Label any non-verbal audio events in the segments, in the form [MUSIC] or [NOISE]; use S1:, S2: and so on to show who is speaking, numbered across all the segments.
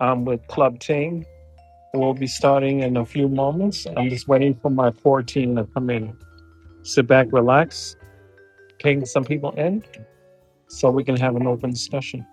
S1: I'm with Club Ting. We'll be starting in a few moments. I'm just waiting for my 14 to come in. Sit back, relax, ping some people in so we can have an open discussion.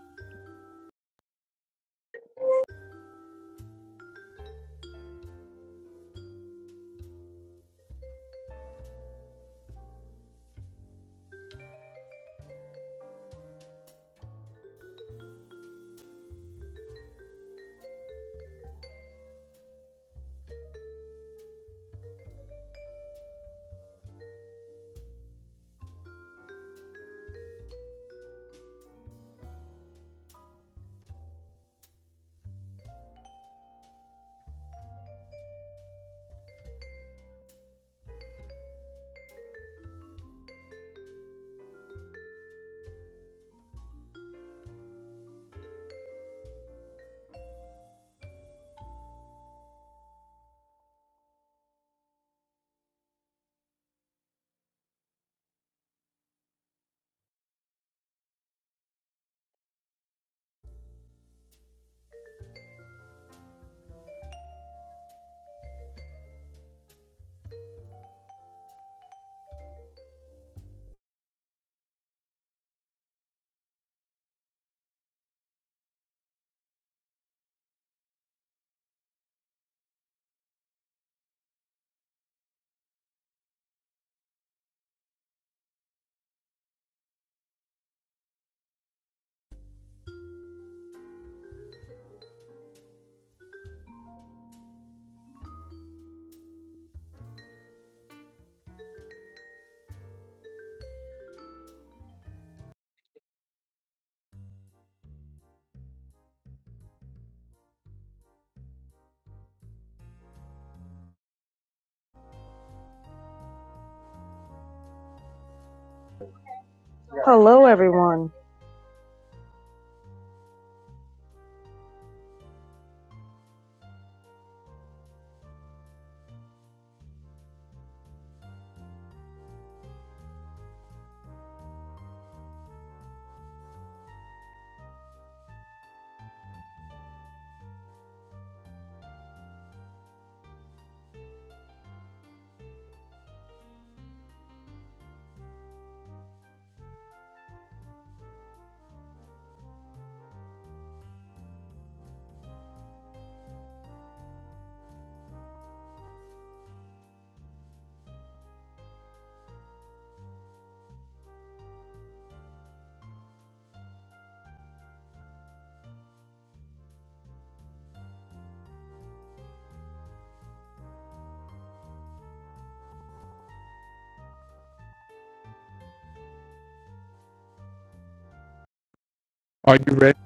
S2: Hello, everyone.
S1: Are you ready?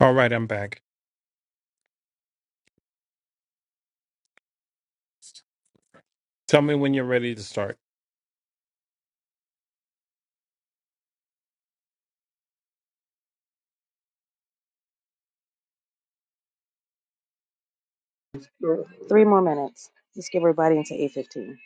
S1: All right, I'm back. Tell me when you're ready to start.
S2: Three more minutes. Let's get everybody into 8:15.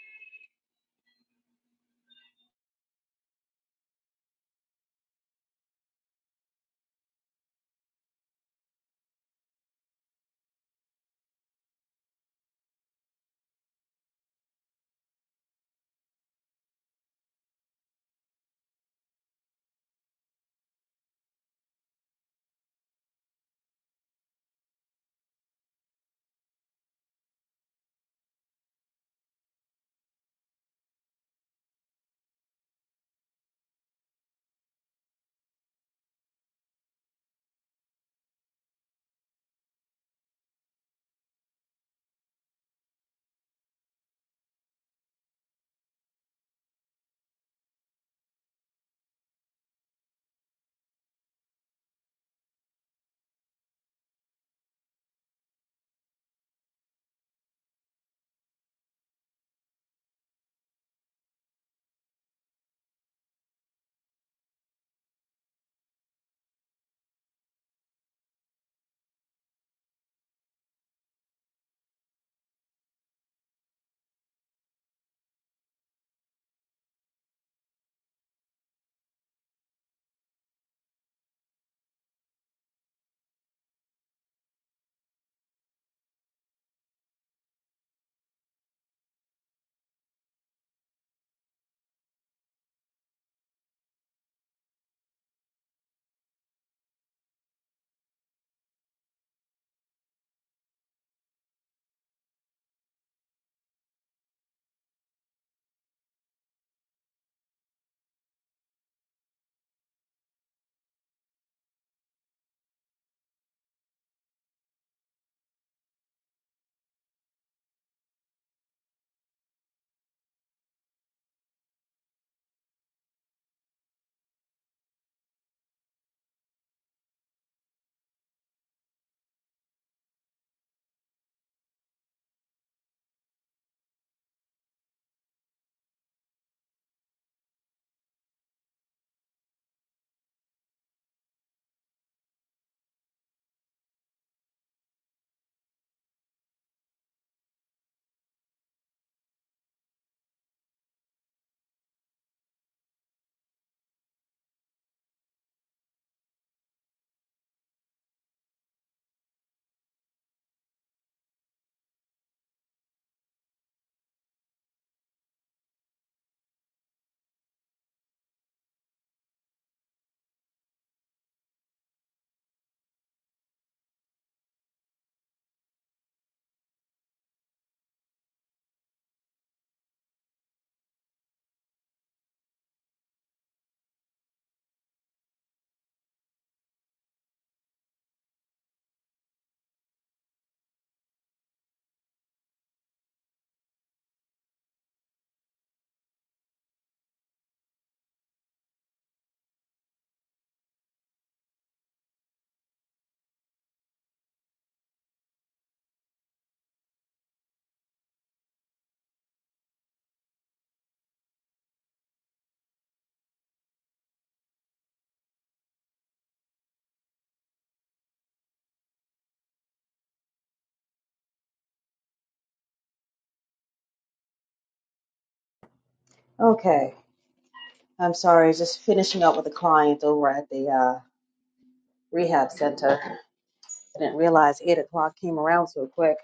S2: Okay. I'm sorry. Just finishing up with a client over at the uh, rehab center. I didn't realize eight o'clock came around so quick.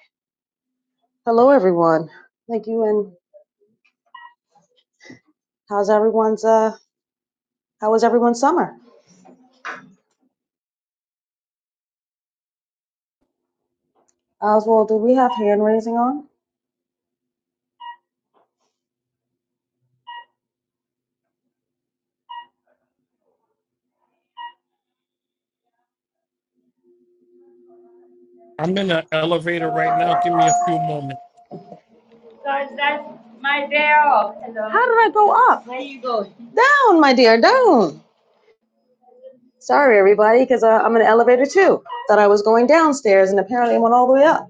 S2: Hello, everyone. Thank you. And how's everyone's? Uh, how was everyone's summer? Oswald, do we have hand raising on?
S1: I'm in an elevator right now. Give me a few moments.
S2: Guys, that's my day off. Hello. How did I go up? Where you going? Down, my dear, down. Sorry, everybody, because uh, I'm in an elevator too. Thought I was going downstairs, and apparently I went all the way up.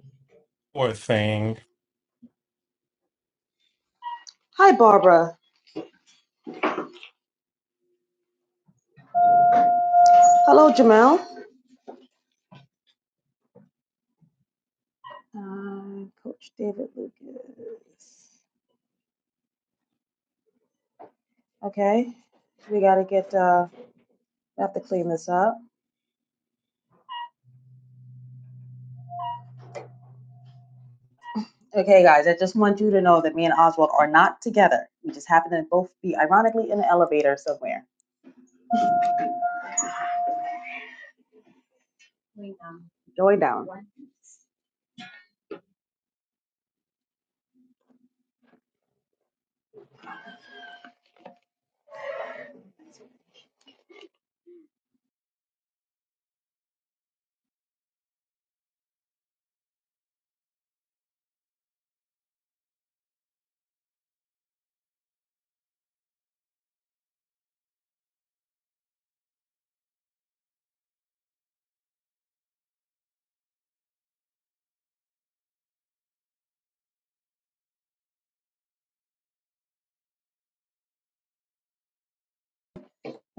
S1: Poor thing.
S2: Hi, Barbara. Hello, Jamel. Uh, Coach David Lucas. Okay, we gotta get. Uh, we have to clean this up. Okay, guys, I just want you to know that me and Oswald are not together. We just happen to both be ironically in an elevator somewhere. Joy down.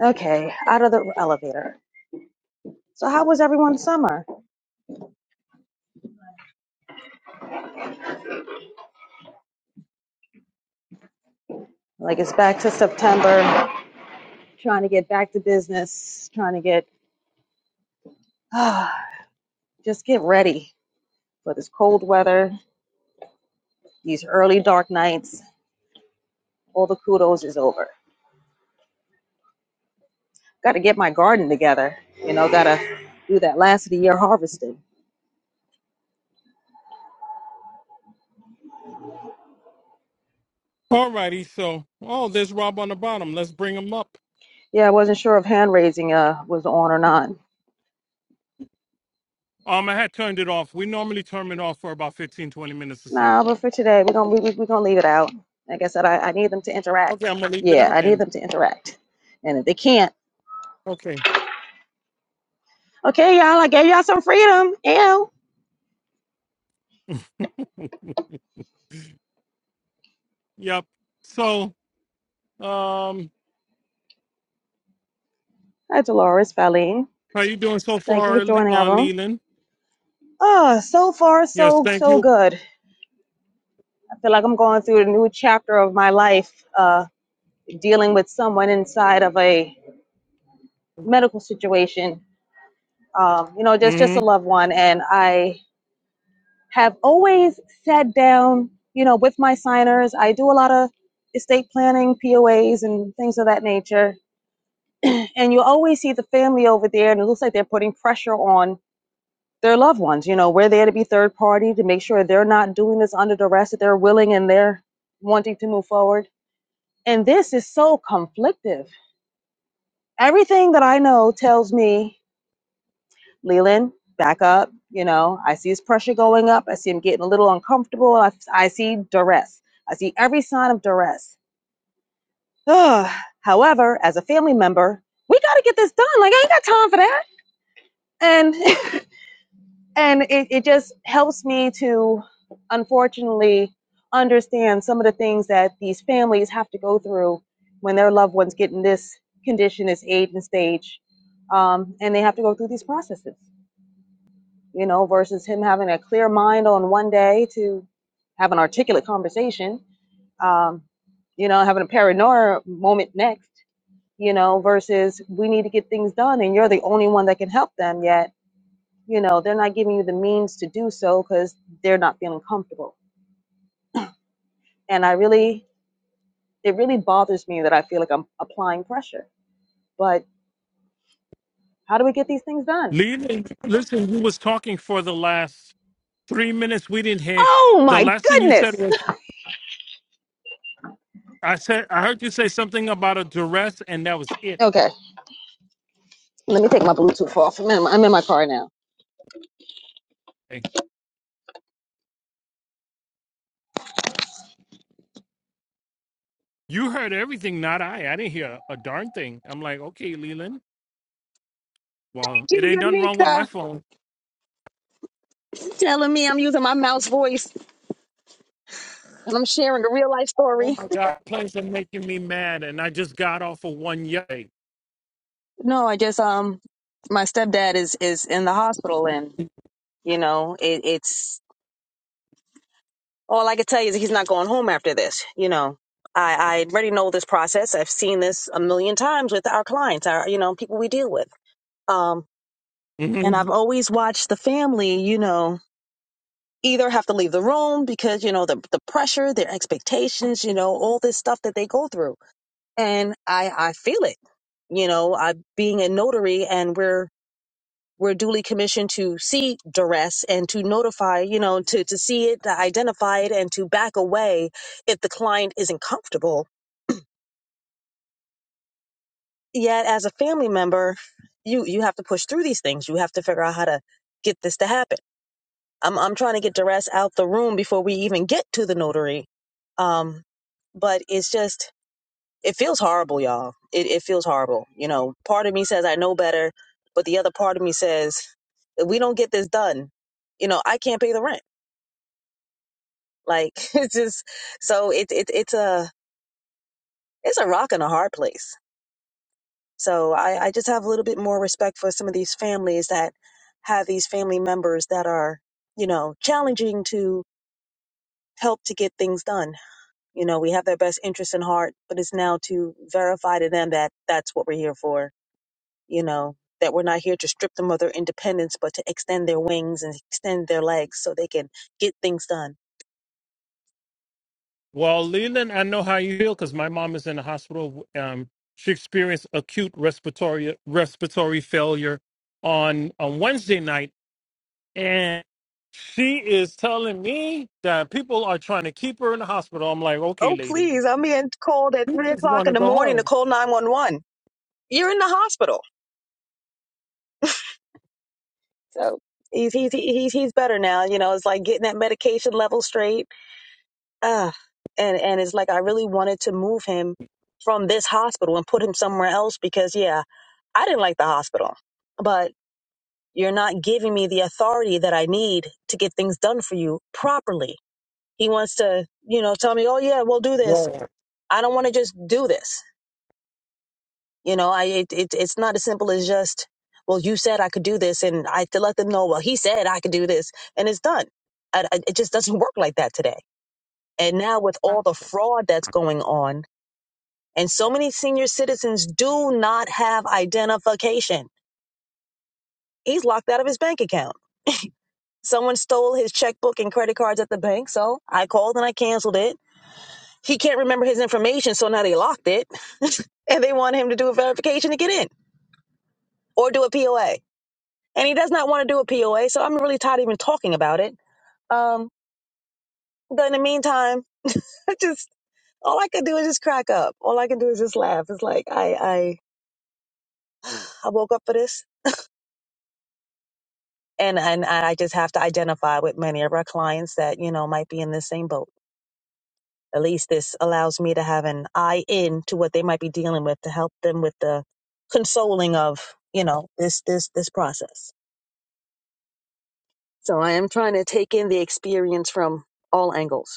S2: Okay, out of the elevator. So, how was everyone's summer? Like, it's back to September, trying to get back to business, trying to get, [SIGHS] just get ready for this cold weather, these early dark nights. all the kudos is over. Got to get my garden together. You know, got to do that last of the year harvesting.
S1: All righty. So, oh, there's Rob on the bottom. Let's bring him up.
S2: Yeah, I wasn't sure if hand raising uh, was on or not.
S1: Um, I had turned it off. We normally turn it off for about 15, 20 minutes or so.
S2: Nah, but for today, we're going to we, we, we gonna leave it out. Like I said, I, I need them to interact.
S1: Okay, I'm going to leave it
S2: Yeah,
S1: out
S2: I need
S1: then.
S2: them to interact. And if they can't,
S1: Okay.
S2: okay, y'all, I gave y'all some freedom. Ew.
S1: [LAUGHS] Yep. So Um,
S2: Hi, Dolores Faline.
S1: how you doing so
S2: Thank you for
S1: far, Le-
S2: joining our
S1: uh,
S2: room.
S1: Leland?
S2: Ah, so far,
S1: Yes,
S2: so,
S1: thank
S2: so
S1: you.
S2: good. I feel like I'm going through a new chapter of my life, uh, dealing with someone inside of a medical situation, um, you know, just just a
S1: hmm
S2: loved one. And I have always sat down, you know, with my signers. I do a lot of estate planning, POAs, and things of that nature. And you always see the family over there, and it looks like they're putting pressure on their loved ones. You know, we're there to be third party to make sure they're not doing this under duress, that they're willing and they're wanting to move forward. And this is so conflictive. Everything that I know tells me Leland, back up. You know, I see his pressure going up. I see him getting a little uncomfortable. I, I see duress. I see every sign of duress. Ugh. However, as a family member, we got to get this done. Like, I ain't got time for that. And [LAUGHS] and it, it just helps me to, unfortunately, understand some of the things that these families have to go through when their loved ones get in this condition, this age and stage, um, and they have to go through these processes. you know, versus him having a clear mind on one day to have an articulate conversation, um, you know, having a paranoia moment next, you know, versus we need to get things done and you're the only one that can help them yet, you know, they're not giving you the means to do so because they're not feeling comfortable. And I really, it really bothers me that I feel like I'm applying pressure. But how do we get these things done?
S1: Leland, listen, you was talking for the last three minutes. We didn't hear.
S2: Oh
S1: The
S2: my
S1: last thing you said
S2: goodness. [LAUGHS]
S1: was, I said, I heard you say something about a duress, and that was it.
S2: Okay, let me take my Bluetooth off. I'm in, I'm in my car now.
S1: Like, You heard everything, not I. I didn't hear a darn thing. I'm like, okay, Leland. Well,
S2: Thank
S1: it ain't
S2: you,
S1: nothing wrong with
S2: Unika.
S1: my phone.
S2: telling me I'm using my mouse voice and I'm sharing a real life
S1: Oh
S2: story.
S1: my God, planes are making me mad, and I just got off of one yay.
S2: No, I just um my stepdad is is in the hospital and you know it, it's all I can tell you is he's not going home after this. You know, I I already know this process. I've seen this a million times with our clients, our you know people we deal with. Um,
S1: Mm-hmm.
S2: and I've always watched the family. You know. Either have to leave the room because you know the the pressure, their expectations, you know all this stuff that they go through and I I feel it. You know, I being a notary and we're we're duly commissioned to see and to notify, you know, to identify it and to back away if the client isn't comfortable. Yet as a family member, you you have to push through these things. You have to figure out how to get this to happen. I'm I'm trying to get duress out the room before we even get to the notary. Um, but it's just it feels horrible y'all it, it feels horrible you know part of me says i know better but the other part of me says If we don't get this done, you know, I can't pay the rent. Like [LAUGHS] it's just so it, it it's a it's a rock and a hard place. So I, I just have a little bit more respect for some of these families that have these family members that are, you know, challenging to help to get things done. You know, we have their best interest in heart, but it's now to verify to them that that's what we're here for. You know, that we're not here to strip them of their independence, but to extend their wings and extend their legs so they can get things done
S1: Well, Leland, I know how you feel because my mom is in the hospital. Um, she experienced acute respiratory respiratory failure on on Wednesday night, and she is telling me that people are trying to keep her in the hospital. I'm like, okay,
S2: Oh,
S1: lady,
S2: please. I'm being called at
S1: we
S2: three
S1: just
S2: o'clock
S1: want
S2: in
S1: to
S2: the
S1: go
S2: morning to
S1: home.
S2: call 911. You're in the hospital. So he's, he's, he's, he's better now. You know, it's like getting that medication level straight. Uh, and, and it's like, I really wanted to move him from this hospital and put him somewhere else because, yeah, I didn't like the hospital, but you're not giving me the authority that I need to get things done for you properly. He wants to, you know, tell me, oh, yeah, we'll do this.
S1: Well,
S2: I don't want to just do this. You know, I it, it it's not as simple as just, well, you said I could do this, and I have to let them know, well, he said I could do this, and it's done. I, I- it just doesn't [LAUGHS] work like that today. And now with all the fraud that's going on, and so many senior citizens do not have identification. He's locked out of his bank account. Someone stole his checkbook and credit cards at the bank, so I called and I canceled it. He can't remember his information, so now they locked it, [LAUGHS] and they want him to do a verification to get in or do a POA and he does not want to do a POA. So I'm really tired of even talking about it. Um, but in the meantime, [LAUGHS] I just all I could do is just crack up. All I can do is just laugh. It's like I I, I woke up for this, and and I just have to identify with many of our clients that you know might be in this same boat. At least this allows me to have an eye in to what they might be dealing with to help them with the consoling of you know this this this process. So I am trying to take in the experience from all angles.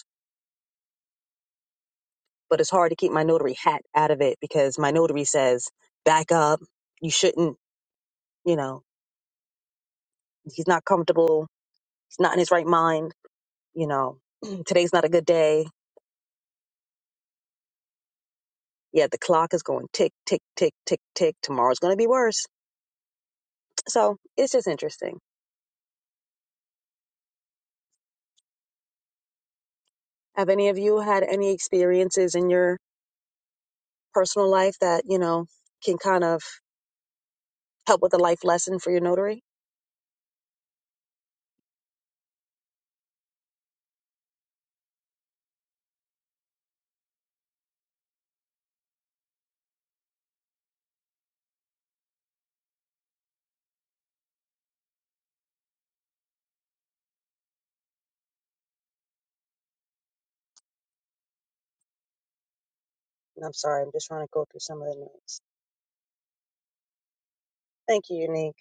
S2: but it's hard to keep my notary hat out of it because my notary says, back up. You shouldn't, you know, he's not comfortable. He's not in his right mind. You know, [CLEARS THROAT] today's not a good day. Yeah, the clock is going tick, tick, tick, tick, tick. Tomorrow's going to be worse. So it's just interesting. Have any of you had any experiences in your personal life that, you know, can kind of help with a life lesson for your notary? And I'm sorry, I'm just trying to go through some of the notes. Thank you, Unique.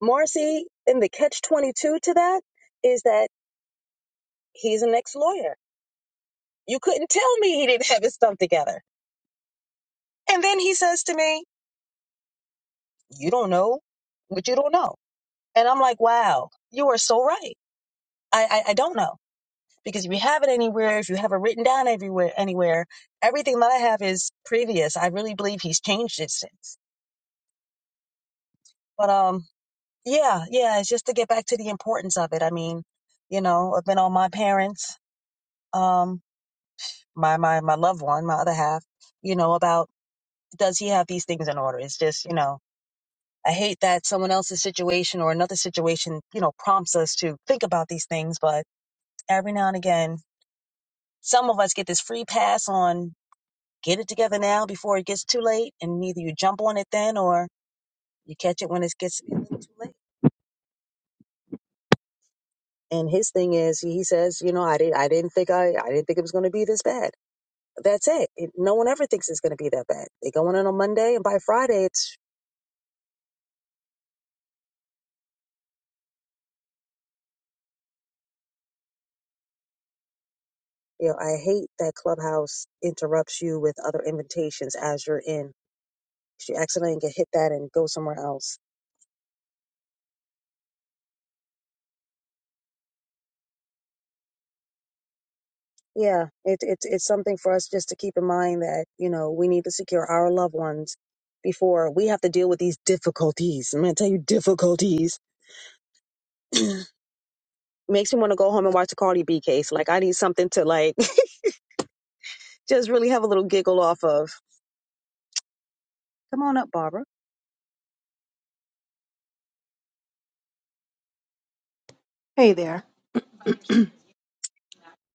S2: Marcy, and the catch 22 to that is that he's an ex lawyer. You couldn't tell me he didn't have his stuff together. And then he says to me, You don't know what you don't know. And I'm like, Wow, you are so right. I, I I don't know because if you have it anywhere, if you have it written down everywhere, anywhere, everything that I have is previous. I really believe he's changed it since. But um, yeah, yeah, it's just to get back to the importance of it. I mean, you know, I've been on my parents, um, my my my loved one, my other half, you know, about does he have these things in order? It's just you know. I hate that someone else's situation or another situation, you know, prompts us to think about these things. But every now and again, some of us get this free pass on Get it together now before it gets too late, and either you jump on it then or you catch it when it gets a little too late. And his thing is, he says, you know, I didn't, I didn't think I, I didn't think it was going to be this bad. That's it. it. No one ever thinks it's going to be that bad. They go in on a Monday, and by Friday, it's, you know, I hate that Clubhouse interrupts you with other invitations as you're in. You accidentally get hit that and go somewhere else Yeah, it, it's it's something for us just to keep in mind that you know we need to secure our loved ones before we have to deal with these difficulties. I'm gonna tell you difficulties. [CLEARS THROAT] Makes me want to go home and watch the Cardi B case. Like I need something to like [LAUGHS] just really have a little giggle off of. Come on up, Barbara.
S3: Hey there.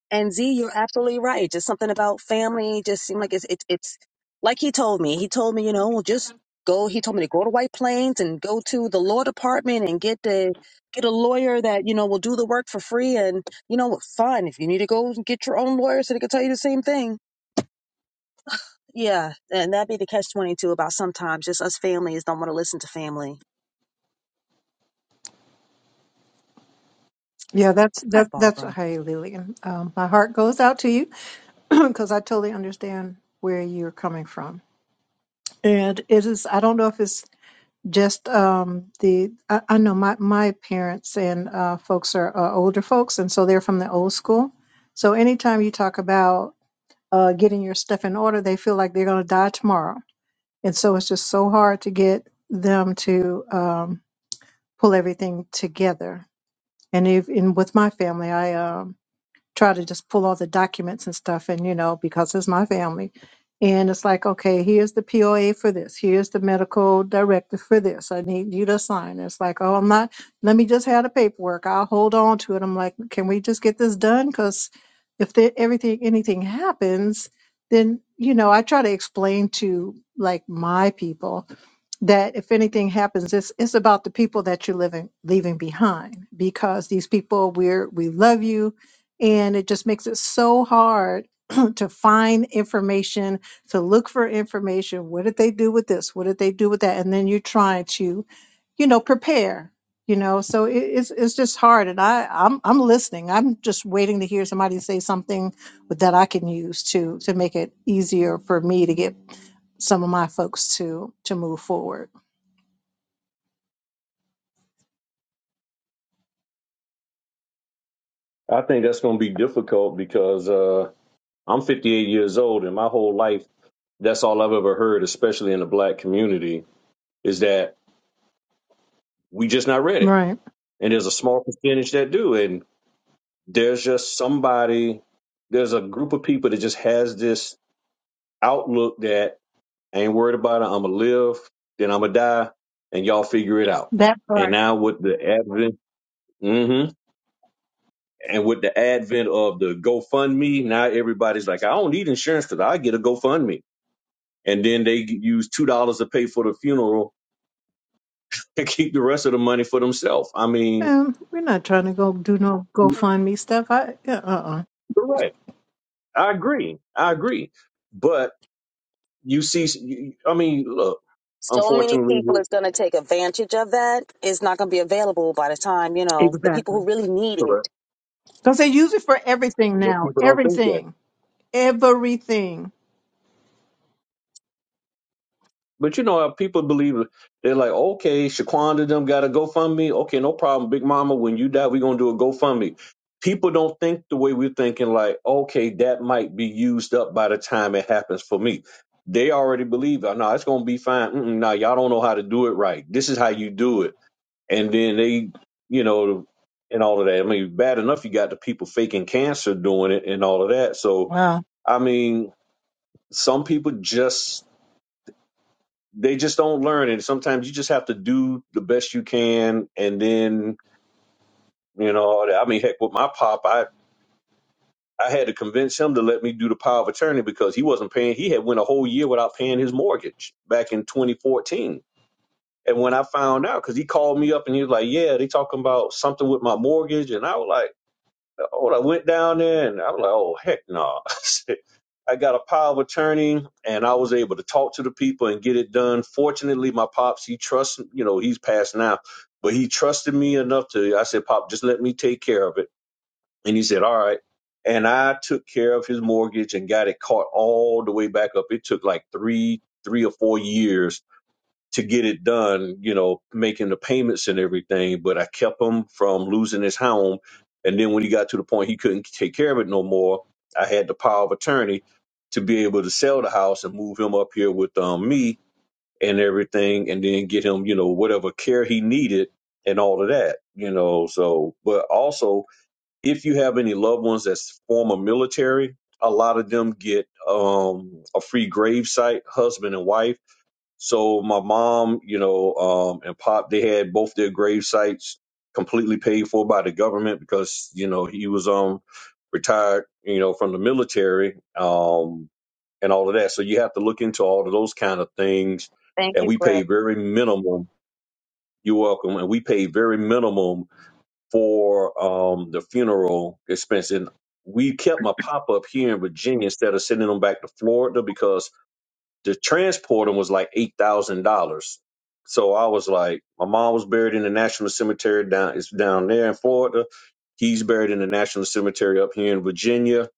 S2: And Z, you're absolutely right. Just something about family just seemed like it's it's it's like he told me. He told me, you know, just go. He told me to go to White Plains and go to the law department and get the get a lawyer that you know will do the work for free. And you know, fine if you need to go and get your own lawyer so they can tell you the same thing. Yeah, and that'd be the catch twenty two about sometimes just us families don't want to listen to family.
S3: Yeah, that's
S2: Hi,
S3: that's that's
S2: Barbara.
S3: hey Lillian. Um, my heart goes out to you [CLEARS THROAT] because I totally understand where you're coming from. And it is I don't know if it's just um, the I, I know my my parents and uh, folks are uh, older folks, and so they're from the old school. So anytime you talk about uh, getting your stuff in order, they feel like they're going to die tomorrow, and so it's just so hard to get them to um, pull everything together. And if and with my family, I um try to just pull all the documents and stuff and you know because it's my family and it's like okay here's the poa for this here's the medical director for this i need you to sign it's like oh i'm not let me just have the paperwork i'll hold on to it i'm like can we just get this done because if there, everything anything happens then you know i try to explain to like my people that if anything happens, it's it's about the people that you're living leaving behind because these people we're we love you, and it just makes it so hard [CLEARS THROAT] to find information, to look for information. What did they do with this? What did they do with that? And then you're trying to you know prepare. You know, so it, it's it's just hard, and I I'm I'm listening. I'm just waiting to hear somebody say something that I can use to to make it easier for me to get some of my folks to to move forward.
S4: I think that's going to be difficult because uh, I'm 58 years old, and my whole life, that's all I've ever heard, especially in the black community, is that we just not ready.
S3: Right.
S4: And there's a small percentage that do, and there's just somebody, there's a group of people that just has this outlook that I ain't worried about it. I'm gonna live, then I'm gonna die, and y'all figure it out.
S3: That
S4: And
S3: part.
S4: now with the advent, hmm and with the advent of the GoFundMe, now everybody's like, I don't need insurance because I get a GoFundMe and then they use two dollars to pay for the funeral and keep the rest of the money for themselves. I mean,
S3: Um, we're not trying to go do no GoFundMe stuff. I uh uh.
S4: correct. I agree. I agree. But you see, I mean, look,
S2: So many
S4: unfortunately,
S2: people
S4: we're
S2: is going to take advantage of that. It's not going to be available by the time you know the people
S3: Exactly.
S2: who really need it
S4: correct.
S3: Because they use it for everything
S4: But
S3: now.
S4: people don't think that.
S3: Everything. Everything.
S4: But you know how people believe it. they're like, okay, Shaquanda them got a GoFundMe. Okay, no problem, Big Mama. When you die, we're gonna do a GoFundMe. People don't think the way we're thinking. Like, okay, that might be used up by the time it happens for me. They already believe, oh, no, it's gonna be fine. Mm-mm, nah, y'all don't know how to do it right. This is how you do it, and then they, you know, and all of that. I mean, bad enough you got the people faking cancer doing it and all of that. So,
S3: Wow.
S4: I mean, some people just they just don't learn and sometimes you just have to do the best you can and then you know i mean heck with my pop i i had to convince him to let me do the power of attorney because he wasn't paying he had went a whole year without paying his mortgage back in 2014 and when i found out because he called me up and he was like yeah they talking about something with my mortgage and i was like When I went down there and I was like, oh, heck no. [LAUGHS] I got a power of attorney and I was able to talk to the people and get it done. Fortunately, my pops, he trusts, you know, he's passed now, but he trusted me enough to, I said, Pop, just let me take care of it. And he said, all right. And I took care of his mortgage and got it caught all the way back up. It took like three, three or four years to get it done, you know, making the payments and everything. But I kept him from losing his home. And then when he got to the point he couldn't take care of it no more, I had the power of attorney to be able to sell the house and move him up here with um, me and everything, and then get him, you know, whatever care he needed and all of that, you know. So, but also, if you have any loved ones that's former military, a lot of them get um, a free gravesite, husband and wife so my mom, you know, um, and pop, they had both their grave sites completely paid for by the government because you know he was um retired, you know, from the military, um, and all of that. So you have to look into all of those kind of things. And we pay very minimum. You're welcome. And we pay very minimum for um the funeral expense. And we kept my pop up here in Virginia instead of sending him back to Florida because the transporting was like eight thousand dollars. So I was like, my mom was buried in the National Cemetery down it's down there in Florida. He's buried in the National Cemetery up here in Virginia.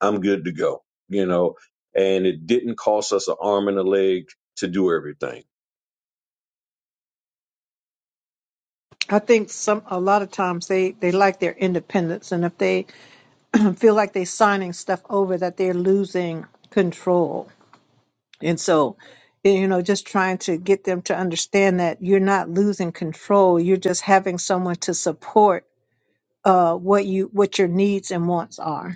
S4: I'm good to go, you know. And it didn't cost us an arm and a leg to do everything.
S3: I think some a lot of times they they like their independence, and if they [CLEARS THROAT] feel like they're signing stuff over, that they're losing control. And so, you know, just trying to get them to understand that you're not losing control. You're just having someone to support uh, what you what your needs and wants are.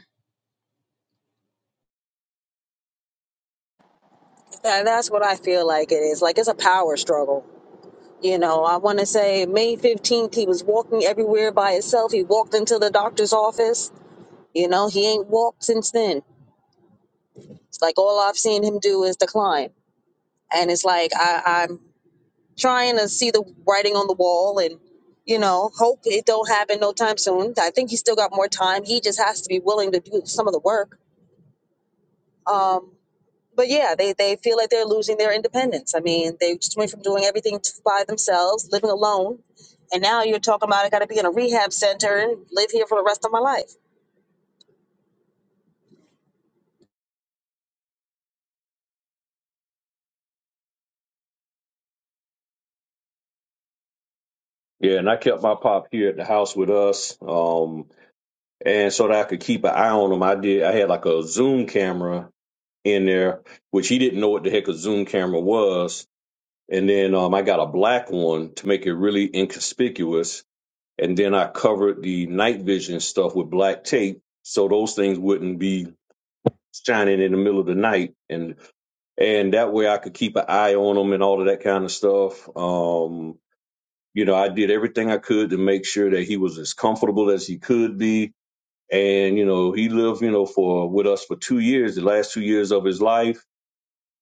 S2: That, that's what I feel like it is. Like it's a power struggle. You know, I want to say May 15th, he was walking everywhere by himself. He walked into the doctor's office. You know, he ain't walked since then. It's like all I've seen him do is decline. And it's like I, I'm trying to see the writing on the wall and, you know, hope it don't happen no time soon. I think he's still got more time. He just has to be willing to do some of the work. Um, but yeah, they, they feel like they're losing their independence. I mean, they just went from doing everything t- by themselves, living alone, And now you're talking about I got to be in a rehab center and live here for the rest of my life.
S4: Yeah, and I kept my pop here at the house with us, um, and so that I could keep an eye on him. I did. I had like a Zoom camera in there, which he didn't know what the heck a Zoom camera was and then um, I got a black one to make it really inconspicuous. And then I covered the night vision stuff with black tape, so those things wouldn't be shining in the middle of the night, and and that way I could keep an eye on them and all of that kind of stuff. Um, you know, I did everything I could to make sure that he was as comfortable as he could be. And you know, he lived, you know, for with us for two years, the last two years of his life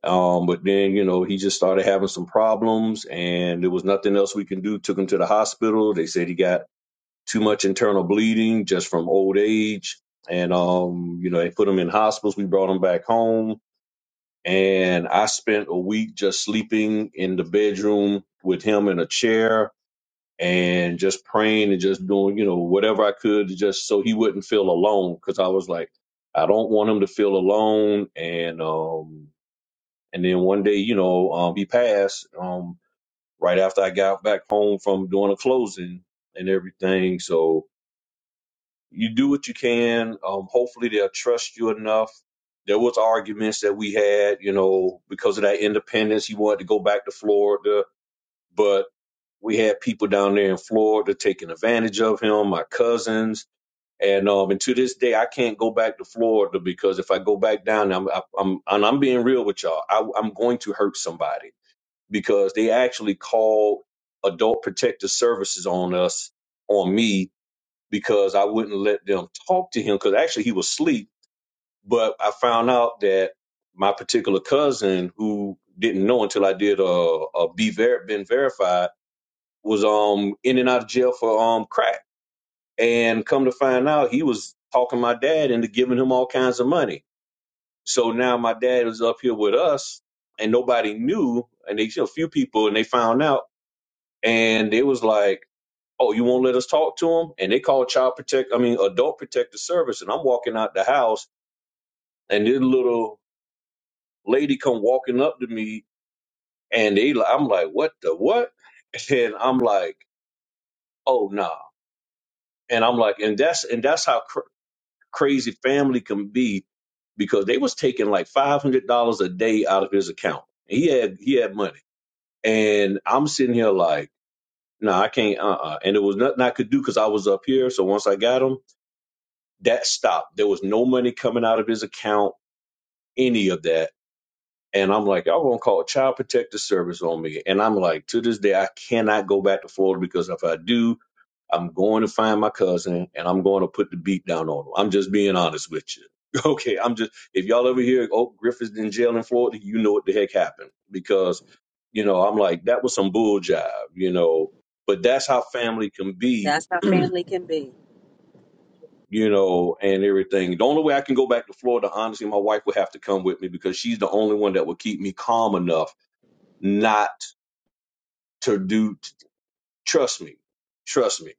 S4: um, but then, you know, he just started having some problems and there was nothing else we can do. Took him to the hospital. They said he got too much internal bleeding just from old age. And, um, you know, they put him in hospitals. We brought him back home and I spent a week just sleeping in the bedroom with him in a chair and just praying and just doing, you know, whatever I could just so he wouldn't feel alone. Cause I was like, I don't want him to feel alone. And, um, and then one day, you know, um, he passed um, right after I got back home from doing a closing and everything. So you do what you can. Um, hopefully, they'll trust you enough. There was arguments that we had, you know, because of that independence. He wanted to go back to Florida, but we had people down there in Florida taking advantage of him. My cousins. And um, and to this day, I can't go back to Florida because if I go back down, I'm I'm I'm, and I'm being real with y'all. I, I'm going to hurt somebody because they actually called adult protective services on us on me because I wouldn't let them talk to him because actually he was asleep. But I found out that my particular cousin, who didn't know until I did a, a be ver- been verified, was um in and out of jail for um crack, and come to find out he was talking my dad into giving him all kinds of money. So now my dad is up here with us, and nobody knew, and they you know, a few people, and they found out and they was like, "Oh, you won't let us talk to him?" And they called child protect, I mean, adult protective service. And I'm walking out the house, and this little lady come walking up to me, and they, li- I'm like, "What the what?" [LAUGHS] And I'm like, "Oh nah," and I'm like, and that's and that's how cr- crazy family can be because they was taking like five hundred dollars a day out of his account. And he had he had money, and I'm sitting here like. No, I can't. Uh, uh And it was nothing I could do because I was up here. So once I got him, that stopped. There was no money coming out of his account, any of that. And I'm like, y'all gonna call Child Protective Service on me. And I'm like, to this day, I cannot go back to Florida because if I do, I'm going to find my cousin and I'm going to put the beat down on him. I'm just being honest with you. [LAUGHS] Okay, I'm just if y'all ever hear oh Griffith's in jail in Florida, you know what the heck happened because you know I'm like that was some bull jive, you know. But that's how family can be
S2: That's how
S4: [CLEARS THROAT]
S2: family can be.
S4: you know, and everything. The only way I can go back to Florida, honestly, my wife would have to come with me because she's the only one that would keep me calm enough not to do. Trust me, trust me,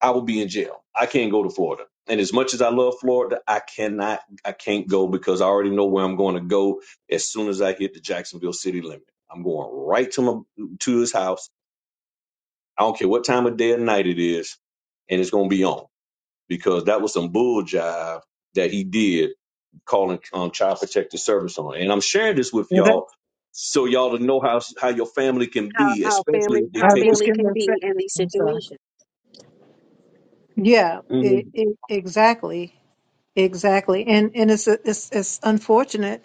S4: I will be in jail. I can't go to Florida. And as much as I love Florida, I cannot, I can't go because I already know where I'm going to go as soon as I hit the Jacksonville city limit. I'm going right to my to his house. I don't care what time of day or night it is, and it's going to be on because that was some bull jive that he did calling um, Child Protective Service on. And I'm sharing this with
S3: And that-
S4: y'all so y'all to know how how your family can be,
S2: How
S4: especially
S2: family
S4: if they
S2: how
S3: I was
S4: take it.
S3: just
S2: family
S3: going
S2: can
S3: to say,
S2: be in these
S3: I'm sorry.
S2: situations
S3: Yeah, e-
S4: Mhm.
S3: e- exactly, exactly. And and it's it's it's unfortunate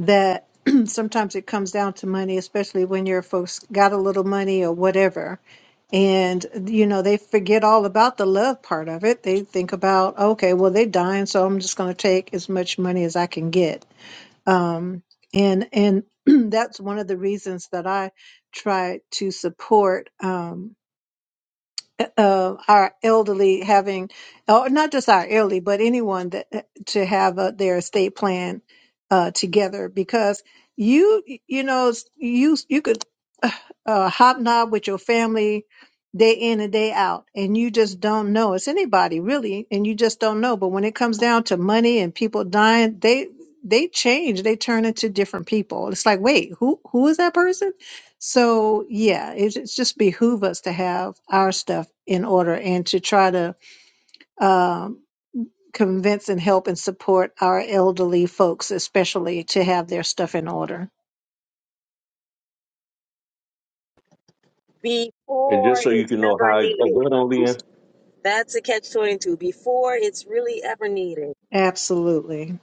S3: that [CLEARS THROAT] sometimes it comes down to money, especially when your folks got a little money or whatever. And you know they forget all about the love part of it. They think about okay, well they're dying, so I'm just going to take as much money as I can get um, and and [CLEARS THROAT] that's one of the reasons that I try to support. Um, uh, our elderly having, or not just our elderly, but anyone that eh, to have uh, their estate plan uh, together because you, you know, you you could uh, uh, hobnob with your family day in and day out, and you just don't know. It's anybody really, and you just don't know. But when it comes down to money and people dying, they they change. They turn into different people. It's like, wait, who who is that person? So yeah, it, it's just behoove us to have our stuff in order and to try to um, convince and help and support our elderly folks, especially to have their stuff in order.
S4: And
S2: before
S4: just so you
S2: it's
S4: can know
S2: ever
S4: how it oh, go
S2: needed.
S4: ahead on in.
S2: That's a catch twenty two. Before it's really ever needed.
S3: Absolutely,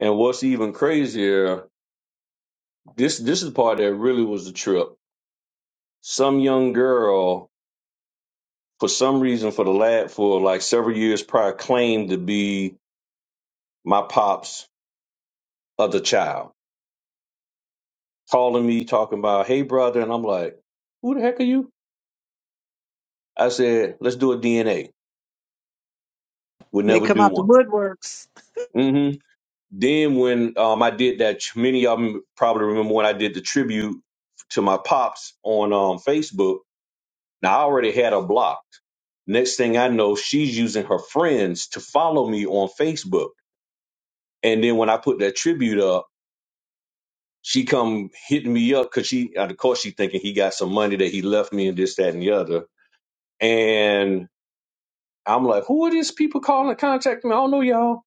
S4: And what's even crazier, this this is the part that really was the trip. Some young girl, for some reason, for the lad for like several years prior, claimed to be my pop's other child, calling me talking about, "Hey, brother," and I'm like, "Who the heck are you?" I said, "Let's do a DNA." Would
S3: they
S4: never
S3: come
S4: do
S3: out the
S4: one
S3: woodworks.
S4: hmm Then when um, I did that, many of them probably remember when I did the tribute to my pops on um, Facebook. Now I already had her blocked. Next thing I know, she's using her friends to follow me on Facebook. And then when I put that tribute up, she come hitting me up because she, of course, she thinking he got some money that he left me and this, that, and the other. And I'm like, who are these people calling, contacting me? I don't know y'all.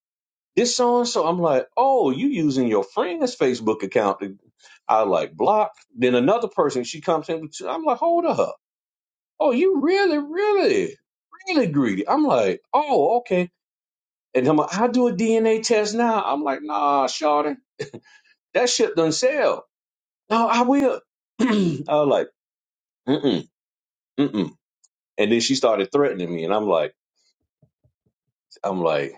S4: This so and so. I'm like, oh, you using your friend's Facebook account I like block. Then another person, she comes in. I'm like, hold up. Oh, you really, really, really greedy. I'm like, oh, okay. And I'm like, I do a DNA test now. I'm like, nah, Shawty, that shit doesn't sell. No, I will. [CLEARS THROAT] I was like, mm-mm, mm-mm. And then she started threatening me, and I'm like, I'm like,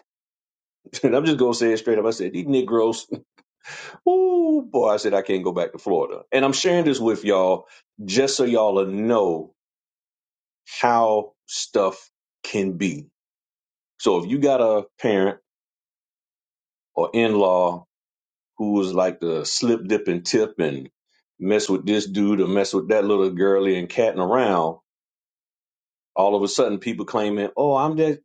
S4: [LAUGHS] and I'm just gonna say it straight up. I said, these Negroes, [LAUGHS] ooh boy, I said I can't go back to Florida. And I'm sharing this with y'all just so y'all will know how stuff can be. So if you got a parent or in-law who was like the slip dip and tip and mess with this dude or mess with that little girly and catting around, all of a sudden people claiming, Oh, I'm that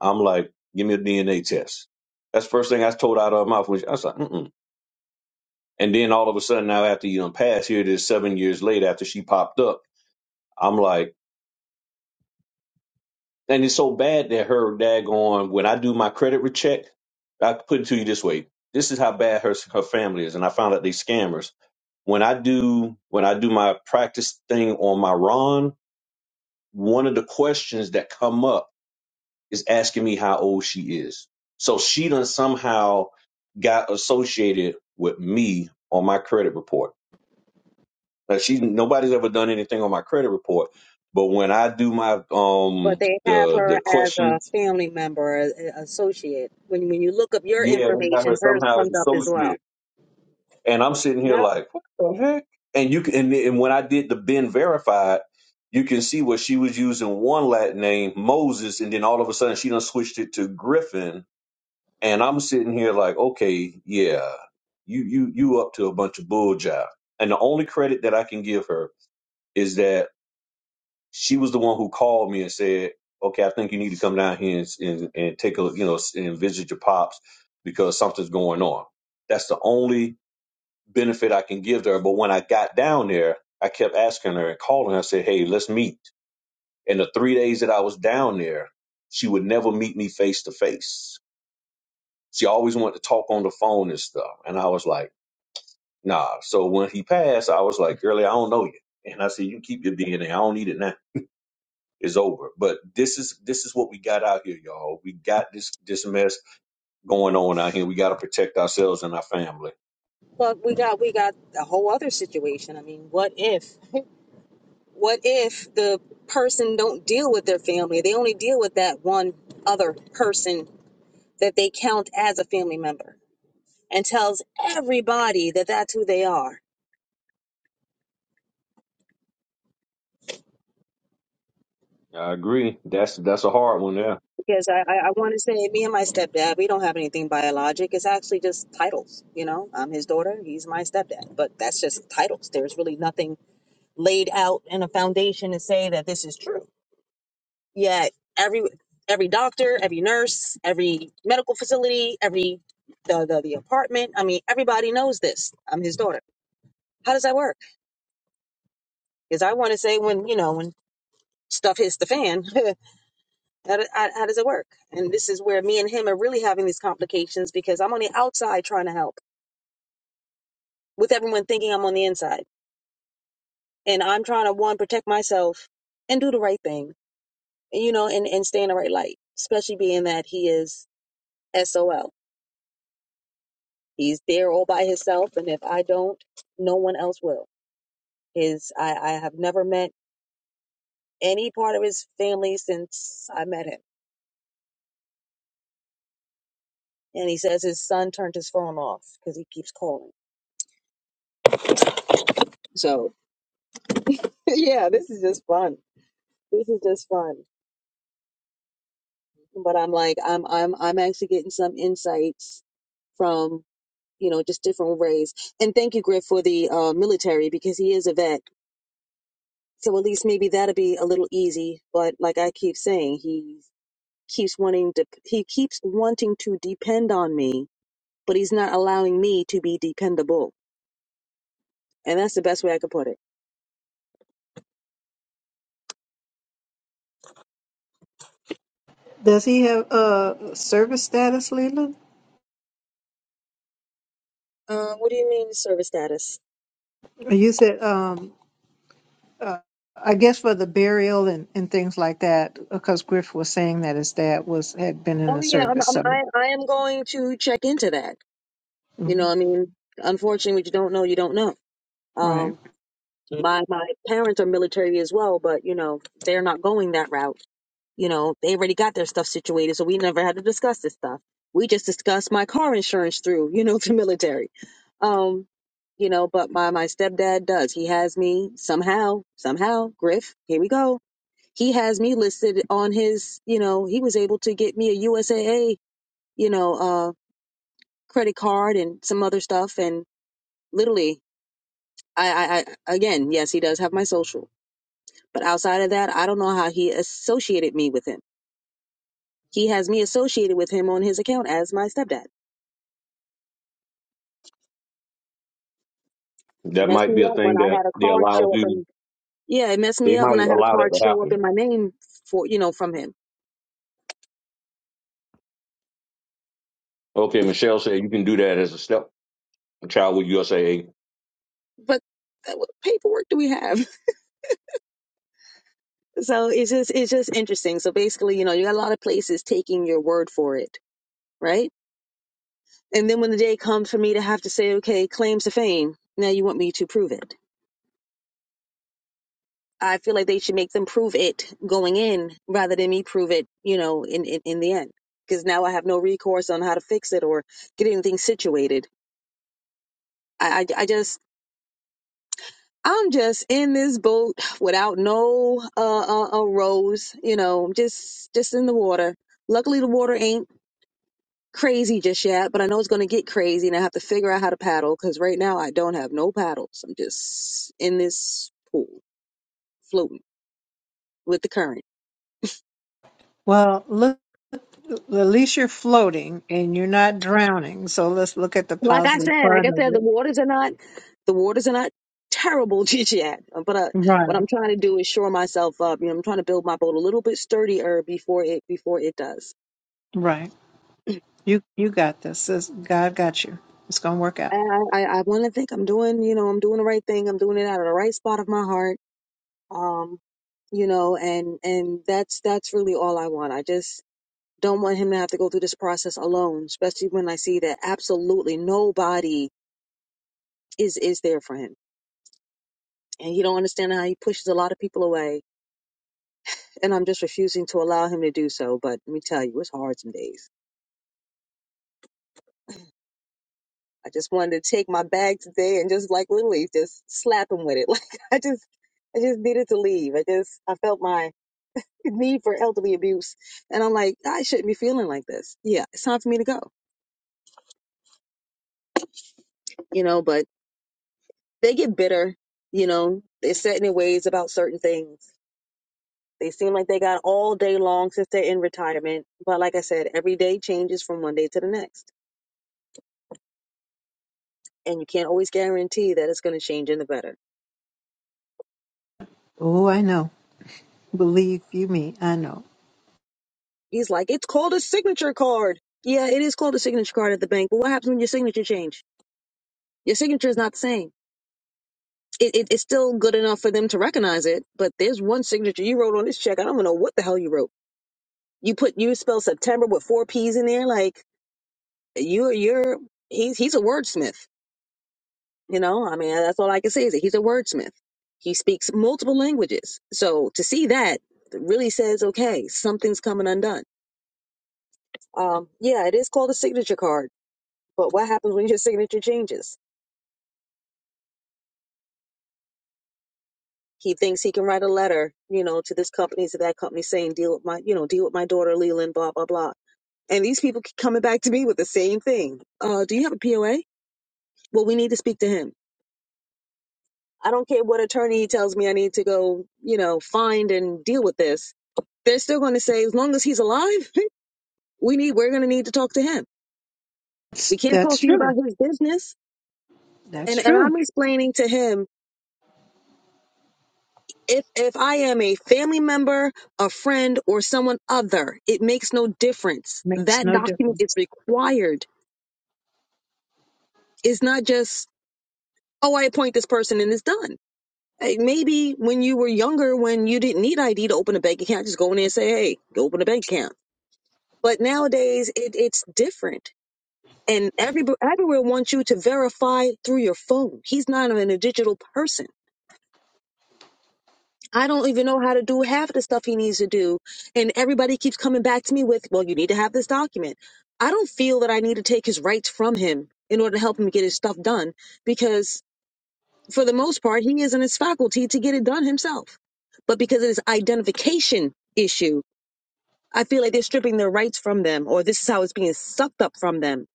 S4: I'm like, give me a DNA test. That's the first thing I was told out of her mouth. Which I was like, Mm-mm. And then all of a sudden, now after you done passed, here it is seven years later after she popped up. I'm like, And it's so bad that her daggone, when I do my credit check, I put it to you this way. This is how bad her her family is. And I found out they scammers. When I do when I do my practice thing on my Ron, one of the questions that come up is asking me how old she is. So she done somehow got associated with me on my credit report. Now she nobody's ever done anything on my credit report, but when I do my
S2: But
S4: um
S2: they have
S4: the
S2: her
S4: the
S2: as a
S4: questions
S2: family member, a- a- associate. When when you look up your
S4: yeah, they got her
S2: information, hers
S4: somehow as
S2: comes up as well.
S4: associate. And I'm sitting here
S2: Yep.
S4: like, what the heck? And you can, and, and when I did the Ben verified, you can see where she was using one Latin name, Moses, and then all of a sudden she done switched it to Griffin. And I'm sitting here like, okay, yeah, you you you up to a bunch of bull jive. And the only credit that I can give her is that she was the one who called me and said, "Okay, I think you need to come down here and and, and take a look, you know s- and visit your pops because something's going on." That's the only benefit I can give to her. But when I got down there, I kept asking her and calling her. I said, "Hey, let's meet." And the three days that I was down there, she would never meet me face to face. She always wanted to talk on the phone and stuff. And I was like, "Nah." So when he passed, I was like, "Girlie, I don't know you." And I said, "You keep your DNA. I don't need it now." is over. But this is this is what we got out here, y'all. We got this this mess going on out here. We got to protect ourselves and our family.
S2: The person don't deal with their family. They only deal with that one other person that they count as a family member. and tells everybody that that's who they are.
S4: I agree. That's that's a hard one. Yeah,
S2: Because I, I, I want to say, me and my stepdad, we don't have anything biologic. It's actually just titles. You know, I'm his daughter, he's my stepdad. But that's just titles. There's really nothing laid out in a foundation to say that this is true. Yet every every doctor, every nurse, every medical facility, every the the, the apartment. I mean, everybody knows this. I'm his daughter. How does that work? Because I want to say when you know when stuff hits the fan, [LAUGHS] How, do- how, how does it work? And this is where me and him are really having these complications because I'm on the outside trying to help with everyone thinking I'm on the inside. And I'm trying to, one, protect myself and do the right thing, and, you know, and, and stay in the right light, especially being that he is SOL. He's there all by himself. And if I don't, no one else will. His, I, I have never met any part of his family since I met him. And he says his son turned his phone off because he keeps calling. So, [LAUGHS] yeah, this is just fun. This is just fun. but I'm like I'm I'm I'm actually getting some insights from you know just different ways. And thank you, Griff, for the uh, military because he is a vet, so at least maybe that'll be a little easy. But like I keep saying, he keeps wanting to he keeps wanting to depend on me.
S3: Does he have uh, service status, Leland?
S2: Uh, what do you mean service status?
S3: You said um, uh, I guess for the burial and, and things like that, because Griff was saying that his dad was had been in
S2: Oh
S3: the
S2: yeah, I'm,
S3: service.
S2: I'm,
S3: So,
S2: I I am going to check into that. You know,
S3: mhm,
S2: I mean, unfortunately, what you don't know, you don't know.
S3: right.
S2: Um, my my parents are military as well, but you know they're not going that route You know, they already got their stuff situated, so we never had to discuss this stuff. We just discussed my car insurance through, you know, [LAUGHS] the military. Um, you know, but my my stepdad does. He has me somehow, somehow, Griff, here we go. He has me listed on his, you know, he was able to get me a USAA, you know, uh credit card and some other stuff and literally I, I, I again, yes, he does have my social. But outside of that, I don't know how he associated me with him. He has me associated with him on his account as my stepdad.
S4: that
S2: Mess
S4: might
S2: me
S4: be a
S2: up
S4: thing
S2: when I
S4: that
S2: had a
S4: they
S2: car and
S4: allow
S2: show up
S4: you.
S2: and
S4: They might allow that to happen. Okay, Michelle said you can do that as a step child with USA.
S2: but right now you want me to prove it. I feel like they should make them prove it going in rather than me prove it, you know, in, in, in the end. Because now I have no recourse on how to fix it or get anything situated. I, I, I just, I'm just in this boat without no uh, uh, uh, rose, you know, just just in the water. Luckily, the water ain't crazy just yet, but I know it's going to get crazy and I have to figure out how to paddle because right now I don't have no paddles. I'm just in this pool. floating with the current.
S3: Well, look, at least you're floating and you're not drowning. So let's look at the
S2: Like I
S3: positive
S2: said, like
S3: part
S2: I
S3: of
S2: said,
S3: it.
S2: The waters are not terrible [LAUGHS] just yet, but uh,
S3: Right,
S2: what I'm trying to do is shore myself up. You know, I'm trying to build my boat a little bit sturdier before it before it does.
S3: right. You you got this. This- God got you. It's gonna work out.
S2: And I I, I want to think I'm doing you know I'm doing the right thing. I'm doing it out of the right spot of my heart. Um, you know, and and that's that's really all I want. I just don't want him to have to go through this process alone, especially when I see that absolutely nobody is is there for him, and he don't understand how he pushes a lot of people away and I'm just refusing to allow him to do so. But let me tell you, it's hard some days. I just wanted to take my bag today and just like literally just slap him with it. [LAUGHS] Like I just, I just needed to leave. I just, I felt my need for elderly abuse, and I'm like, I shouldn't be feeling like this. Yeah, it's time for me to go. You know, but they get bitter. You know, they're set in their ways about certain things. They see that all their enrichment, but next and better.
S3: Oh, I know. Believe you me, I know.
S2: He's hard. Yeah, you're saying it. it you, he in a myth. He's sad, hard, but just He thinks he can write a letter, you know, to this company, to that company, saying, deal with my, you know, deal with my daughter, Leland, blah, blah, blah. And these people keep coming back to me with the same thing. Uh, do you have a POA? Well, we need to speak to him. I don't care what attorney he tells me I need to go, you know, find and deal with this. They're still going to say, as long as he's alive, [LAUGHS] we need, we're going to need to talk to him.
S3: It's,
S2: We can't
S3: that's
S2: talk to you
S3: true.
S2: about his business.
S3: That's
S2: And, and
S3: true.
S2: I'm explaining to him if if I am a family member, a friend, or someone other, it makes no difference.
S3: Makes
S2: That
S3: no
S2: document is
S3: difference.
S2: required. It's not just oh, I appoint this person and it's done. Hey, maybe when you were younger, when you didn't need ID to open a bank account, just go in there and say, hey, go open a bank account. But nowadays, it, it's different. And every, everywhere wants you to verify through your phone. He's not even a digital person. I don't even know how to do half the stuff he needs to do. And everybody keeps coming back to me with, well, you need to have this document. I don't feel that I need to take his rights from him in order to help him get his stuff done because, for the most part, he is in his faculty to get it done himself. But because of this identification issue, I feel like they're stripping their rights from them, or this is how it's being sucked up from them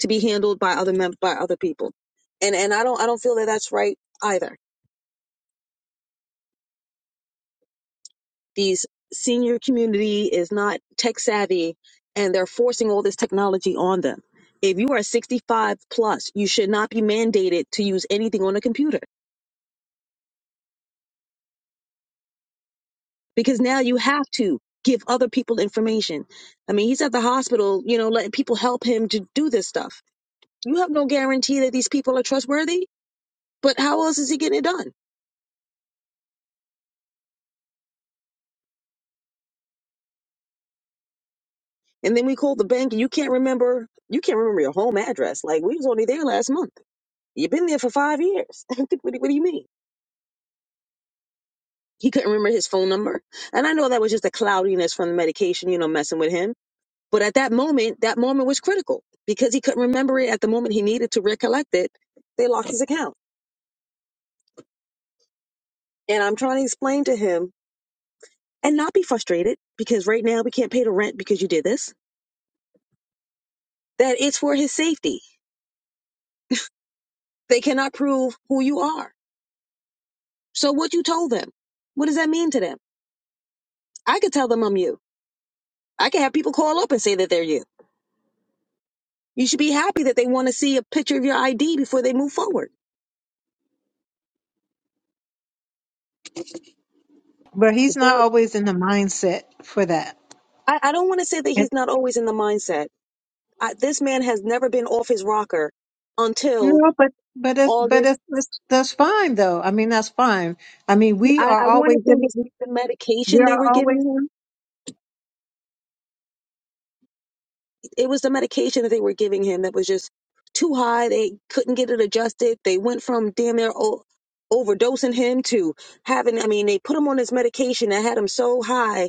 S2: to be handled by other mem- by other people. And and I don't I don't feel that that's right either. these senior community is not tech savvy and they're forcing all this technology on them. If you are 65 plus, you should not be mandated to use anything on a computer because now you have to give other people information. I mean, he's at the hospital, you know, letting people help him to do this stuff. You have no guarantee that these people are trustworthy, but how else is he getting it done? And then we called the bank and you can't remember you can't remember your home address. Like we was only there last month. You've been there for five years. [LAUGHS] what, do, what do you mean? He couldn't remember his phone number. And I know that was just the cloudiness from the medication, you know, messing with him. But at that moment, that moment was critical because he couldn't remember it at the moment he needed to recollect it. They locked his account. And I'm trying to explain to him and not be frustrated because right now we can't pay the rent because you did this, that it's for his safety. They cannot prove who you are. So what you told them, what does that mean to them? I could tell them I'm you. I could have people call up and say that they're you. You should be happy that they want to see a picture of your ID before they move forward.
S3: But he's not always in the mindset for that.
S2: I, I don't want to say that he's not always in the mindset. I, this man has never been off his rocker until
S3: No, but but it's but
S2: August.
S3: it's, it's that's fine though. I mean, that's fine. I mean,
S2: He-
S3: we
S2: I,
S3: are
S2: I want
S3: always
S2: to think
S3: in.
S2: it's
S3: We
S2: the
S3: we
S2: medication they
S3: are
S2: were
S3: always
S2: giving him. It was the medication that they were giving him that was just too high. They couldn't get it adjusted. They went from damn near o- overdosing him to having, I mean, they put him on this medication that had him so high.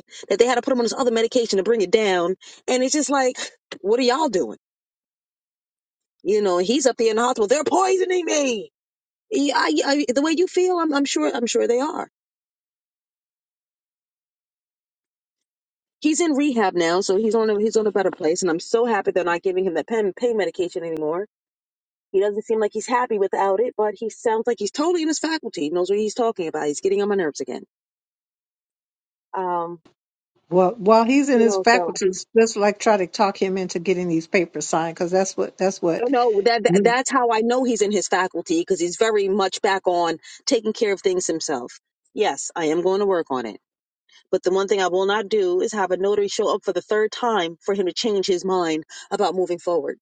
S2: Um,
S3: well while he's in
S2: you know,
S3: his faculties. Just like try to talk him into getting these papers signed because that's what that's
S2: I
S3: what.
S2: don't know that, that
S3: we-
S2: that's how I know he's in his faculty because he's very much back on taking care of things himself. Yes, I am going to work on it. But the one thing I will not do is have a notary show up for the third time for him to change his mind about moving forward.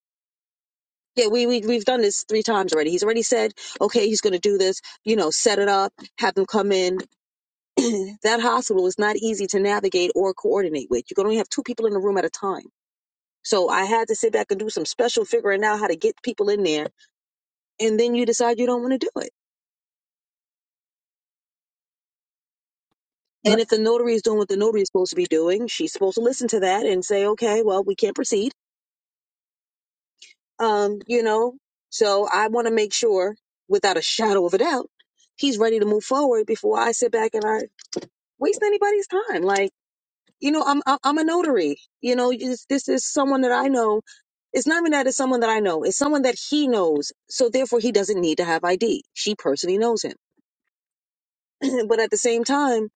S2: Yeah, we, we we've done this three times already. He's already said, okay, he's going to do this. You know, set it up, have them come in. [CLEARS THROAT] that hospital is not easy to navigate or coordinate with. You can only have two people in the room at a time. So I had to sit back and do some special figuring out how to get people in there, and then you decide you don't want to do it. And if the notary is doing what the notary is supposed to be doing, she's supposed to listen to that and say, okay, well, we can't proceed Um, you know, so I want to make sure, without a shadow of a doubt, he's ready to move forward before I sit back and I waste anybody's time. Like, you know, I'm I'm I'm a notary. You know, you this is someone that I know. It's not even that it's someone that I know. It's someone that he knows. So therefore, he doesn't need to have ID. She personally knows him. [CLEARS THROAT] but at the same time,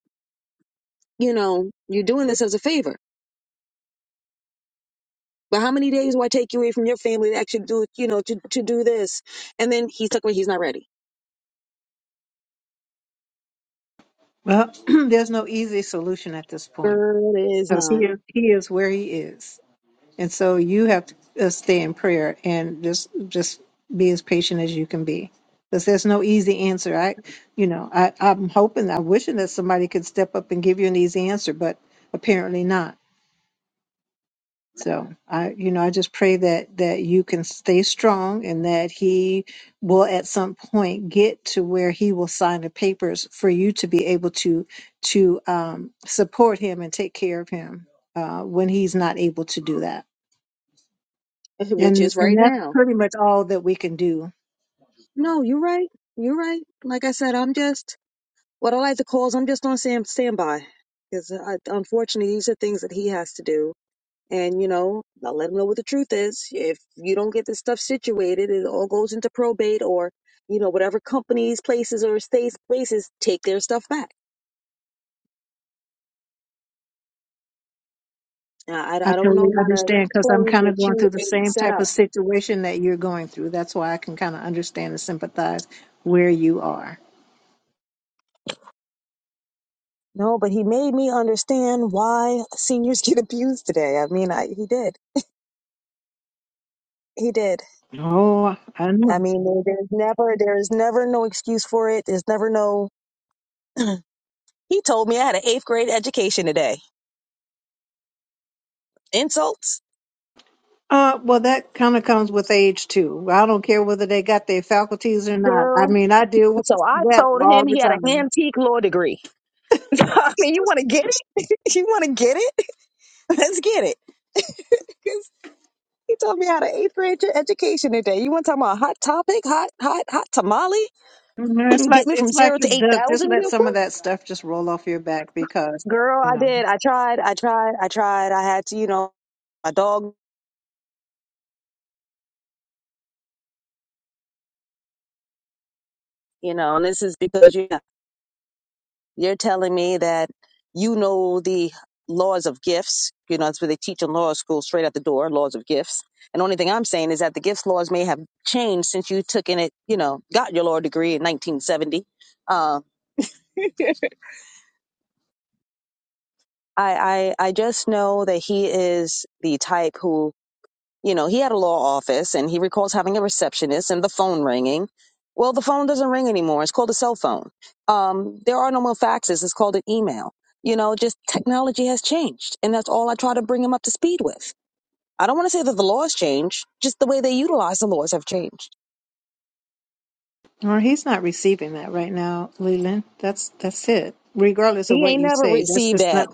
S2: you know, you're doing this as a favor. But how many days do I take you away from your family to actually do, you know, to, to do this? And then he's like, well, he's not ready.
S3: Well, [CLEARS THROAT] there's no easy solution at this point
S2: Girl is
S3: because he
S2: not.
S3: is he is where he is. And so you have to uh, stay in prayer and just just be as patient as you can be. Because there's no easy answer. I, you know, I, I'm hoping, I'm wishing that somebody could step up and give you an easy answer, but apparently not. So I, you know, I just pray that that you can stay strong and that he will at some point get to where he will sign the papers for you to be able to to um, support him and take care of him uh, when he's not able to do that.
S2: [LAUGHS] which
S3: And
S2: is
S3: and
S2: right
S3: that's
S2: now.
S3: pretty much all that we can do.
S2: No, you're right. You're right. Like I said, I'm just what I like to call is I'm just on stand, standby. Unfortunately, these are things that he has to do. And, you know, I'll let him know what the truth is. If you don't get this stuff situated, it all goes into probate or, you know, whatever companies, places, or states, places take their stuff back. I,
S3: I
S2: I I don't
S3: totally
S2: know how to
S3: understand because I'm
S2: explain
S3: kind of
S2: what
S3: going
S2: you
S3: through the
S2: ain't
S3: same
S2: set
S3: type
S2: up.
S3: of situation that you're going through. That's why I can kind of understand and sympathize where you are.
S2: No, but he made me understand why seniors [LAUGHS] get abused today. I mean, I, he did. He did
S3: Oh, I know.
S2: I mean, there- there's never, there's never no excuse for it. There's never no. He told me I had an eighth grade education today. Insults,
S3: Uh, well, that kind of comes with age too. I don't care whether they got their faculties or not. I mean, I deal with [LAUGHS] that all the time. Mhm, It's like it's like the duck. Just let some of that stuff just roll off your back because
S2: girl,
S3: you know.
S2: no, because you you're telling me that you know the laws of gifts. You know, that's what they teach in law school, straight out the door, laws of gifts. And the only thing I'm saying is that the gifts laws may have changed since you took in it. You know, got your law degree in 1970. Uh, I, I, I just know that he is the type who You know, he had a law office and he recalls having a receptionist and the phone ringing. Well, the phone doesn't ring anymore. It's called a cell phone. Um, there are no more faxes. It's called an email. You know, just technology has changed. And that's all I try to bring him up to speed with. I don't want to say that the laws changed, just the way they utilize the laws have changed.
S3: Or he's not receiving that right now, Leland. That's that's it. Regardless of
S2: He
S3: what
S2: ain't
S3: you
S2: never
S3: say, that's
S2: received
S3: just not
S2: ads.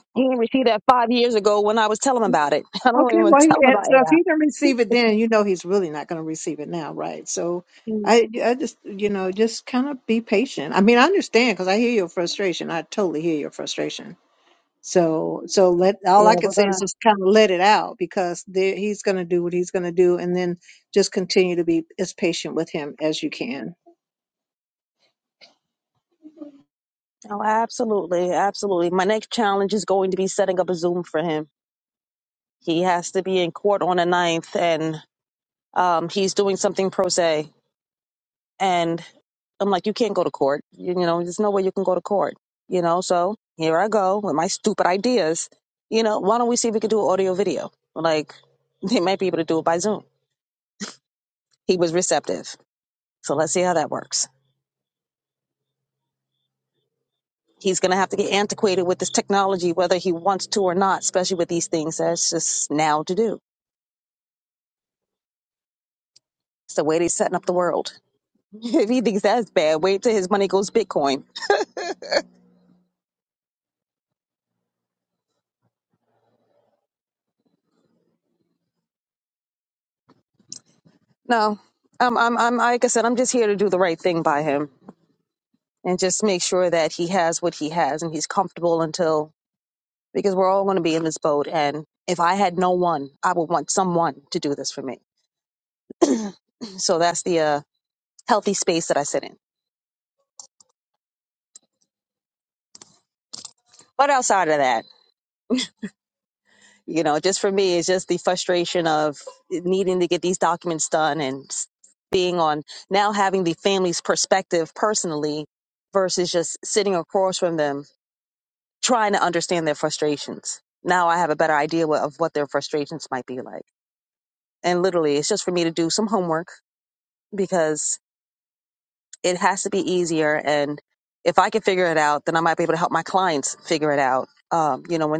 S3: okay. Well, he, and so if he didn't receive it then, you know he's really not going to receive it now, right? So I I just you know just kind of be patient. I mean, I understand because I hear your frustration. I totally hear your frustration. So so let all I can say is just kind of let it out because there, he's going to do what he's going to do, and then just continue to be as patient with him as you can
S2: He's going to have to get antiquated with this technology, whether he wants to or not, especially with these things that's just now to do. It's the way they're setting up the world. [LAUGHS] if he thinks that's bad, wait till his money goes Bitcoin. No, I'm, I'm, I'm, like I said, I'm just here to do the right thing by him and just make sure that he has what he has and he's comfortable until, because we're all going to be in this boat. And if I had no one, I would want someone to do this for me. So that's the uh, healthy space that I sit in. But outside of that, you know, just for me, it's just the frustrations, um, you know,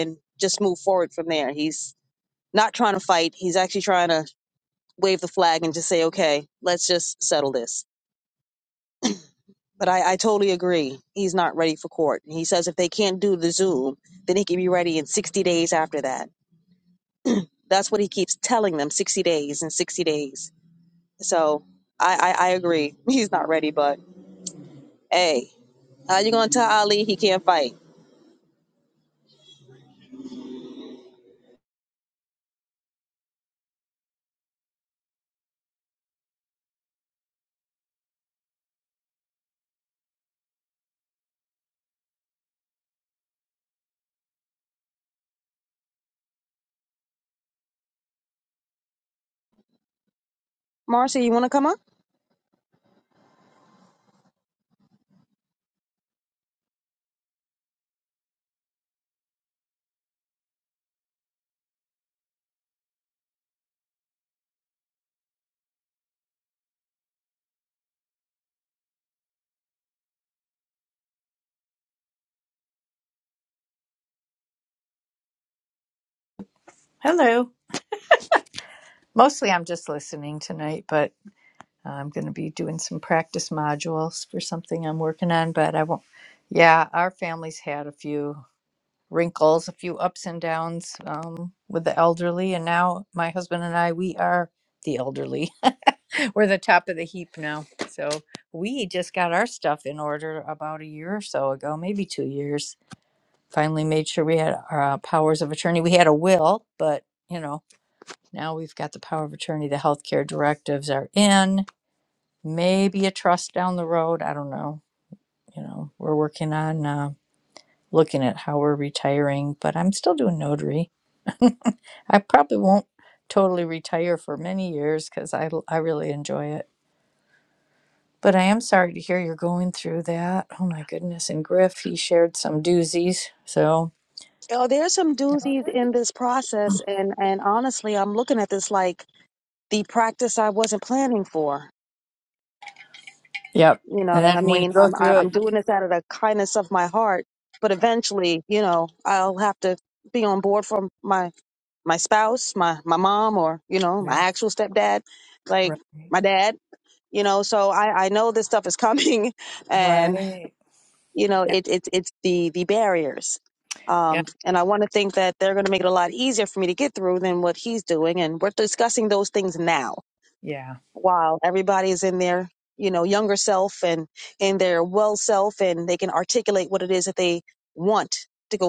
S2: and gonna but I, he says if they 60 days. So
S5: Hello. Mostly I'm just listening tonight, but uh, I'm going to be doing some practice modules for something I'm working on. But I won't, yeah, our family's had a few wrinkles, a few ups and downs um, with the elderly. And now my husband and I, we are the elderly. [LAUGHS] We're the top of the heap now. So we just got our stuff in order about a year or so ago, maybe two years. Finally made sure we had our uh, powers of attorney. We had a will, but. You know, Now we've got the power of attorney, the healthcare directives are in, maybe a trust down the road. I don't know. You know, we're working on uh, looking at how we're retiring, but I'm still doing notary. [LAUGHS] I probably won't totally retire for many years because I I really enjoy it. But I am sorry to hear you're going through that. Oh my goodness. And Griff, he shared some doozies. So, yep. And then when you go through it,
S2: it's out of the kindness of my heart. But eventually, you know, I'll have to be on board for my my spouse, my my mom, or you know my
S5: Yeah.
S2: actual stepdad, like
S5: Right.
S2: my dad. You know, so I I know this stuff is coming, [LAUGHS] and
S5: Right.
S2: you know
S5: Yeah.
S2: the the bears.
S5: Yeah.
S2: Um, and I, they're gonna be easier for me to get what he's doing, and we're discussing those things now
S5: yeah.
S2: while everybody's in there, you know, and and to go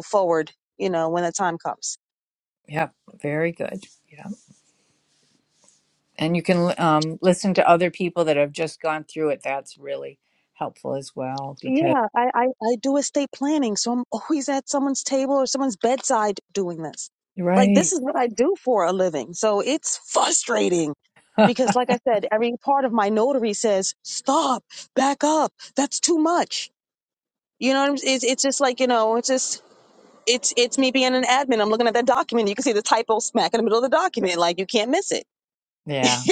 S5: Yeah, very good. Yeah. And you can um, listen to other people that have just gone through it. That's really helpful as well because, right. [LAUGHS] yeah.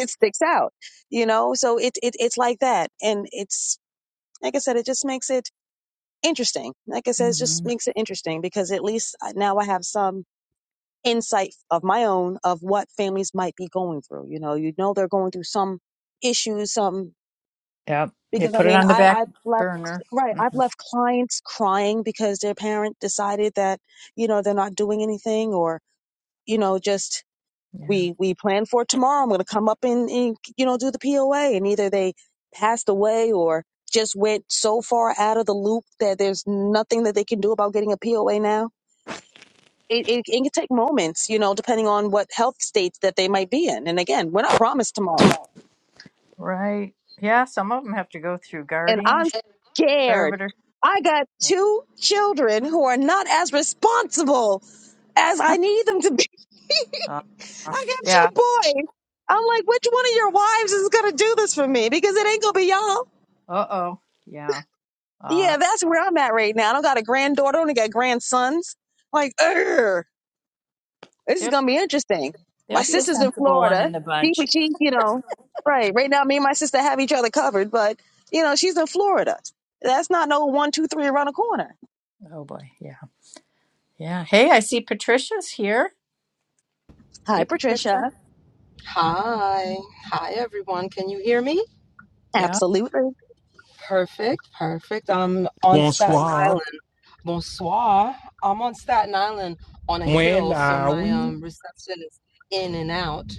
S5: hmm
S2: become
S5: Yep. You put it on the back burner. Mhm. Yeah.
S2: we are on what health states that they might be in. And again, we're not promised tomorrow,
S5: Right. Yeah. Some of them have to go through
S2: and I'm
S5: guardianship,
S2: scared.
S5: servitor.
S2: I got two children who are not as responsible as I need them to be.
S5: Uh,
S2: I got two
S5: yeah.
S2: boys. I'm like, which one of your wives is gonna do this for me? Because it ain't gonna be y'all.
S5: Uh oh. Yeah. Uh,
S2: Yeah, that's where I'm at right now. I'm just like, Urgh.
S5: there,
S2: gonna be you
S5: there'll be a sensible one in the bunch.
S2: know, right, but you know,
S5: Oh boy. Yeah. Yeah. Hey, I see Patricia's here. Hey,
S2: I,
S5: Patricia.
S6: Hi. Hi, everyone. Can you hear me?
S2: have,
S5: Yeah.
S6: Perfect. Perfect. I'm on Staten
S1: bonsoir.
S6: Island. Bonsoir. I'm on Staten Island on a
S1: When
S6: hill, so
S1: are
S6: my
S1: we?
S6: um, reception is in and out.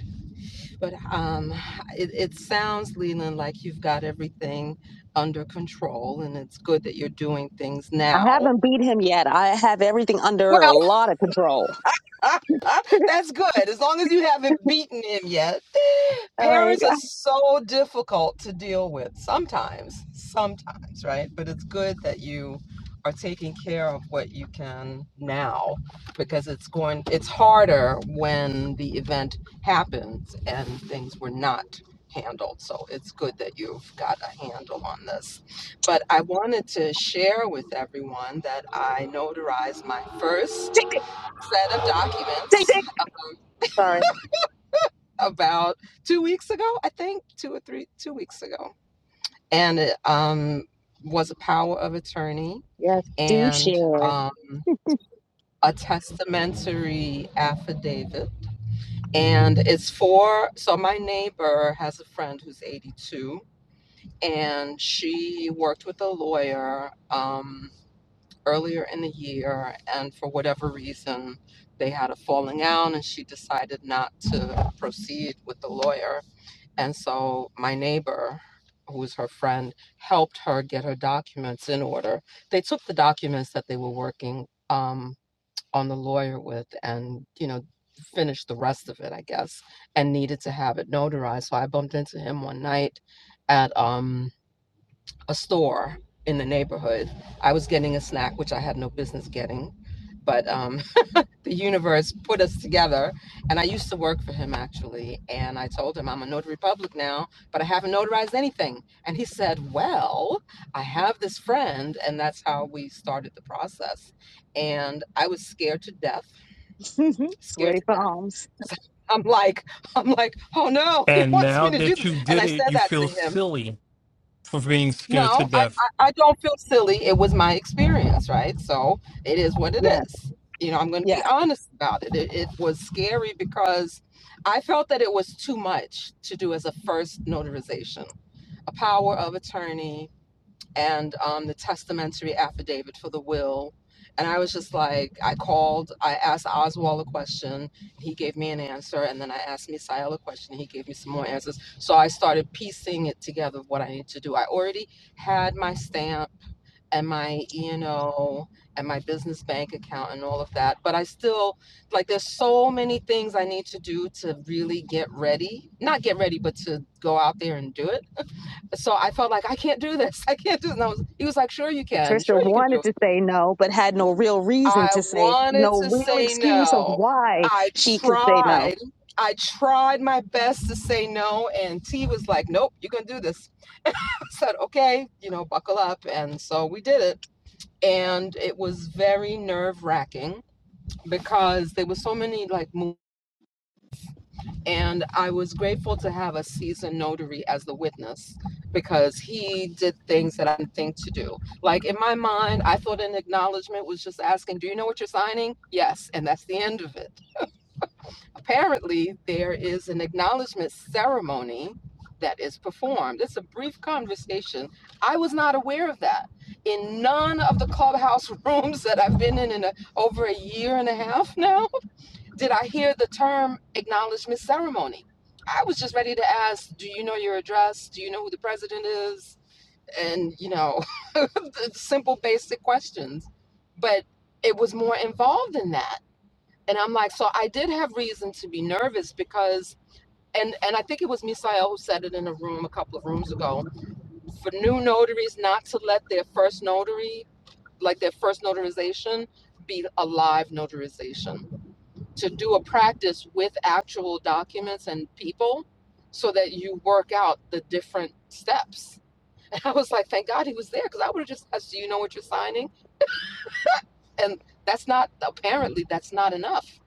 S6: But um, it, it sounds, Leland, like you've got everything under control, and it's good that you're doing things
S2: I
S6: now.
S2: haven't beat him yet. I have everything
S6: Well,
S2: under a lot of control.
S6: [LAUGHS] That's good. As long as you haven't beaten him yet. [GASPS] Parents are so difficult to deal with sometimes, sometimes, right? But it's good that you are taking care of what you can now because it's going it's harder when the event happens and things were not handled. So it's good that you've got a handle on this. But I wanted to share with everyone that I notarized my first set of documents about two weeks ago, I think, two or three, two weeks ago, and it um, was a power of attorney and um, a testamentary affidavit. And it's for, so my neighbor has a friend who's 82, and she worked with a lawyer um, earlier in the year, and for whatever reason, they had a falling out, and she decided not to proceed with the lawyer And so my neighbor, who was her friend, helped her get her documents in order. They took the documents that they were working um, on the lawyer with and, you know, finished the rest of it, I guess, and needed to have it notarized. So I bumped into him one night at um, a store in the neighborhood. I was getting a snack, which I had no business getting, but um, the universe put us together. And I used to work for him actually. And I told him, I'm a notary public now, but I haven't notarized anything. And he said, Well, I have this friend. And that's how we started the process. And I was scared to death, scared to death. I'm like, I'm like, oh no, [LAUGHS] he
S1: And
S6: wants
S1: now
S6: me to do
S1: that
S6: this.
S1: you
S6: And
S1: did
S6: I
S1: it,
S6: said
S1: you
S6: that to
S1: feel
S6: him.
S1: silly for being scared to
S6: No, I,
S1: death.
S6: I, I don't feel silly. It was my experience, right? So it is what it
S2: Yeah,
S6: is. You know, I'm going to
S2: yeah.
S6: be honest about it. it. It was scary because I felt that it was too much to do as a first notarization, a power of attorney, and um, the testamentary affidavit for the will. And I was just like, I called, I asked Oswald a question, he gave me an answer, and then I asked Misael a question, he gave me some more answers. So I started piecing it together of what I need to do. I already had my stamp and my E and O and my business bank account and all of that, but I still like there's so many things I need to do to really get ready. Not get ready, but to go out there and do it so I felt like I can't do this. I can't do this. And I was, he was like, "Sure you can. Sure you can do it." I wanted to say no. I
S2: She,
S6: tried. I tried my best to say no, and T was like, "Nope, you're gonna do this." [LAUGHS] I said, "Okay, you know, buckle up." And so we did it, and it was very nerve wracking because there were so many like. And I was grateful to have a seasoned notary as the witness because he did things that I didn't think to do. Like in my mind, I thought an acknowledgement was just asking, Do you know what you're signing? Yes. And that's the end of it. Apparently, there is an acknowledgement ceremony that is performed. It's a brief conversation. I was not aware of that. In none of the clubhouse [LAUGHS] rooms that I've been in in a, over a year and a half now, did I hear the term acknowledgement ceremony? I was just ready to ask, do you know your address? Do you know who the president is? And, you know, [LAUGHS] simple, basic questions. But it was more involved in that. And I'm like, so I did have reason to be nervous because, and, and I think it was Misael who said it in a room a couple of rooms ago for new notaries not to let their first notary, like their first notarization, be a live notarization to do a practice with actual documents and people so that you work out the different steps. [LAUGHS] And I was like, thank God he was there because I would have just asked, do you know what you're signing? And that's not, apparently, that's not enough.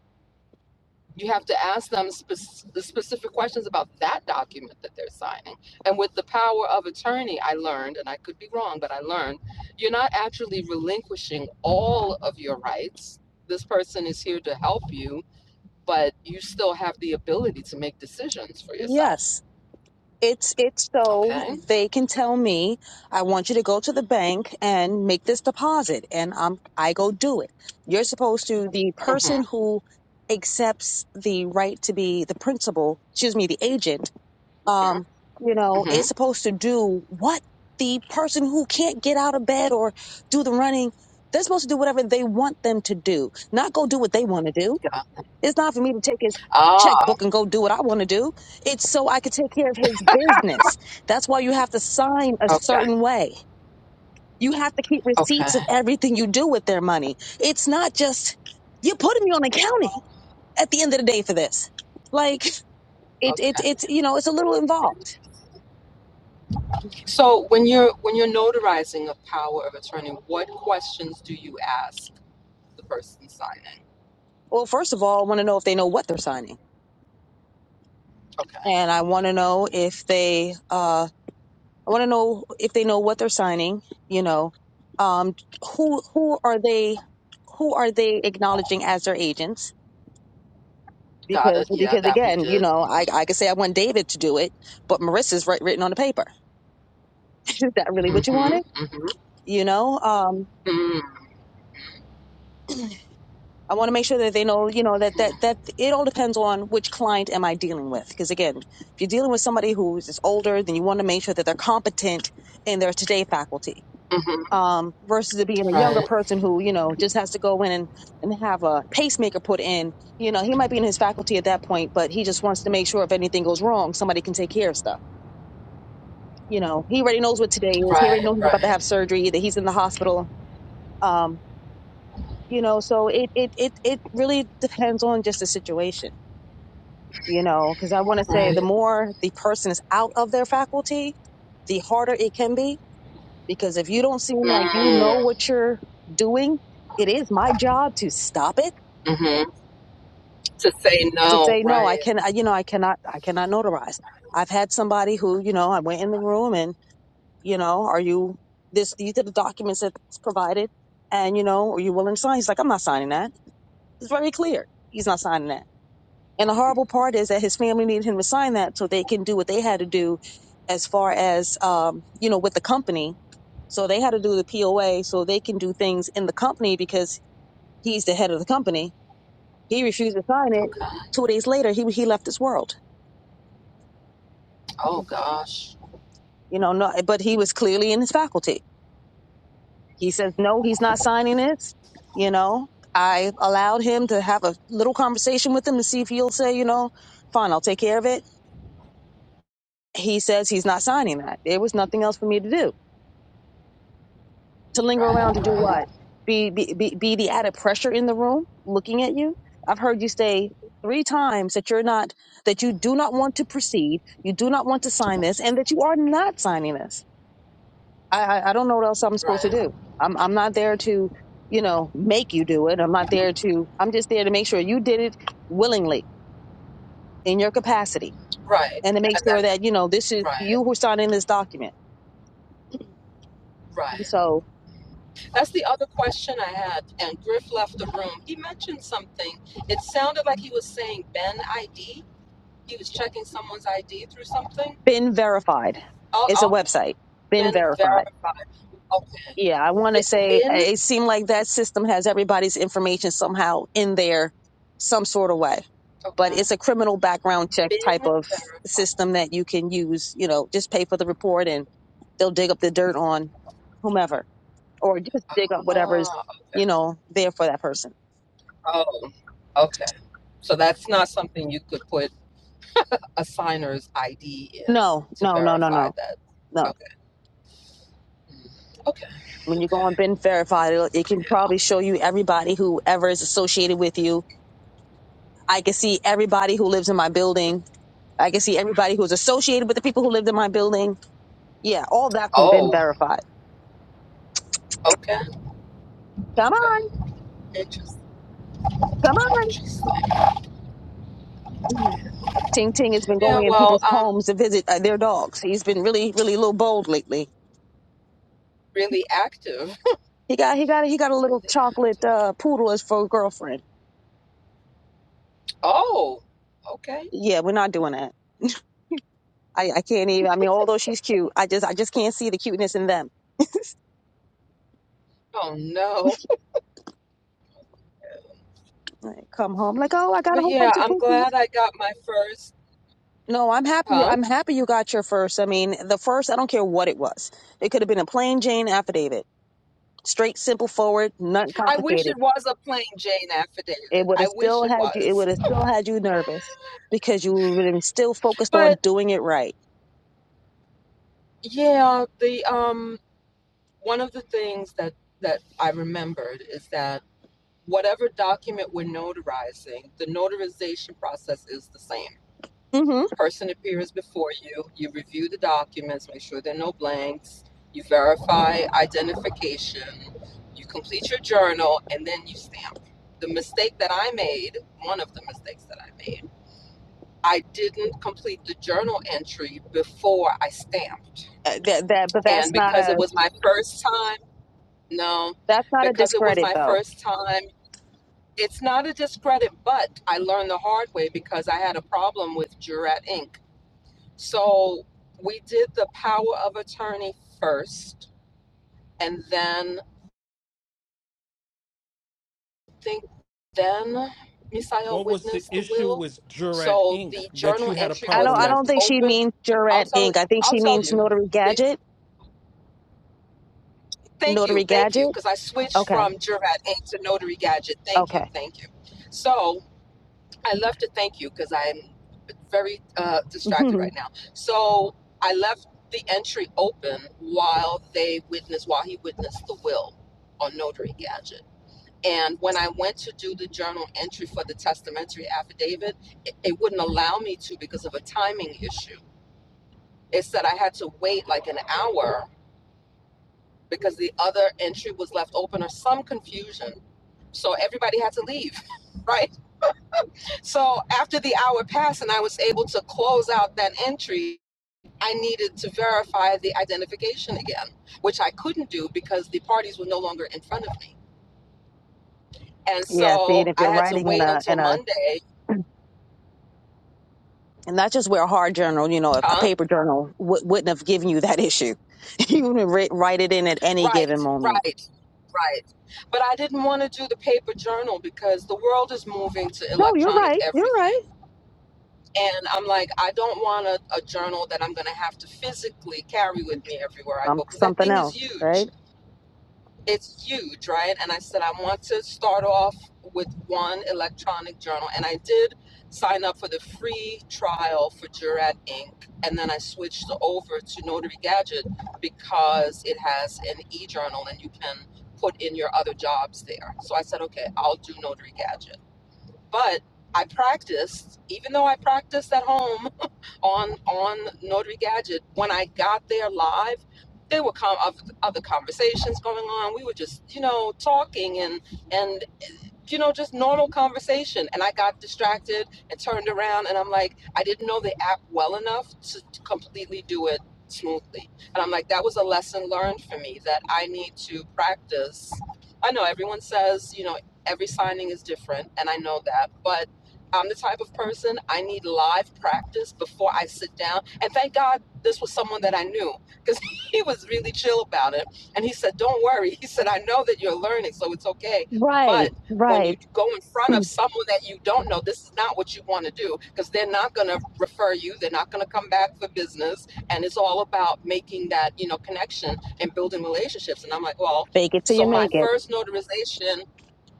S6: You have to ask them spec- the specific questions about that document that they're signing. And with the power of attorney, I learned, and I could be wrong, but I learned you're not actually relinquishing all of your rights. This person is here to help you but you still have the ability to make decisions for yourself.
S2: it,
S6: Okay.
S2: I want you to go to the bank and make this deposit, and um, I go do it. You're supposed to the
S6: hmm
S2: person who accepts the right to be the principal, excuse me, the agent um, you know,
S6: hmm
S2: is supposed to do what the person who can't get out of bed or do the running, they're supposed to do whatever they want them to do, not go do what they want to do.
S6: Yeah.
S2: It's not for me to take his
S6: Ah.
S2: checkbook and go do what I want to do. It's so I could take care of his.
S6: Okay. Okay. Okay. So when you're when you're notarizing a power of attorney, what questions do you ask the person signing? Okay.
S2: And I want to know if they, uh, I want to know if they know what they're signing. You know, um, who who are they? Who are they acknowledging as their agents?
S6: Got
S2: because
S6: it. Yeah,
S2: because
S6: that we
S2: again, you
S6: did.
S2: know, I I could say I want David to do it, but Marissa's writ- written on the paper. [LAUGHS] Is that really what you
S6: Mm-hmm.
S2: wanted?
S6: Mm-hmm.
S2: You know, um,
S6: Mm-hmm.
S2: I want to make sure that they know,
S6: Mm-hmm. Right. Right. Right.
S2: you know, the
S6: Right.
S2: more it's an- the harder it can be because if you don't seem like you know
S6: Mm.
S2: what you're doing, it is my job to stop it
S6: Mm-hmm. To say
S2: to
S6: no.
S2: say no. I
S6: Right.
S2: can, I, you know, I cannot, I cannot notarize. I've had somebody who, you know, I went in the room and, you know, are you this,
S6: Okay. Oh gosh.
S2: you know, no, but he was clearly in his faculty He says, no, he's not signing this. You know, I allowed him to have a little conversation with him to see if he'll say, you know, fine, I'll take care of it. He says he's not signing that. There was nothing else for me to do. To linger
S6: Right.
S2: around to do
S6: Right.
S2: what? Be, be, be, be the added pressure in the room looking at you. I've heard you say three times that you're not, that you do not want
S6: Interesting. Right, right. And then, right, right.
S2: to know
S6: That's the other question I had. And Griff left the room. He mentioned something. It sounded like he was saying Ben ID. He was checking someone's ID through something. I'll, I'll Ben verify. Okay. Bi- Bin. Okay. Ben verify. Ah,
S2: that person.
S6: oh, okay. So that's not something you could put a signer's ID in
S2: No,
S6: to
S2: no, no, no,
S6: verify
S2: no,
S6: that.
S2: no.
S6: Okay. Mm, Okay.
S2: When you go on Ben Verified, it'll- it can probably show you everybody who ever is associated with you I can see everybody who lives in my building. I can see everybody who's associated with the people who lived in my building. Yeah, all that's been
S6: Oh,
S2: verified.
S6: okay,
S2: Come
S6: okay.
S2: on,
S6: Interesting.
S2: come on.
S6: Interesting.
S2: Ting Ting has been
S6: Yeah,
S2: going in
S6: well,
S2: people's
S6: I'm
S2: homes to visit uh, their dogs. He's been really, really a little bold lately.
S6: really active.
S2: He got, he got, he got a little
S6: Really
S2: chocolate
S6: active.
S2: uh, poodle as for a girlfriend.
S6: Oh, okay.
S2: Yeah, we're not doing that. I, I can't even. I mean, although she's cute, I just, I just can't see the cuteness in them.
S6: Oh, no.
S2: Come home like, oh, I got a
S6: But
S2: whole
S6: yeah,
S2: bunch of
S6: I'm
S2: pookies.
S6: glad I got my first.
S2: No, I'm happy.
S6: Huh?
S2: I'm happy you got your first. I mean, the first, I don't care what it was. It could have been a plain Jane affidavit, straight, simple, forward, not
S6: I wish
S2: complicated.
S6: it was a plain Jane
S2: It
S6: affidavit.
S2: would
S6: I
S2: have
S6: wish
S2: still
S6: it
S2: had you. It
S6: was.
S2: would have still had you nervous because you would have been still focused
S6: But
S2: on doing it right.
S6: yeah, the um one of the things that that I remembered is that whatever document we're notarizing, the notarization process is the same.
S2: hmm
S6: person appears before you, you review the documents, make sure there are no blanks, you verify identification, you complete your journal, and then you stamp. The mistake that I made, one of the mistakes that I made, I didn't complete the journal entry before I stamped.
S2: that, that, but
S6: And
S2: that's not
S6: because it
S2: a
S6: was my first time, no,
S2: that's not a
S6: because it was
S2: discredit
S6: my
S2: though.
S6: first time, it's not a discredit, but I learned the hard way because I had a problem with Jurat Inc So we did the power of attorney first, and then I think then Misael
S1: What was the
S6: witnessed the
S1: issue
S6: will.
S1: with Jurat
S6: So
S1: Inc.
S6: the
S1: that
S6: journal
S1: you had a
S6: entry
S2: I
S6: was
S2: don't.
S1: problem
S2: I
S1: with?
S2: don't
S6: left
S2: think she
S6: open.
S2: means
S6: I'll
S2: Jurat
S6: tell
S2: Inc. I think
S6: I'll
S2: she
S6: tell
S2: means
S6: you.
S2: Notary
S6: Th-
S2: Gadget.
S6: Thank you,
S2: Notary
S6: thank you,
S2: Gadget.
S6: because I switched
S2: Okay.
S6: from Jurat Inc. to Notary Gadget. Thank you,
S2: Okay.
S6: thank you. So I left to thank you because I'm very uh,
S2: [LAUGHS]
S6: distracted right now. So I left the entry open while they witnessed, while he witnessed the will on Notary Gadget. And when I went to do the journal entry for the testamentary affidavit, it, it wouldn't allow me to because of a timing issue. It said I had to wait like an hour because the other entry was left open or some confusion. So everybody had to leave, [LAUGHS] right? So after the hour passed and I was able to close out that entry, I needed to verify the identification again, which I couldn't do because the parties were no longer in front of me. And
S2: yeah. See, and
S6: so
S2: if
S6: I
S2: you're
S6: had to
S2: writing in
S6: wait
S2: a
S6: until
S2: in a
S6: Monday.
S2: and that's just where a hard journal, you know, a a
S6: Huh?
S2: paper journal w- wouldn't have given you that issue. [LAUGHS] you would ri- write it in at any given
S6: Right,
S2: moment.
S6: right, right. But I didn't want to do the paper journal because the world is moving to
S2: No, you're
S6: electronic
S2: right. You're
S6: everything.
S2: right.
S6: And I'm like, I don't want a, a journal that I'm going to have to physically carry with me everywhere I
S2: Um,
S6: go because that
S2: something
S6: thing is
S2: else,
S6: huge
S2: right?
S6: it's huge, right? And I said, I want to start off with one electronic journal. And I did sign up for the free trial for Jurat Inc. And then I switched over to Notary Gadget because it has an e journal and you can put in your other jobs there. So I said, okay, I'll do Notary Gadget. But I practiced, even though I practiced at home [LAUGHS] on on Notary Gadget, when I got there live, there were com- oth- other conversations going on. We were just, you know, talking and and you know, just normal conversation. And I got distracted and turned around, and I'm like, I didn't know the app well enough to completely do it smoothly. And I'm like, that was a lesson learned for me that I need to practice. I know everyone says, you know, every signing is different, and I know that, but I'm the type of person I need live practice before I sit down. And thank God this was someone that I knew because [LAUGHS] he was really chill about it. And he said, Don't worry. He said, I know that you're learning, so it's okay. But
S2: Right.
S6: when you
S2: Right.
S6: go in front of someone that you don't know, this is not what you want to do because they're not going to refer you. They're not going to come back for business. And it's all about making that, you know, connection and building relationships. And I'm like, well,
S2: Fake it till
S6: so
S2: you
S6: my
S2: make it.
S6: first notarization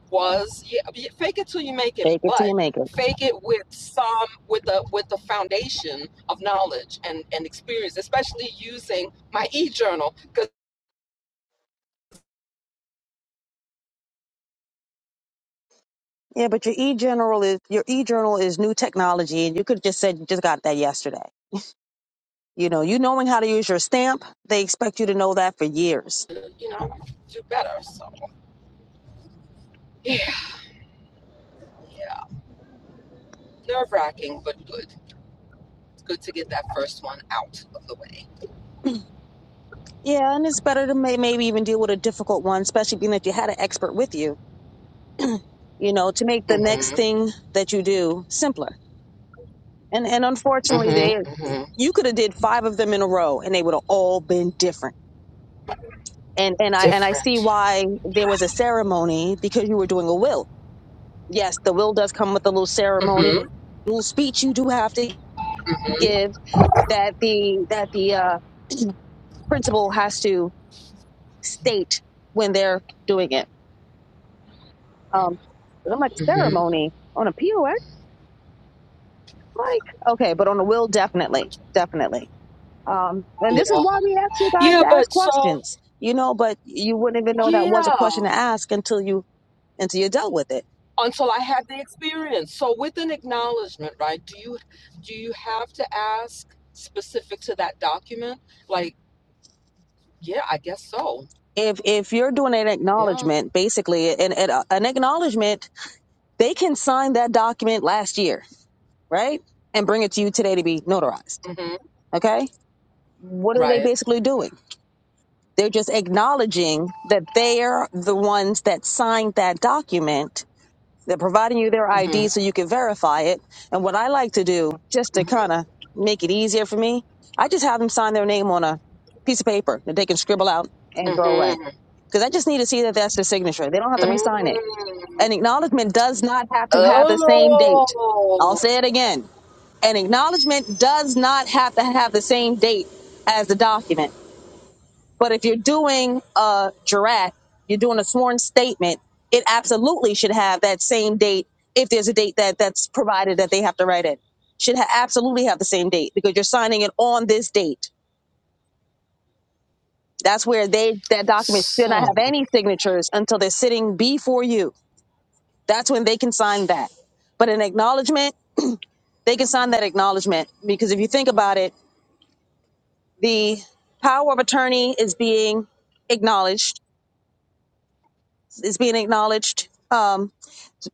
S6: was yeah, yeah, fake it till you make it,
S2: Fake it till
S6: but
S2: you make it.
S6: fake it with some with the with the foundation of knowledge and and experience especially using my e-journal because
S2: Good
S6: you know do better so yeah yeah nerve-wracking but good It's good to get that first one out of the way.
S2: Yeah, and it's better to may- maybe even deal with a difficult one, especially being that you had an expert with you, you know, to make the next
S6: Mm-hmm.
S2: thing that you do simpler. And and unfortunately, they
S6: Mm-hmm. Mm-hmm.
S2: you could have did five of them in a row, and they would have all been different. And and I and I see
S6: Different.
S2: why there was a ceremony because you were doing a will. Yes, the will does come with a little
S6: Mm-hmm.
S2: ceremony. Each you do have to
S6: Mm-hmm.
S2: give that the that the uh, principal has to state when they're doing it. Um, I'm like
S6: Mm-hmm.
S2: ceremony on a POS. Like, okay, but on the will, definitely, definitely. Uh, and this is
S6: Yeah.
S2: why,
S6: Yeah, but so
S2: you know, but it was a
S6: yeah.
S2: question to ask until you until you dealt with it.
S6: Until I had the experience. So with an acknowledgement, right? Do you do you have to ask specific to that document? Like, yeah, I guess so.
S2: If if you're doing an
S6: Yeah.
S2: acknowledgement, basically, an an an acknowledgement, they can sign that document last year, right, and bring it to you today to be notarized.
S6: Mm-hmm.
S2: Okay, what are they
S6: Right.
S2: basically doing? They're just acknowledging that they are the ones that signed that document They're providing you their
S6: Mm-hmm.
S2: ID so you can verify it. And what I like to do, just to
S6: Mm-hmm.
S2: kind of make it easier for me, I just have them sign their name on a piece of paper that they can scribble out and throw away.
S6: Mm-hmm.
S2: Because I just need to see that that's their signature. They don't have to re-sign it.
S6: mm
S2: An acknowledgement does not have to have the same date. I'll
S6: Oh.
S2: say it again. An acknowledgement does not have to have the same date as the document. But if you're doing a jurat, you're doing a sworn statement, it absolutely should have that same date. If there's a date that that's provided that they have to write it, should ha- absolutely have the same date because you're signing it on this date. That's where they that document should not
S6: So.
S2: have any signatures until they're sitting before you. That's when they can sign that. But an acknowledgement, they can sign that acknowledgement because if you think about it, the power of attorney is being acknowledged. Is being acknowledged. Um,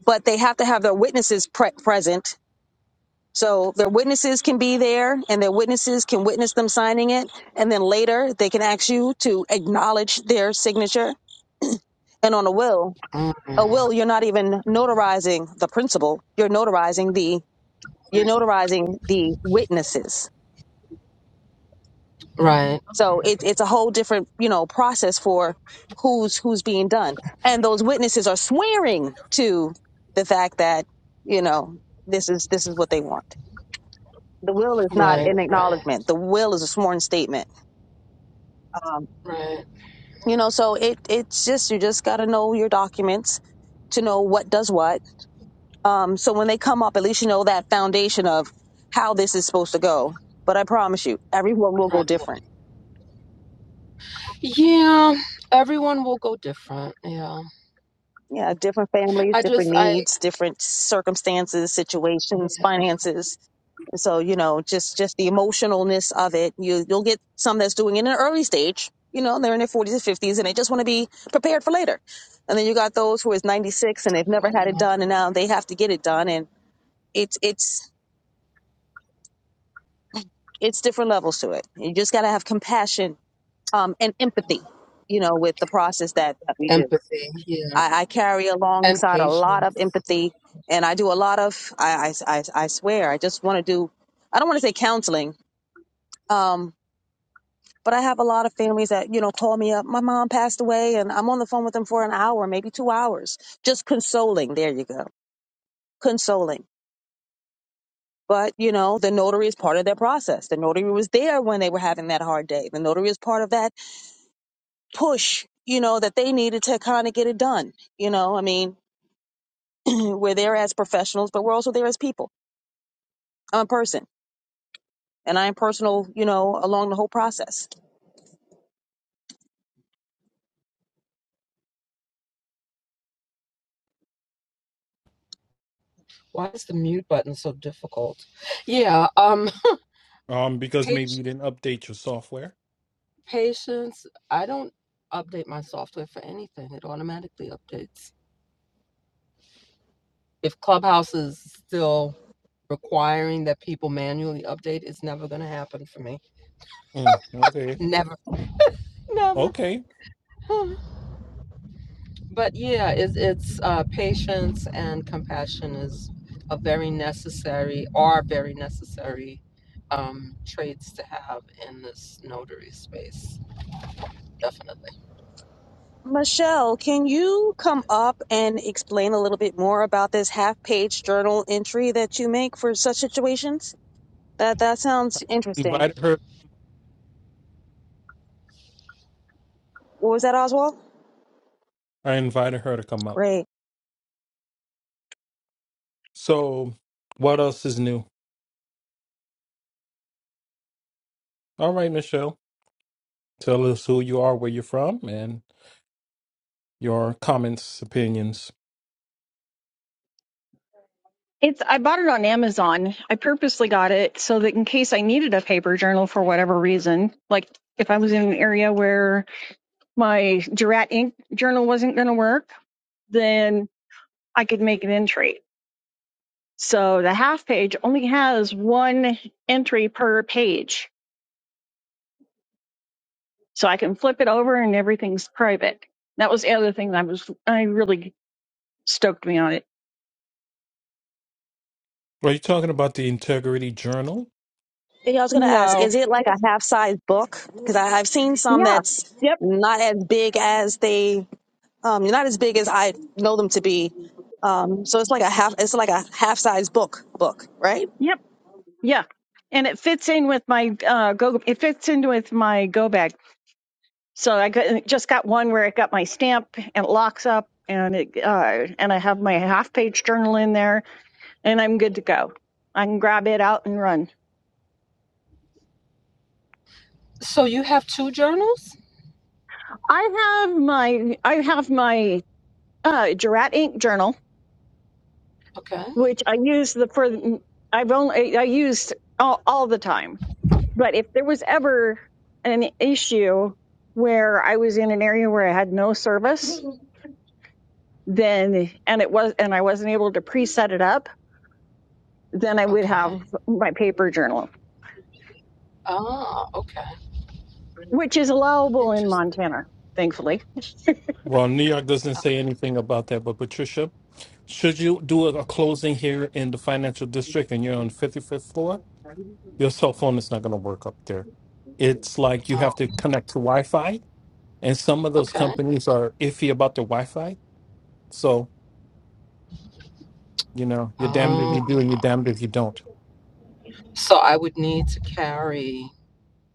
S2: but they have to have their witnesses pre- present. So their witnesses can be there and their witnesses can witness them signing it. And then later they can ask you to acknowledge their signature. And on a will,
S6: mm
S2: a
S6: hmm.
S2: will, you're not even notarizing the principal. You're notarizing the, you're notarizing the witnesses.
S6: Right.
S2: So it, it's a whole different, you know, process for who's, who's being done. And those witnesses are swearing to the fact that, you know, this is, this is what they want. The will is not
S6: Right,
S2: an
S6: right,
S2: acknowledgement. The will is a sworn statement.
S6: right,
S2: You know, it's just you just gotta know your documents to know. Um, so when they come up, at least you know that foundation of how this is supposed to go. But I promise you, everyone will go
S6: right.
S2: different.
S6: Yeah, everyone will go different. Yeah.
S2: Yeah, different families,
S6: I
S2: different
S6: just, I,
S2: needs, different circumstances, situations,
S6: yeah.
S2: finances So you know, just just the emotionalness of it. You you'll get some that's doing it in an early stage. You know, they're in their forties and fifties, and they just want to be prepared for later. And then you got those who is ninety six and they've never had it done, and now they have to get it done. And it's it's it's different levels to it. You just got to have compassion um, and empathy. You know, with the process that, that we do.
S6: Empathy, yeah.
S2: I, I carry
S6: And
S2: alongside a lot
S6: patience.
S2: of empathy, and I do a lot of. I I I, I swear, I just want to do. I don't want to say counseling. Um, But I have a lot of families that, you know, call me up. My mom passed away and I'm on the phone with them for an hour, maybe two hours, just consoling. There you go. Consoling. But, you know, the notary is part of their process. The notary was there when they were having that hard day. The notary is part of that push, you know, that they to kind of get it done. You know, I mean, [CLEARS THROAT] we're there as professionals, but we're also there as people. I'm a person and I am personal, you know, along the whole process.
S6: Why is the mute button so difficult? Yeah, um,
S1: Um, because maybe
S6: page,
S1: you didn't update your software.
S6: patience. I don't update my software for anything, it automatically updates. If Clubhouse is still requiring that people manually update, it's never going to happen for me.
S1: Mm, okay.
S6: Never, never.
S1: Okay.
S6: [LAUGHS] [SIGHS] but yeah, it's it's uh, patience and compassion is a very necessary are very necessary um, traits to have in this notary space. Definitely.
S2: Michelle, can you come up and explain a little bit more about this half-page journal entry that you make for such situations? That that sounds interesting.
S1: Invited her.
S2: What was that, Oswald?
S1: I invited her to come up.
S2: Great.
S1: So, what else is new? All right, Michelle. Tell us who you are, where you're from, and your comments, opinions.
S7: It's I bought it on Amazon. I purposely got it so that in case I needed a paper journal for whatever reason, like if I was in an area where my Jurat ink journal wasn't going to work, then I could make an entry. So the half page only has one entry per page. So I can flip it over and everything's private. That was the other thing that I was I really stoked me on it.
S1: Are you talking about the Integrity Journal?
S2: Yeah, I was gonna ask,
S7: No.
S2: is it like a
S7: Yes.
S2: half-size book? Because I've seen some
S7: Yeah.
S2: that's
S7: Yep.
S2: not as big as they, um, not as big as I know them to be. So, right?
S7: Yep. Yeah, and it fits in with my uh, go. It fits in with my go bag. So I got, just got one where it got my stamp and it locks up, and it uh, and I have my half page journal in there, and I'm good to go. I can grab it out and run.
S6: So you have two journals.
S7: I have my I have my uh, Jurat ink journal,
S6: Okay.
S7: which I use the for I've only I used all, all the time. But if there was ever an issue where I was in an area where I had no service then and it was and I wasn't able to preset it up, then I would
S6: Okay.
S7: have my paper journal,
S6: Ah. Okay.
S7: which is allowable in
S6: Interesting.
S7: Montana, thankfully.
S1: Well, New York doesn't say
S6: Okay.
S1: anything about that, but Patricia, should you do a, a closing here in the financial district and you're on 55th floor, your cell phone is not going to work up there. It's like you
S6: Oh.
S1: have to connect to Wi Fi And some of those
S6: Okay.
S1: companies are iffy about their Wi Fi. So, you know, you're damned if you
S6: Oh.
S1: do and you're damned if you don't.
S6: So I would need to carry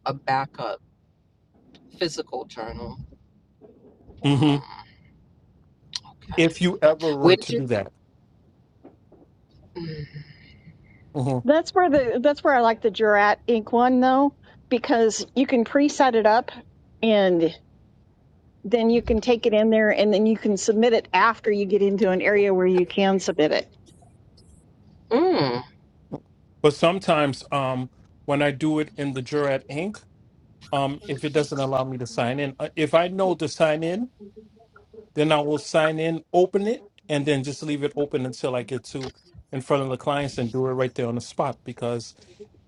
S6: a backup physical journal.
S1: hmm
S6: Mm, okay.
S1: If you ever
S6: Where
S1: were
S6: did
S1: to do that.
S6: you?
S1: hmm
S7: That's where the that's where I like the Jurat ink one though, because you can preset it up and then you can take it in there and then you can submit it after you get into an area where you can submit it.
S6: Mm,
S1: But sometimes um, when I do it in the Jurat Inc., um, if it doesn't allow me to sign in, uh, if I know to sign in, then I will sign in, open it, and then just leave it open until I get to in front of the clients and do it right there on the spot because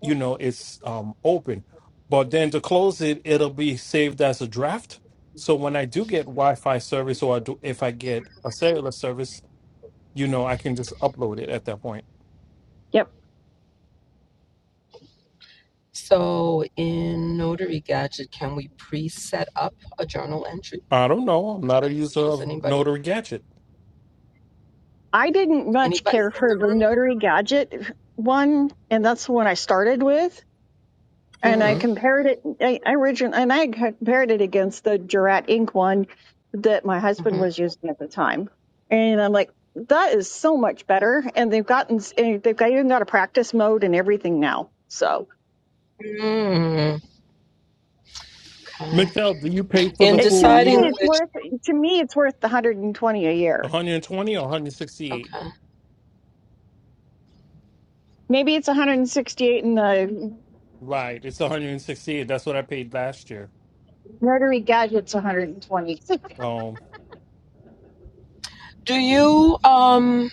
S1: you know it's um open but then to close it it'll be saved as a draft so when i do get wi-fi service or I do, if i get a cellular service you know i can just upload it at that point
S7: Yep.
S6: So in Notary Gadget, can we pre-set up a journal entry?
S1: i don't know i'm not a user
S6: Does
S1: of
S6: anybody,
S1: notary gadget
S7: I didn't much
S6: anybody
S7: care
S6: in
S7: for
S6: the
S7: the
S6: room?
S7: notary gadget one, and that's the one I started with. and I
S6: Mm-hmm.
S7: compared it. I, I origin and I compared it against the Jurat Ink one that my husband
S6: Mm-hmm.
S7: was using at the time, and I'm like, that is so much better. And they've gotten s- and they've got, even got a practice mode and everything now. So
S6: Mm, okay.
S1: michelle do you pay for
S6: In
S1: the
S7: it, to
S1: full
S6: deciding
S7: me,
S1: year
S7: it's
S6: which,
S7: worth to me it's worth the 120 a year.
S1: 120 or 168
S6: okay.
S7: Maybe it's 168 and the
S1: right it's 168 that's what i paid last year
S7: Rotary Gadget's 120. [LAUGHS]
S1: um
S6: Do you, um,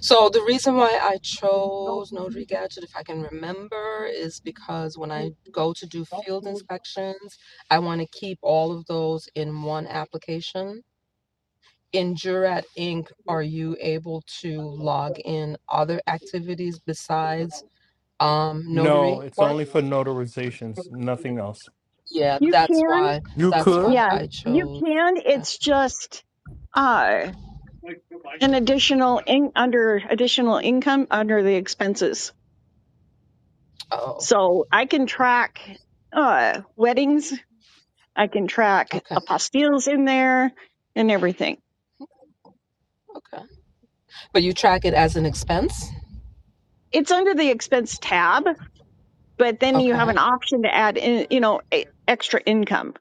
S6: so the reason why I chose Notary Gadget, if I can remember, is because when I go to do field inspections, I want to keep all of those in one application. in Jurat Inc., are you able to log in other activities besides um,
S1: no
S6: notary
S1: it's
S6: work?
S1: only for notarizations nothing else
S6: Yeah,
S7: You
S6: that's
S7: can.
S6: why.
S1: you
S6: That's
S1: could
S6: why
S7: Yeah,
S6: I
S7: you
S6: chose.
S7: can.
S6: uh,
S7: It's just uh, an additional in, under additional income under the expenses.
S6: Oh,
S7: So I can track uh, weddings. I can track
S6: okay,
S7: apostilles in there and everything.
S6: okay. But you track it as an expense.
S7: It's under the expense tab, but then you have
S6: Okay.
S7: an option to add in, you know, e- extra income.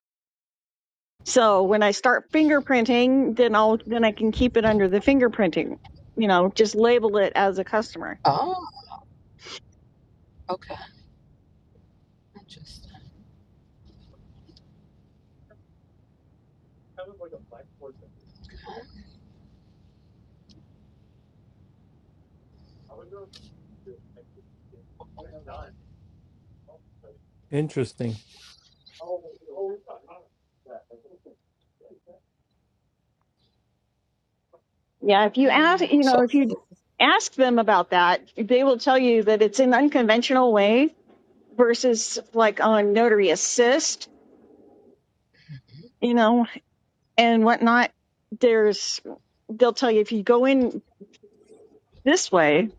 S7: So when I start fingerprinting, then I'll then I can keep it under the fingerprinting. You know, just label it as a customer.
S6: Oh, okay. Interesting.
S1: interesting
S7: Yeah, if you ask, you
S6: So.
S7: know, if you ask them about that, they will tell you that it's an unconventional way versus like on notary assist, you know, and whatnot. There's, they'll tell you if you go in this way,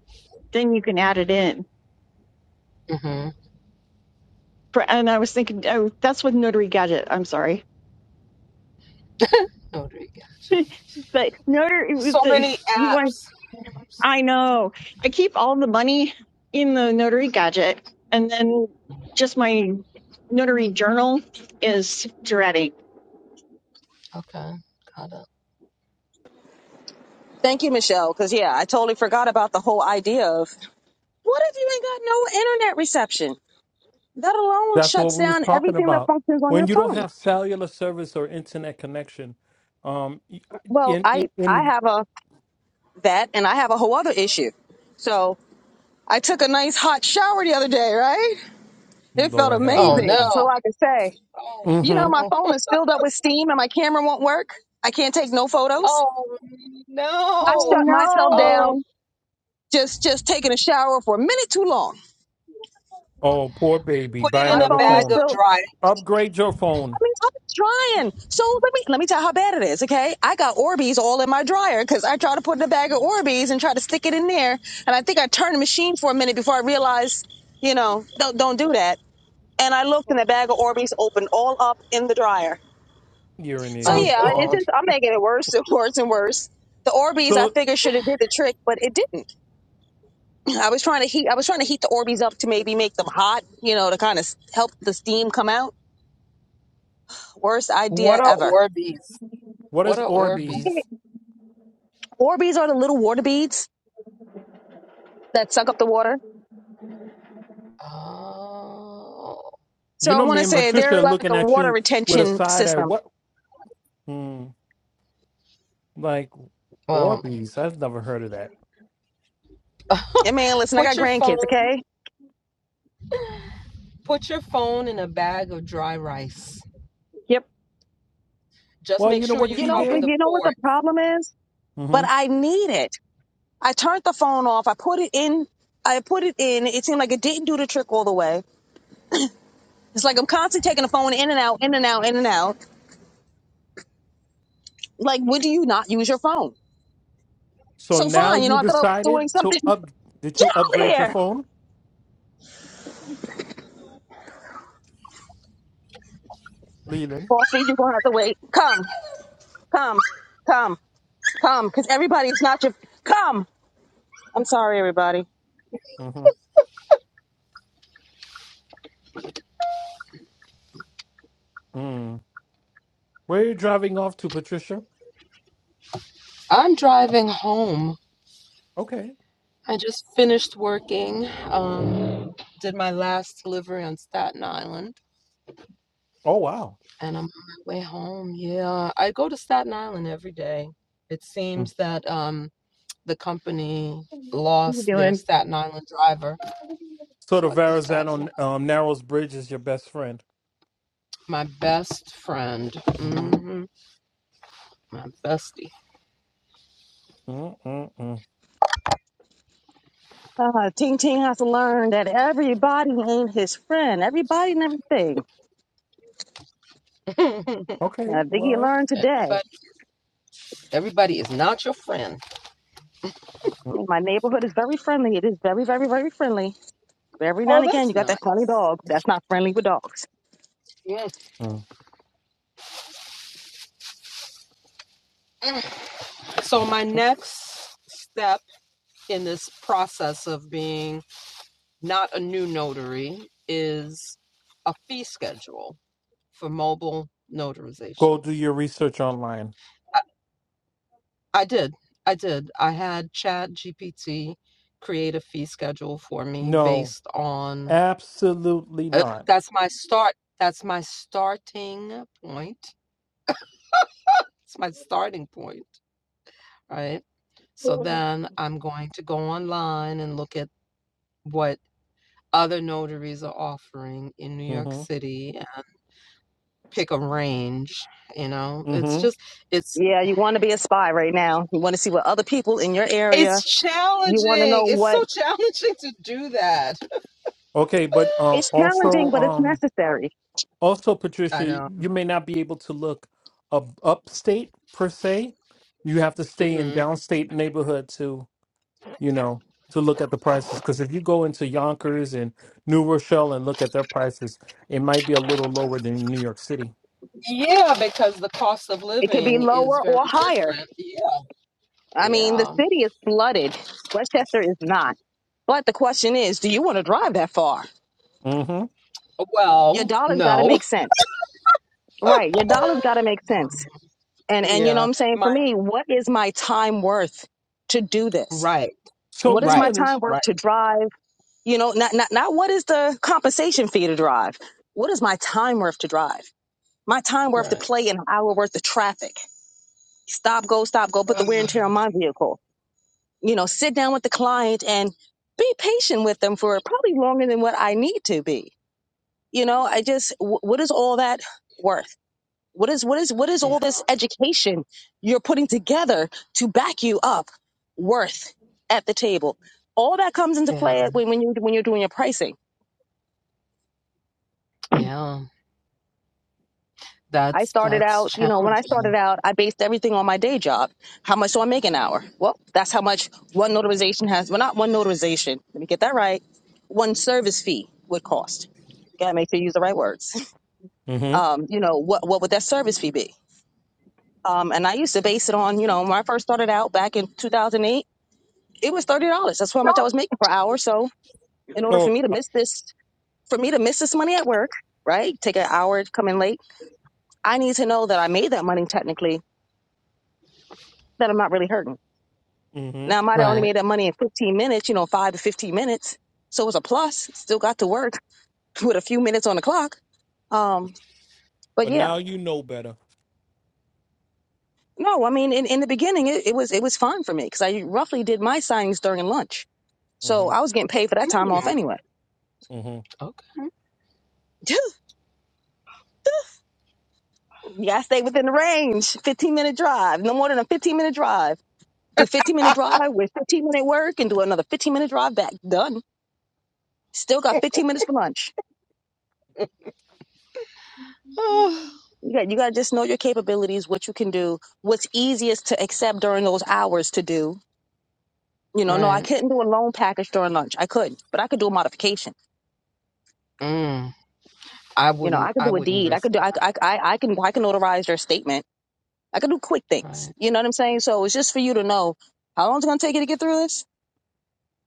S7: then you can add it in.
S6: mm hmm
S7: For, and I was thinking, oh, that's with notary gadget. I'm sorry,
S6: notary. yeah.
S7: [LAUGHS] but notary, with
S6: So
S7: the,
S6: many
S7: you want
S6: apps.
S7: I know. I keep all the money in the notary gadget, and then just my notary journal is dreading.
S6: Okay, got it.
S1: That's what we was talking about. When you don't have cellular service or internet connection, um, y- uh,
S2: Well,
S1: in in,
S2: I I
S1: in
S2: have a oh, took a nice hot shower the other day, right? It felt
S1: Lord have
S6: Oh
S2: amazing.
S1: mercy.
S2: So,
S6: no.
S2: like I say.
S6: Oh
S2: You know,
S1: Mm-hmm.
S2: my
S6: no.
S2: phone is filled up with steam and my camera won't work. I can't take no photos.
S6: Oh
S2: I
S6: no.
S7: Oh
S2: shut myself
S6: Um,
S7: no!
S2: down just just taking a shower for a minute too long.
S1: Oh, poor baby.
S6: Put it
S1: Buy
S2: My
S6: in a
S1: another
S2: phone is
S6: bag
S1: phone.
S6: of
S2: filled.
S6: dry.
S1: Upgrade your
S2: I
S1: phone.
S2: mean, I'm trying. So let me let me tell you how bad it is, okay? I got Orbeez all in my dryer because I tried to put in a bag of Orbeez and try to stick it in there, and I think I turned the machine for a minute before I realized, you know, don't don't do that. And I looked, and the bag of Orbeez opened all up in the dryer.
S1: You're an
S2: So
S6: Oh
S1: idiot.
S2: yeah,
S7: Yep.
S2: it's
S6: God.
S2: just I'm making it worse and worse and worse. The Orbeez I
S1: So,
S2: figured should have did the trick, but it didn't. [CLEARS THROAT] I was trying to heat I was trying to heat the Orbeez up to maybe make them hot, you know, to kind of help the steam come out. Worst
S6: What
S2: idea
S6: are
S2: ever.
S6: Orbeez?
S1: what
S6: What
S1: is
S6: are
S1: Orbeez?
S6: Orbeez?
S2: Orbeez are the little water beads that suck up the water.
S6: Oh,
S2: So
S1: You
S2: I
S1: know,
S2: want
S1: me
S2: to
S1: and
S2: say
S6: okay.
S1: Patricia
S2: they're
S1: are
S2: like
S1: looking
S2: a
S1: at
S2: water
S1: you with a
S2: retention
S1: side eye.
S2: system.
S1: What? Hmm, like
S6: Well,
S1: Orbeez? I've never heard of that.
S2: And man, listen, I
S6: put
S2: got
S6: your
S2: grandkids,
S6: phone.
S2: okay?
S6: Put your phone in a bag of dry rice.
S7: Yep.
S6: Just
S1: Well,
S6: make
S1: you know
S6: sure
S1: what
S6: you
S2: You
S1: she
S2: know,
S6: cover
S2: but
S1: did.
S6: the
S2: you know what the
S6: port.
S2: problem is?
S1: Mm-hmm.
S2: Eat it. I put it in. It seemed like it didn't do the trick all the way. It's like I'm constantly taking the phone in and out, in and out, in and out Like, when do you not use your phone?
S1: So
S2: So
S1: now
S2: fine, you
S6: Mm.
S2: know,
S1: you
S2: I thought I was doing
S1: decided
S2: something
S1: to up. Did you upgrade your
S2: there.
S1: phone, Leland?
S2: Bossy, you're gonna have to wait. Come, come, come, come.
S1: Mm. Where are you driving off to, Patricia?
S6: I'm driving home.
S1: Okay.
S6: I just finished working. Um, did my last delivery on Staten Island,
S1: Oh wow.
S6: and I'm on my way home. Yeah, I go to Staten Island every day. It
S1: Mm.
S6: seems that um, the company
S7: What are you
S6: lost their
S7: doing?
S6: Staten Island driver.
S1: So
S6: So
S1: the
S6: I do Staten
S1: Verrazano
S6: Island.
S1: um, Narrows Bridge is your best friend.
S6: My best friend,
S1: hmm
S6: hmm my bestie.
S1: Mm-mm-mm.
S2: Uh, Ting Ting has to learn that everybody ain't his friend. Everybody and everything.
S6: [LAUGHS]
S1: Okay.
S2: Uh, Biggie
S1: Well,
S2: learned today.
S6: everybody, everybody is not your friend.
S2: My neighborhood is very friendly. It is very, very, very friendly. But every now
S6: Oh,
S2: and again,
S6: that's
S2: you got that funny
S6: nice.
S2: dog that's not friendly with dogs.
S6: Mm.
S1: Mm.
S6: So my next step in this process of being not a new notary is a fee schedule for mobile
S1: go do
S6: notarizations.
S1: your research online.
S6: I did. I did. I had Chat GPT create a fee schedule for me
S1: No,
S6: based on
S1: absolutely
S6: uh,
S1: not.
S6: that's my start. That's my starting point. It's my starting point, right? So then I'm going to go online and look at what other notaries are offering in New York
S1: hmm
S6: City and pick a range. You know, it's
S1: hmm
S6: just it's
S2: Yeah, you want to be a spy right now. You want to see what other people in your area.
S6: it's
S2: You want to
S6: challenging.
S2: know
S6: It's
S2: what.
S6: so [LAUGHS] challenging to do that.
S1: Okay, but uh,
S2: It's
S6: [SIGHS]
S2: challenging,
S1: also,
S2: but it's
S1: um,
S2: necessary.
S1: also
S6: I
S1: Patricia,
S6: know.
S1: you may not be able to look up upstate per se. You have to stay
S6: Hmm.
S1: in downstate neighborhood you know, to look at the prices. Because if you go into Yonkers and New Rochelle and look at their prices, it might be a little lower than New York City.
S6: Yeah, because the cost of
S2: It could be
S6: living is
S2: lower
S6: very
S2: or higher
S6: different. Yeah.
S2: I mean, the
S6: Yeah.
S2: city is flooded. Westchester is not. But the question is, do you want to drive that far?
S1: hmm
S2: Your
S6: Well,
S2: dollar's got to
S6: no.
S2: make sense. Right. Your
S6: [LAUGHS]
S2: dollar's got to make sense. And and you know
S6: Yeah.
S2: what I'm saying? For
S6: My
S2: me, what is my time worth to do this?
S6: right,
S1: So
S2: What is my
S6: right,
S1: Leland,
S2: time worth
S6: right,
S2: to drive? You know, not not not what is the compensation fee to drive? What is my time worth to drive? My time worth to
S6: right.
S2: play an hour worth of traffic. Stop, go, stop, go, put
S6: Um,
S2: the wear and tear on my vehicle you know, sit down with the client and be patient with them for probably longer than what I need to be. You know, I just, wh- what is all that worth? What is, what is, what is
S6: Yeah,
S2: all this education you're putting together to back you up worth at the table? All that comes into
S6: yeah,
S2: play when, when you, when you're doing your pricing
S6: yeah.
S2: I
S6: That's
S2: started
S6: that's
S2: out, you know, when I started
S6: challenging.
S2: out, I based everything on my day job. How much do I make an hour? Well, that's how much one notarization has. Well, not one notarization. Let me get that right. One service fee would cost. Gotta make sure you use the right words. [LAUGHS]
S1: hmm
S2: Um, you know, what what would that service fee be? Um, and I used to base it on, you know, when I first started out back in 2008, it was thirty dollars. That's how much I was making per hour. So in order
S1: oh,
S2: for me to miss this, for me to miss this money at work, right? Take an hour, come in late. I need to know that I made that money technically. That I'm not really hurting
S1: hmm
S2: Now I might have only
S6: Right.
S2: made that money in 15 minutes, you know, five to 15 minutes. So it was a plus. Still got to work [LAUGHS] with a few minutes on the clock. Um, but
S1: but
S2: yeah,
S1: now you know better.
S2: no, I mean, in, in the beginning, it, it was it was fun for me because I roughly did my signings during lunch, so
S1: hmm
S2: I was getting paid for that time off
S6: Mm,
S2: anyway.
S1: hmm
S6: Okay.
S2: [LAUGHS] you gotta stay within the range. 15 minute drive, no more than a 15 minute drive. Do 15
S6: [LAUGHS]
S2: minute drive with 15 minute work and do another 15 minute drive back. Done. Still got 15 minutes for lunch.
S6: Ah,
S2: You got, you got to just know your capabilities, what you can do, what's easiest to accept during those hours to do. You know, no, I
S6: Right.
S2: couldn't do a loan package during lunch. I couldn't, but I could do a modification.
S6: Mm. I
S2: You know,
S6: wouldn't
S2: I could
S6: I
S2: do a
S6: wouldn't
S2: deed. I
S6: risk
S2: could do,
S6: that.
S2: I, I, I I can, I can notarize their statement. I could do quick things.
S6: Right.
S2: You know what I'm saying? So it's just for you to know how long it's going to take you to get through this.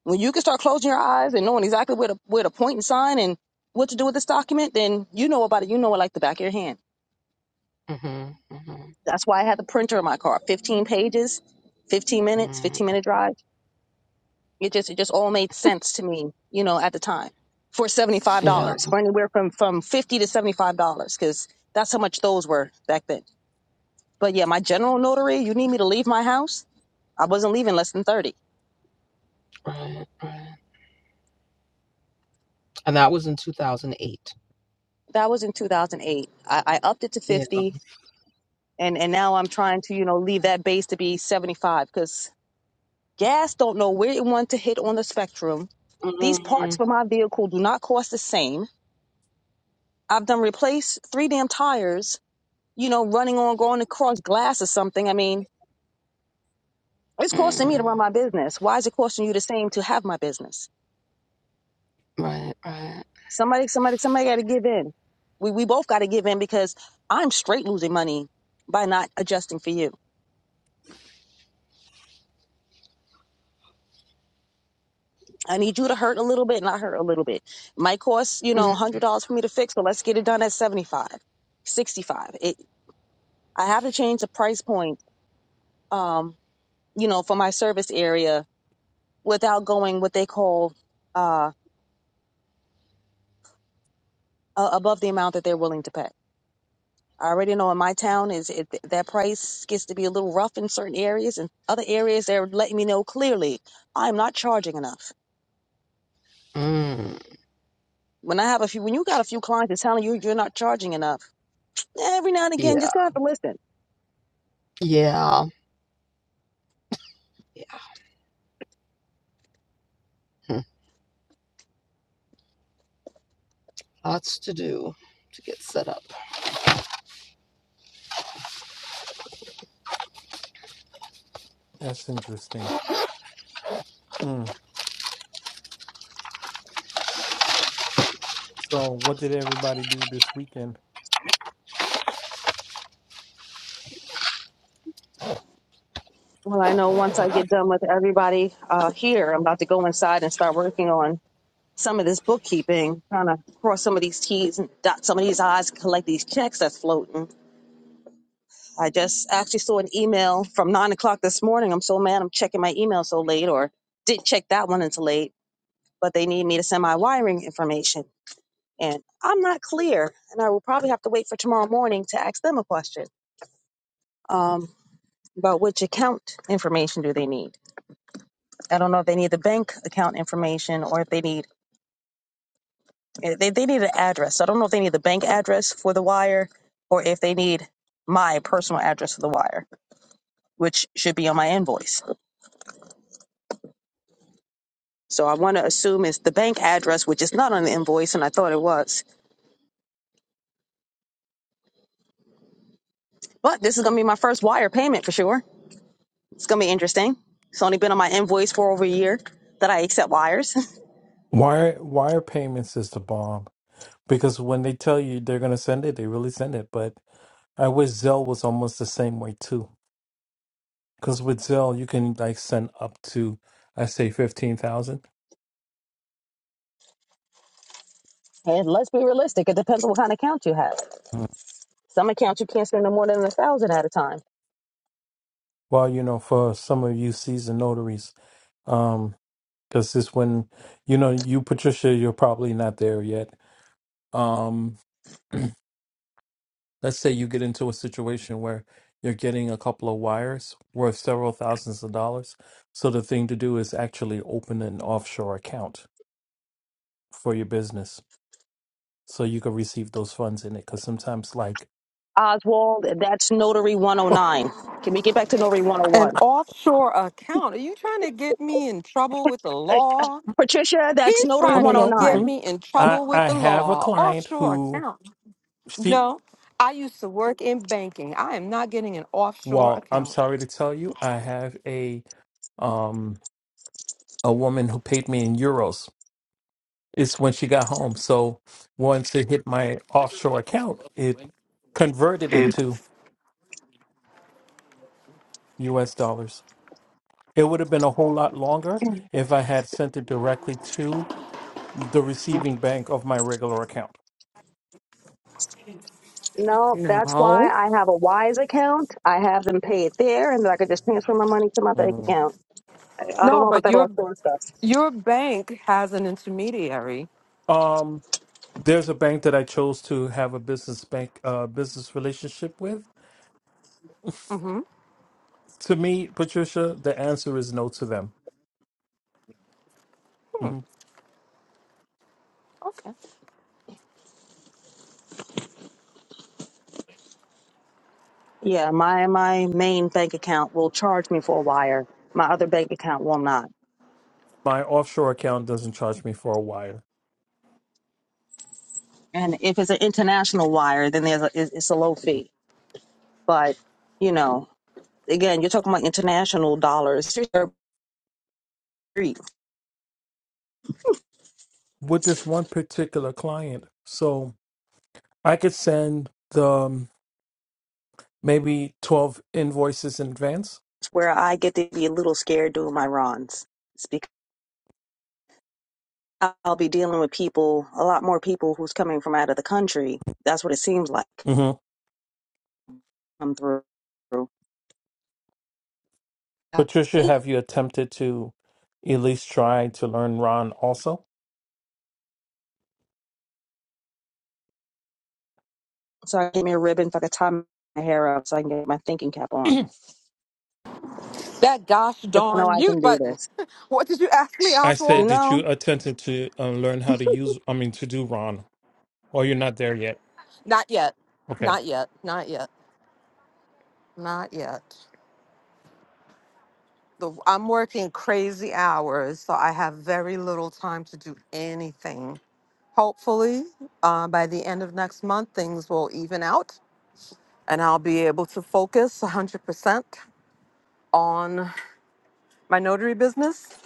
S2: When you can start closing your eyes and knowing exactly where to, where to point and sign and what to do with this document, then you know about it. You know it like the back of your hand.
S6: Mm-hmm. Mm-hmm.
S2: That's why I had the printer in my car, 15 pages, 15 minutes,
S6: Mm.
S2: 15 minute drive It just it just all made sense to me, you know, at the time for seventy five
S6: Yeah.
S2: dollars, for anywhere from from fifty to seventy five dollars, because that's how much those were back then. But yeah, my general notary, you need me to leave my house? I wasn't leaving less than thirty.
S6: Right. Right. And that was in 2008.
S2: That was in two thousand eight. I, I upped it to
S6: Yeah.
S2: fifty, and and now I'm trying to you know leave that base to be seventy five because gas don't know where it wants to hit on the spectrum. These
S6: Mm-hmm.
S2: parts for my vehicle do not cost the same. I've done replaced three damn tires you know, running on going across glass or something. I mean, it's costing me
S6: mm.
S2: to run my business. Why is it costing you the same to have my business?
S6: Right, right.
S2: Somebody, somebody, somebody got to give in. We we both got to give in because I'm straight losing money by not adjusting for you. I need you to hurt a little bit, and I hurt a little bit. Might cost you know
S6: Mhm.
S2: a hundred dollars for me to fix, but let's get it done at 75, 65. It I have to change the price point, um, you know, for my service area without going what they call uh, uh above the amount that they're willing to pay I already know in my town is it, that price gets to be a little rough in certain areas, and other areas they're letting me know clearly I'm not charging enough.
S6: Mm,
S2: When I have a few, when you got a few clients that's telling you you're not charging enough, every now and again
S6: yeah,
S2: just got to have to listen.
S6: yeah, yeah. Hmm, Lots to do to get set up.
S1: That's interesting. Mm. So what did everybody do this weekend?
S2: Well, I know once I get done with everybody uh, here, I'm about to go inside and start working on some of this bookkeeping, trying to cross some of these T's and dot some of these I's, collect these checks that's floating I just actually saw an email from nine o'clock this morning. I'm so mad I'm checking my email so late, or didn't check that one until late, but they need me to send my wiring information. And I'm not clear, and I will probably have to wait for tomorrow morning to ask them a question um, about which account information do they need. I don't know if they need the bank account information or if they need eh, they, they need an address. So I don't know if they need the bank address for the wire or if they need my personal address for the wire, which should be on my invoice. So I want to assume it's the bank address, which is not on the invoice, and I thought it was. But this is going to be my first wire payment for sure. It's going to be interesting. It's only been on my invoice for over a year that I accept wires.
S1: Wire wire payments is the bomb because when they tell you they're gonna send it, they really send it. But I wish Zelle was almost the same way too. Because with Zelle, you can like send up to, I say, 15,000.
S2: [LAUGHS] and let's be realistic. It depends on what kind of account you have. Some accounts you can't spend no more than a thousand at a time.
S1: Well, you know, for some of you seasoned notaries, um, because this when, you know, you, Patricia, you're probably not there yet. Um, let's say you get into a situation where you're getting a couple of wires worth several thousands of dollars. So the thing to do is actually open an offshore account for your business so you can receive those funds in it. Because sometimes, like,
S2: Oswald, that's Notary 109. Can we get back to Notary
S6: An
S2: 101?
S6: offshore account. Are you trying to get me in trouble with the
S2: Uh,
S6: law?
S2: Patricia, that's
S6: He's
S2: Notary
S1: no,
S6: trying
S1: no,
S6: to
S1: no,
S6: get
S2: 109.
S1: mm-mm.
S6: me in
S1: I
S6: trouble with
S1: I
S6: the
S1: have a
S6: law.
S1: client
S6: Offshore
S1: who
S6: account.
S1: She,
S6: No, I used to work in banking. I am not getting an offshore
S1: well, I'm
S6: account.
S1: sorry to tell you, I have a um a woman who paid me in euros. It's when she got home. So once it hit my offshore account, it converted
S6: It
S1: into US dollars. It would have been a whole lot longer if I had sent it directly to the receiving bank of my regular account.
S2: No, that's why I have a Wise account. I have them pay it there, and then I could just transfer my money to my bank
S1: Mm.
S2: account I don't know about that offshore stuff.
S6: You that
S1: Um, there's a bank that I chose to have a business bank uh business relationship with. To me, Patricia, the answer is no to them. Mm-hmm.
S2: Yeah, my my main bank account will charge me for a wire. My other bank account will not.
S1: my offshore account doesn't charge me for a wire
S2: And if it's an international wire, then there's a, it's it's a low fee. But you know, again, you're talking about international dollars. It's
S1: with this one particular client. So I could send the um, maybe 12 invoices in advance.
S2: where I get to be a little scared doing my runs. It's because I'll be dealing with people, a lot more people who's coming from out of the country. That's what it seems like.
S1: hmm
S2: I'm through.
S1: Patricia, have you attempted to at least try to learn Ron also?
S2: So I get me a ribbon, if I could tie my hair up, so I can get my thinking cap on.
S6: gosh
S2: 'Cause I know
S6: darn
S2: I
S6: mute
S2: can do
S6: button.
S2: this.
S6: What did you ask me,
S1: I
S2: You
S1: said,
S6: Oswald?
S1: did you
S2: know,
S1: attempted to uh, learn how to use, I mean, to do Ron? Or you're not there yet?
S6: Not yet.
S1: Okay.
S6: Not yet. Not yet. Not yet. The, I'm working crazy hours, so I have very little time to do anything. Hopefully, uh, by the end of next month, things will even out and I'll be able to focus 100% on my notary business.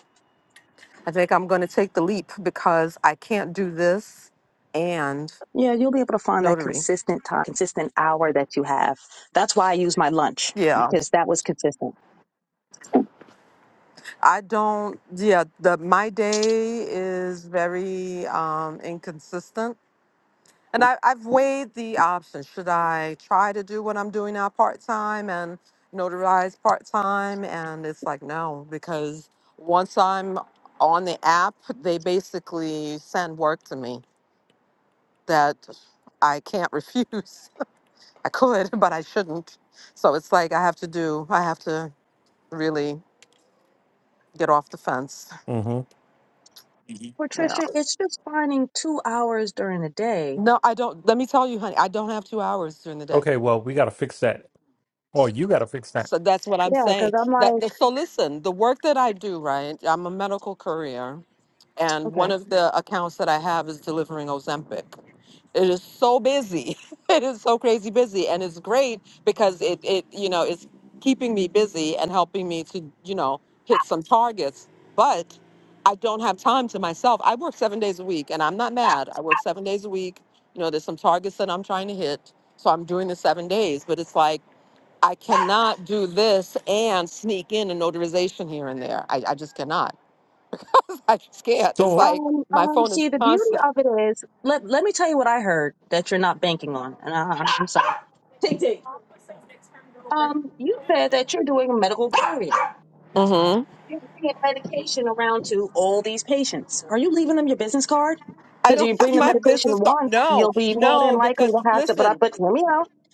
S6: I think I'm going to take the leap because I can't do this and
S2: yeah, you'll be able to find that
S6: notary.
S2: consistent time, consistent hour that you have. That's why I use my lunch
S6: Yeah,
S2: because that was consistent.
S6: I don't. Yeah, the my day is very um, inconsistent And I, I've weighed the options. Should I try to do what I'm doing now part time and notarize part time? And it's like, no, because once I'm on the app, they basically send work to me that I can't [LAUGHS] refuse. I could, but I shouldn't. So it's like I have to do, I have to really get off the fence.
S1: hmm
S2: Which-
S6: Yeah. No, I don't. Let me tell you, honey, I don't have two hours during the day.
S1: Okay, well, we got to fix that. Or you got to fix that.
S6: So that's what I'm
S2: Yeah, because
S6: saying.
S2: I'm
S6: That
S2: like,
S6: so listen, the work that I do, right? I'm a medical courier, and one
S2: okay.
S6: of the accounts that I have is delivering Ozempic. It is so busy. [LAUGHS] it is so crazy busy, and it's great because it it you know it's keeping me busy and helping me to you know hit some targets. But I don't have time to myself. I work seven days a week, and I'm not mad. I work seven days a week. You know, there's some targets that I'm trying to hit, so I'm doing the seven days. But it's like I cannot do this and sneak in a notarization here and there. I, I just cannot. [LAUGHS] I just can't. It's
S1: So,
S6: like
S2: Um,
S6: my
S2: um.
S6: phone is
S2: See, the beauty
S6: constant.
S2: of it is, let let me tell you what I heard that you're not banking on, and I, I'm sorry. [LAUGHS] Tick, tick. Um, you said that you're doing a medical carrier.
S6: hmm
S2: You're doing medical to patients. Since card,
S6: I don't [LAUGHS] have my business card. No, no,
S2: like
S6: because
S2: after, but I,
S6: listen,
S2: but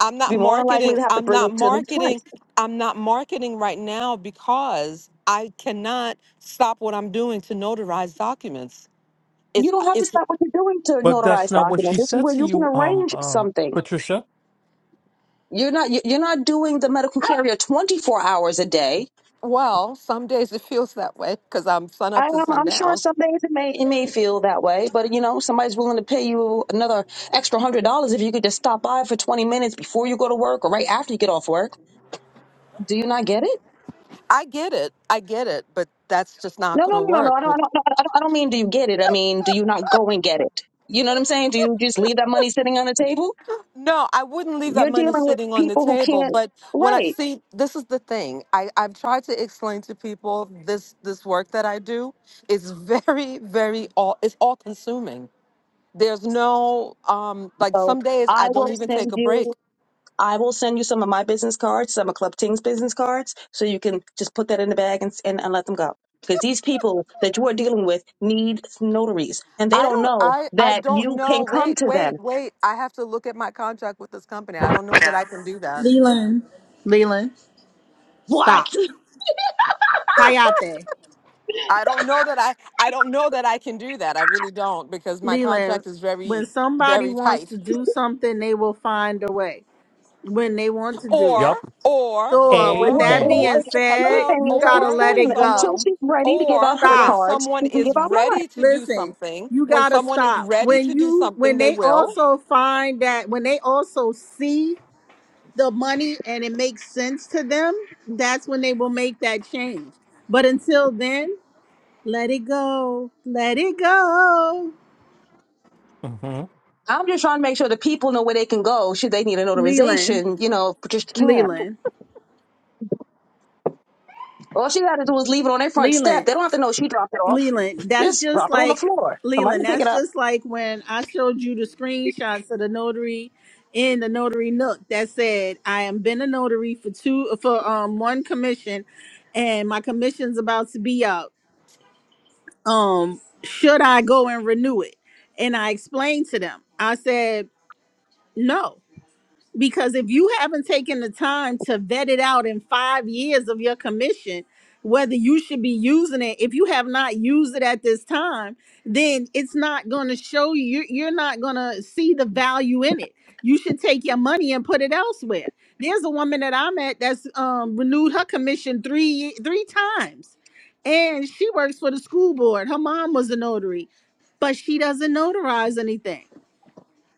S6: I'm not marketing. I'm not marketing. I'm not marketing right now because I cannot stop what I'm doing to notarize documents. It's it's
S1: but that's not what she said to you, um, um, Patricia.
S2: you- you're not doing the medical carrier twice a day.
S6: well, some days it feels that way because I'm sun
S2: I,
S6: up to
S2: I'm, I'm sure
S6: sundown.
S2: some days it may it may feel that way, but you know somebody's willing to pay you another extra hundred dollars if you could just stop by for twenty minutes before you go to work or right after you get off work. Do you not get it?
S6: I get it. I get it, but that's just not
S2: No,
S6: going
S2: no,
S6: to
S2: no, no, no.
S6: work.
S2: I don't, I
S6: with
S2: don't, no, I don't, I don't mean do you get it. I mean do you not go and get it? You know what I'm saying? Do you just leave that money sitting on the table?
S6: No, I wouldn't leave that
S2: You're
S6: money
S2: dealing with
S6: sitting on the
S2: people who
S6: table.
S2: can't.
S6: But when I
S2: Right.
S6: see, this is the thing. I, I've tried to explain to people this this work that I do is [LAUGHS] very, very all it's all consuming. There's no um like
S2: So
S6: some days
S2: I
S6: I don't
S2: will
S6: even take
S2: send
S6: a
S2: you.
S6: break.
S2: I will send you some of my business cards, some of Club Ting's business cards, so you can just put that in the bag and, and, and let them go. Because these people that you are dealing with need notaries, and they
S6: I
S2: don't
S6: don't
S2: know
S6: I I
S2: that
S6: don't
S2: you
S6: know.
S2: can come
S6: Wait,
S2: to them.
S6: wait, wait. I have to look at my contract with this company. I don't know that I can do that.
S8: Leland, Leland,
S2: What?
S8: stop. Kayate,
S6: I don't know that I I don't know that I can do that. I really don't because my
S8: Leland,
S6: contract is very
S8: when somebody
S6: very
S8: wants
S6: tight.
S8: to do something, they will find a way when they want to do it.
S6: or
S1: Yep.
S6: or
S8: So, uh, with
S6: or
S2: Well,
S8: that
S1: Amen.
S6: or
S8: being
S2: the funny
S8: said,
S6: hello
S2: thing
S8: you
S2: is, I'm
S8: gotta
S2: just
S6: or
S8: let
S6: when
S2: saying,
S8: it
S2: until
S6: someone
S8: go.
S2: she's ready to give
S6: or
S2: out her
S6: when
S8: Stop.
S2: cards,
S6: someone
S2: we can give
S6: is
S2: out mine.
S6: ready to do
S8: Listen,
S6: something
S8: you
S6: when
S8: gotta
S6: someone is
S8: stop.
S6: ready to
S8: When
S6: do
S8: you, when
S6: something they
S8: they
S6: will
S8: also find that, when they also see the money and it makes sense to them, that's when they will make that change. But until then, Let it go. Let it go.
S1: Mm-hmm.
S2: I'm just trying to make sure the people know where they can go should they need a
S8: Leland.
S2: notarization. You know, Patricia can't.
S8: Leland.
S2: All she got to do is leave it on their front step.
S8: Leland.
S2: They don't have to know she dropped it off.
S8: Leland. That's
S2: Just
S8: just
S2: drop it on the
S8: like
S2: floor. Somebody can
S8: Leland.
S2: pick it
S8: That's
S2: up.
S8: just like when I showed you the screenshots of the notary in the notary nook that said I am been a notary for two for um one commission and my commission's about to be out. Um should I go and renew it? And I explained to them. I said, no. because if you haven't taken the time to vet it out in five years of your commission whether you should be using it if you have not used it at this time then it's not going to show you you're you're not going to see the value in it you should take your money and put it elsewhere there's a woman that i met that's um, renewed her commission three three times and she works for the school board her mom was a notary but she doesn't notarize anything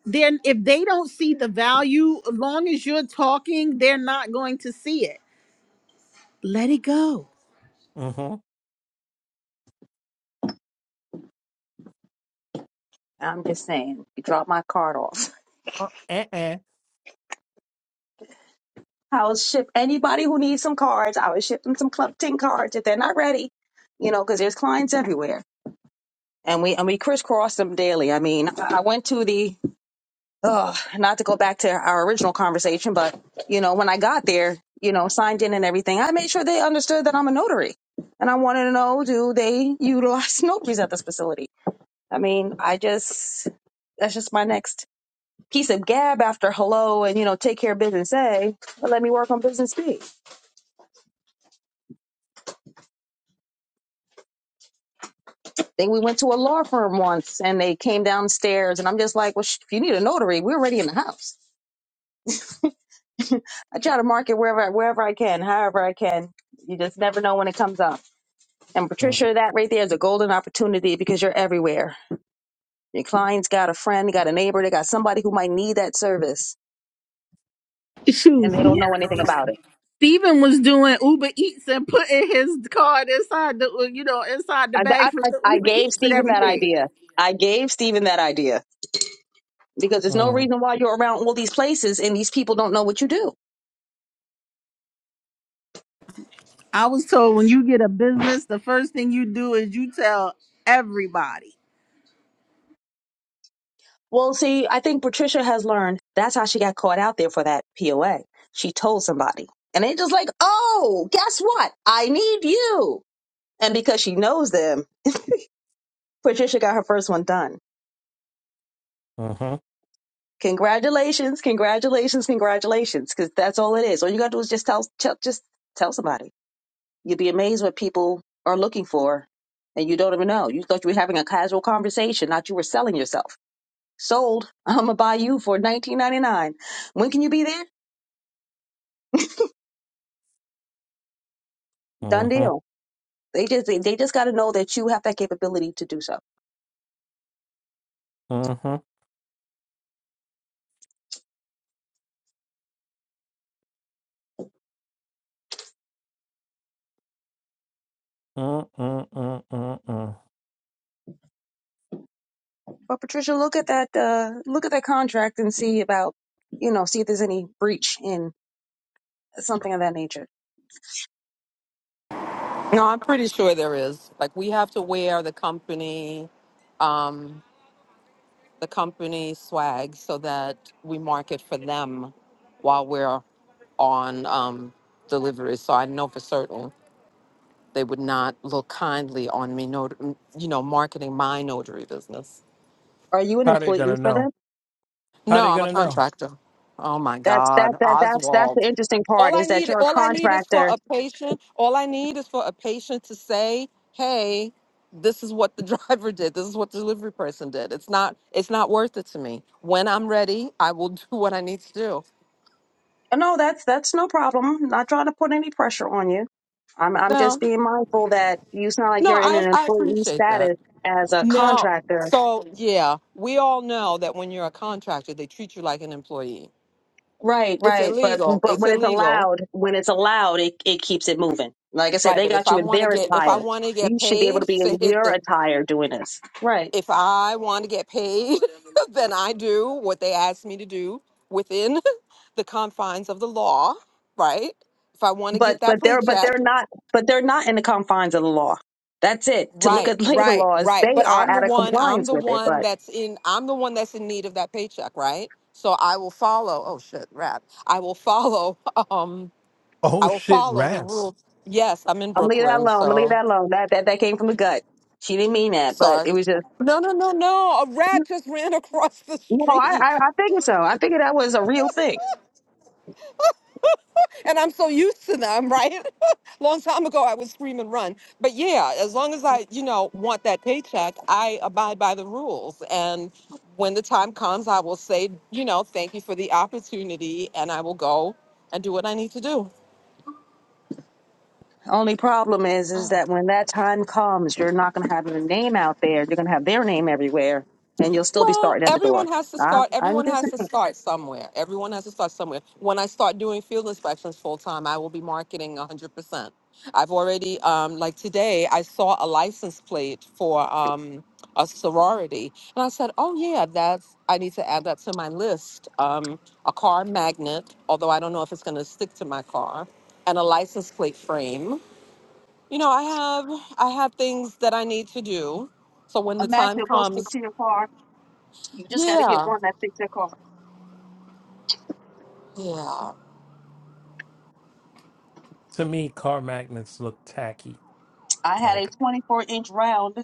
S8: then if they don't see the value, as long as you're talking, they're not going to see it. Let it go.
S1: Mm-hmm. Uh, Uh eh.
S2: our original conversation, but here, you know, and everything, I made sure they under three, And I mean, you use at this facility. I mean, I just, that's just my next piece of gab after hello and, you know, take care of business A, but let me work on business B. Then we went to a law firm once and they came downstairs and I'm just like, well, sh- if you need a notary, we're already in the house. I try to market wherever wherever I can, however I can. You just never know when it comes up. And
S1: Mm,
S2: Patricia, that right there is a golden opportunity because you're everywhere. Your clients got a friend, got a neighbor, they got somebody who might need that service,
S8: Shoot,
S2: and they don't know anything about it.
S8: Steven was doing Uber Eats and putting his card inside the uh, you know inside the
S2: I, I,
S8: bags with
S2: I
S8: the
S2: I
S8: Uber
S2: gave
S8: Eats and
S2: Stephen that
S8: everything.
S2: idea. I gave Stephen that idea because there's no
S1: mm,
S2: reason why you're around all these places and these people don't know what you do
S8: I was told when you get a business, the first thing you do is you tell everybody.
S2: Well, see, I think Patricia has learned that's how she got caught out there for that POA. She told somebody. And they just like, oh, guess what? I need you. And because she knows them, Patricia got her first one done.
S1: mhm,
S2: Congratulations, congratulations, congratulations. Because that's all it is. All you gotta do is just tell, tell just tell somebody. You'd be amazed what people are looking for and you don't even know. You thought you were having a casual conversation, not you were selling yourself. Sold. [LAUGHS] I'm gonna buy you for nineteen ninety nine. When can you be there?
S1: mhm, mhm, mm, mm, mm, mm, mm.
S2: In
S6: no i'm pretty sure there is like we have to wear the company um the company swag so that we market for them while we're on um delivery so i know for certain they would not look kindly on me not- you know marketing my notary business
S2: Are you an
S1: How they
S2: employee
S1: gonna
S2: for
S1: know?
S2: them?
S1: How
S6: No,
S1: they
S6: I'm a
S1: gonna know?
S6: contractor. Oh my
S2: That's that
S6: God,
S2: that that's that's the
S6: Oswald.
S2: interesting
S6: All
S2: part
S6: I
S2: is that
S6: need,
S2: you're a
S6: all I need is for
S2: contractor.
S6: a patient. All I need is for a patient to say, "Hey, this is what the [LAUGHS] driver did. This is what the delivery person did." It's not, it's not worth it to me. When I'm ready, I will [LAUGHS] do what I need to do.
S2: Uh, No, that's that's no problem. Not trying to put any pressure on you. I'm I'm just
S6: No,
S2: being mindful that you sound like
S6: no,
S2: you're in
S6: I,
S2: an
S6: I
S2: employee
S6: appreciate that.
S2: status as a
S6: No,
S2: contractor
S6: so yeah, we all know that when you're a contractor, they treat you like an employee.
S2: Right,
S6: It's
S2: right. But
S6: illegal.
S2: but
S6: It's
S2: when it's
S6: illegal.
S2: allowed, when it's allowed, it, it keeps it moving. Like I said,
S6: Right,
S2: they
S6: but if
S2: got
S6: I
S2: you in
S6: want to
S2: their
S6: get if I
S2: attire.
S6: want to get
S2: You should be able
S6: paid
S2: to
S6: [LAUGHS]
S2: be in
S6: to hit
S2: your
S6: the
S2: attire doing this. Right.
S6: if I want to get paid, [LAUGHS] then I do what they ask me to do within [LAUGHS] the confines of the law, right? If I want to
S2: But
S6: get that
S2: but they're but
S6: paycheck,
S2: they're not but they're not in the confines of the law. That's it. To look
S6: right,
S2: at [LAUGHS] labor
S6: right,
S2: laws,
S6: right.
S2: they
S6: But
S2: are
S6: I'm the
S2: out of
S6: one I'm
S2: compliance
S6: the
S2: with it.
S6: one
S2: But
S6: that's in I'm the one that's in need of that paycheck, right? So I will follow. Oh shit, rap. I will follow [LAUGHS] um I
S1: Oh
S6: will
S1: shit,
S6: follow the
S1: rats.
S6: rules. Yes, I'm in
S2: I'm gonna leave that
S6: Brooklyn,
S2: alone. I'm gonna leave
S6: so
S2: that alone. That that that came from the gut. She didn't mean that, but
S6: Sorry.
S2: it was just
S6: No, no, no, no. A rat just ran [LAUGHS] across the
S2: no. I I,
S6: street.
S2: I figured so. I figured that was a real thing.
S6: And I'm so used to them, right? [LAUGHS] Long time ago, I would scream and run. But yeah, as long as I, you know, want that paycheck, I abide by the rules. And when the time comes, I will say, you know, thank you for the opportunity and I will go and do what I need to do.
S2: Only problem is, is that when that time comes, you're not going to have your name out there. You're going to have their name everywhere, and you'll still be
S6: Well,
S2: starting at the
S6: everyone
S2: door.
S6: has to
S2: I,
S6: start.
S2: I'm
S6: Everyone
S2: just
S6: has to
S2: saying.
S6: start somewhere. Everyone has to start somewhere. When I start doing field inspections full time, I will be marketing 100%. I've already, um, like today, I saw a license plate for um, a sorority. And I said, oh, yeah, that's, I need to add that to my list. Um, a car magnet, although I don't know if it's going to stick to my car, and a license plate frame. You know, I have, I have things that I need to do. So when the
S2: Imagine
S6: time
S2: it will stick
S6: comes,
S2: to your car. You just got to get
S6: yeah.
S2: one that fits your car.
S6: Yeah.
S1: To me, car magnets look tacky.
S2: I had a
S1: Like,
S2: 24 inch round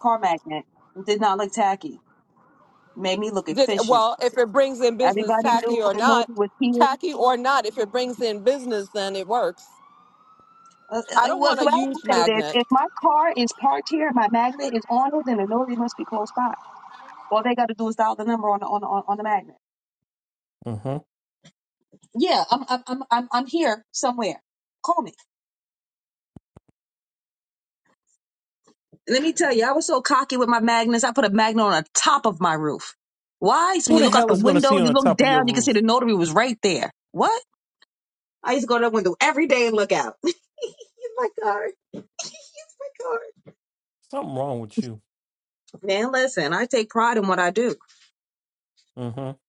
S2: car magnet. It did not look tacky. Made me look
S6: Did
S2: efficient.
S6: well if it brings in business,
S2: Everybody knew
S6: tacky or
S2: the note
S6: not,
S2: was here.
S6: tacky or not. If it brings in business, then it works.
S2: Uh, uh,
S6: I
S2: uh,
S6: don't
S2: well,
S6: want a
S2: the way I
S6: huge
S2: look at it is,
S6: magnet.
S2: if my car is parked here, my magnet is on it, then the notary must be close by.
S1: hmm
S2: Roof,
S1: who the hell is gonna see on the top of your roof? Something wrong with you.
S2: dude,
S1: Mm-hmm.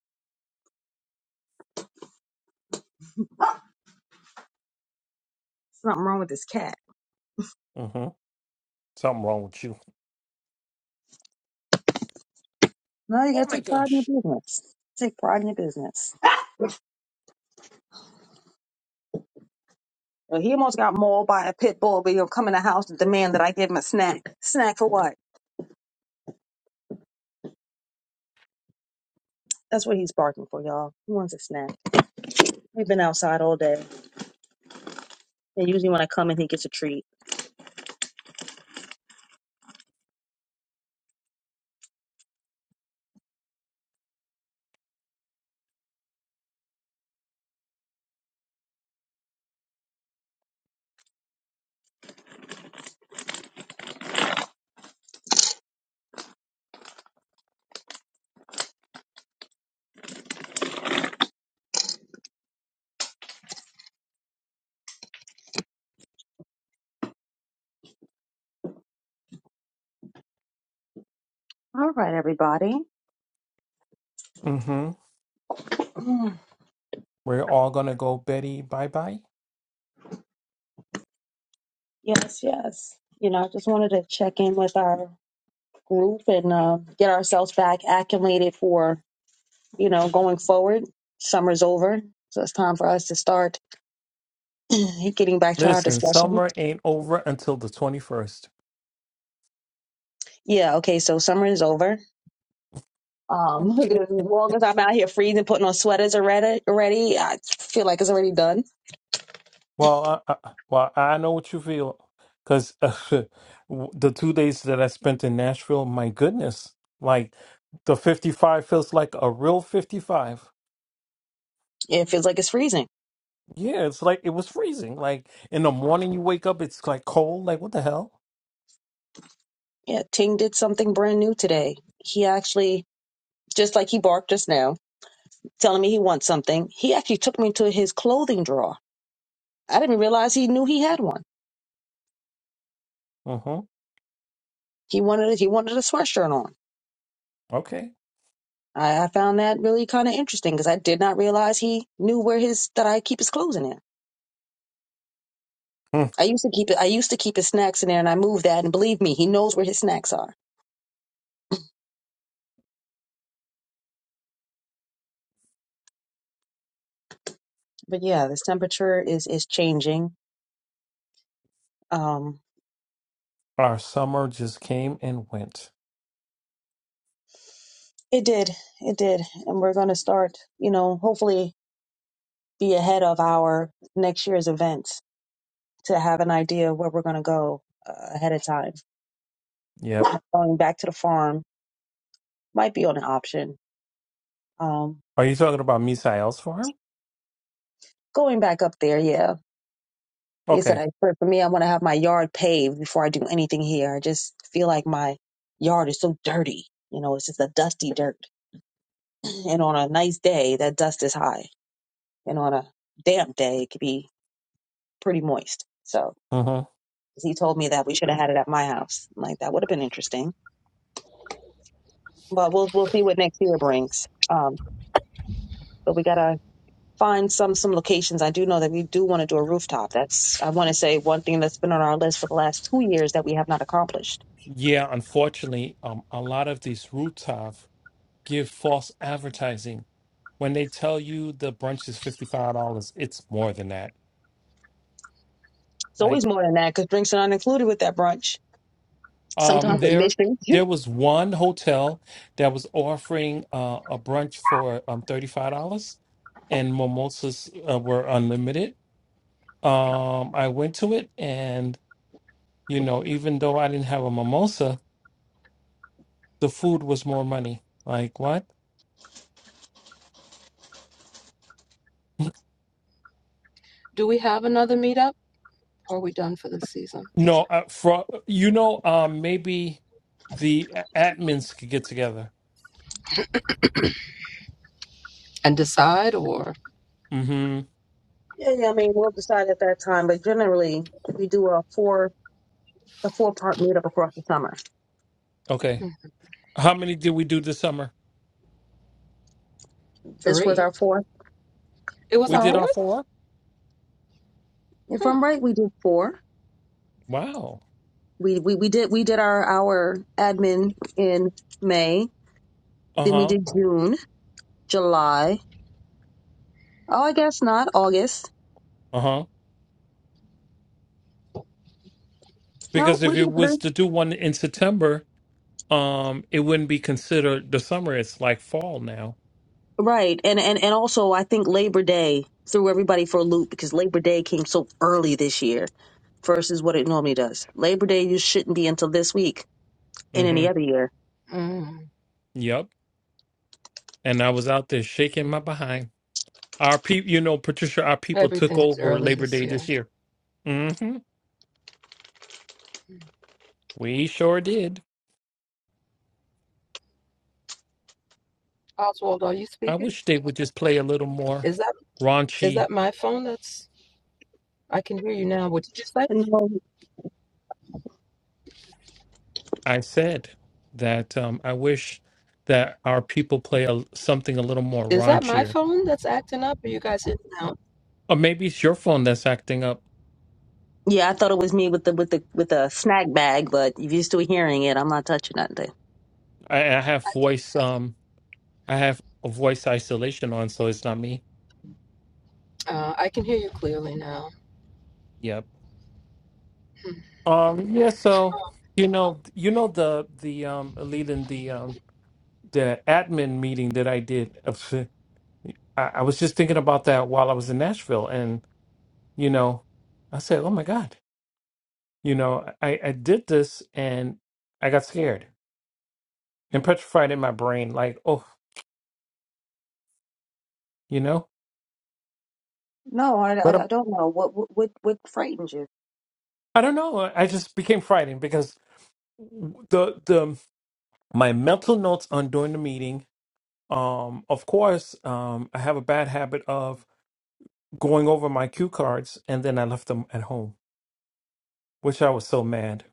S2: something wrong with this cat.
S1: Mm-hmm. Something wrong with you.
S2: No, you
S1: Oh
S2: gotta
S1: my
S2: take pride in
S1: gosh.
S2: your business. Take pride in your business. Uh, He almost got mauled by a pit bull, but he's like, that's what he's barking for, y'all. He wants a snack. We've been outside all day, and usually when I come in, he gets a treat.
S1: Mm-hmm. We're all gonna go, Betty. Bye bye.
S2: Yes, yes. You know, I just wanted to check in with our group and uh, get ourselves back acclimated for, you know, going forward. Summer's over, so it's time for us to start [CLEARS THROAT] getting back to our
S1: Listen,
S2: discussion.
S1: summer ain't over until the 21st.
S2: Yeah, okay, so summer is over. Um, [LAUGHS] as long as I'm out here freezing, putting on sweaters already, I feel like it's already done.
S1: Well, I, I, well, I know what you feel because [LAUGHS] the two days that I spent in Nashville, my goodness, like the 55 feels like a real 55. Yeah, it's like it was freezing. Like in the morning, you wake up, it's like cold. Like, what the hell?
S2: Yeah, Ting did something brand new today. He actually, just like he barked just now, telling me he wants something. He actually took me to his clothing drawer. I didn't realize he knew he had one.
S1: Mm-hmm.
S2: He wanted it. He wanted a sweatshirt on.
S1: Okay.
S2: I, I found that really kind of interesting because I did not realize he knew where his that I keep his clothes in there.
S1: Hmm.
S2: I used to keep it. I used to keep his snacks in there, and I moved that. And believe me, he knows where his snacks are. But yeah, this temperature is is changing. Um,
S1: Our summer just came and went.
S2: it did. It did. And we're going to start, you know, hopefully be ahead of our next year's events to have an idea of where we're going to go uh, ahead of time.
S1: Yep.
S2: Going back to the farm might be on an option. Um,
S1: Are you talking about Misael's farm?
S2: going back up there, yeah. You said
S1: Okay.
S2: I for for me, I want to have my yard paved before I do anything here. I just feel like my yard is so dirty. You know, it's just a dusty dirt. [CLEARS THROAT] And on a nice day, that dust is high. And on a damp day, it could be pretty moist. So
S1: Mm-hmm.
S2: he told me that we should have had it at my house. I'm like that would have been interesting But we'll we'll see what next year brings. Um, but we gotta find some some locations. I do know that we do want to do a rooftop. That's I want to say one thing that's been on our list for the last two years that we have not accomplished.
S1: Yeah, unfortunately, um, a lot of these rooftops give false advertising. When they tell you the brunch is $55, it's more than that.
S2: It's
S1: Like,
S2: always more than that because drinks are not included with that brunch.
S1: um,
S6: Hmm.
S2: Sometimes
S1: there,
S2: admission
S1: there was one hotel that was offering uh, a brunch for um $35, and mimosas uh, were unlimited. Um, I went to it, and you know, even though I didn't have a mimosa, the food was more money. Like, what?
S6: Do we have another meetup? Or are we done for this season?
S1: No, uh, for you know, um, maybe the admins could get together.
S6: And decide or
S1: Mm-hmm.
S2: across [LAUGHS] the summer.
S1: Okay.
S6: hmm,
S1: How many did we do this summer?
S2: This was
S6: three?
S2: our fourth.
S6: It was
S1: We
S6: our
S1: did
S2: No,
S1: our
S6: fourth?
S1: four.
S2: if I'm right, we did four.
S1: Wow.
S2: We we we did we did our our admin in May.
S1: Uh
S2: Then we
S1: huh.
S2: did June, July. Oh, I guess not August.
S1: Uh huh.
S2: No,
S1: Because
S2: we
S1: if it
S2: did
S1: was to do one in September, um, it wouldn't be considered the summer. It's like fall now.
S2: Right. And, and and also I think Labor Day threw everybody for a loop because Labor Day came so early this year versus what it normally does. Labor Day you shouldn't be until this week in any
S1: Mm-hmm.
S2: other year.
S6: Mm,
S1: Yep. And I was out there shaking
S6: mm.
S1: my behind. Our people, you know, Patricia, our people took
S6: Everything's
S1: over
S6: early
S1: Labor
S6: this
S1: Day this
S6: year.
S1: year. Mm-hmm.
S6: Mm.
S1: We sure did.
S6: Oswald, are you
S1: I
S6: speaking?
S1: wish they would just play a little more
S6: Is that is
S1: raunchy.
S6: that my phone that's I can hear you now. What did you say?
S2: And
S1: I said that um, I wish that our people play a, something a little more
S6: Is that my
S1: raunchier.
S6: phone that's acting up? Are you guys in now?
S1: Or maybe it's your phone that's acting up.
S2: yeah, I thought it was me with the with the with a snack bag, but if you're still hearing it, I'm not touching nothing.
S1: I, I have voice. Um, I have a voice isolation on, so it's not me.
S6: Uh, I can hear you clearly now.
S1: Yep.
S6: Hmm.
S1: Um. Yeah. So you know, you know the the um Leland the um the admin meeting that I did. [LAUGHS] of- I, I was just thinking about that while I was in Nashville, and you know, I said, "Oh my God." You know, I, I did this and I got scared and petrified in my brain, like, oh, you know, But um, I don't know. I just became frightened because the the my mental notes on during the meeting. Um, of course, um, I have a bad habit of going over my cue cards and then I left them at home, which I was so mad.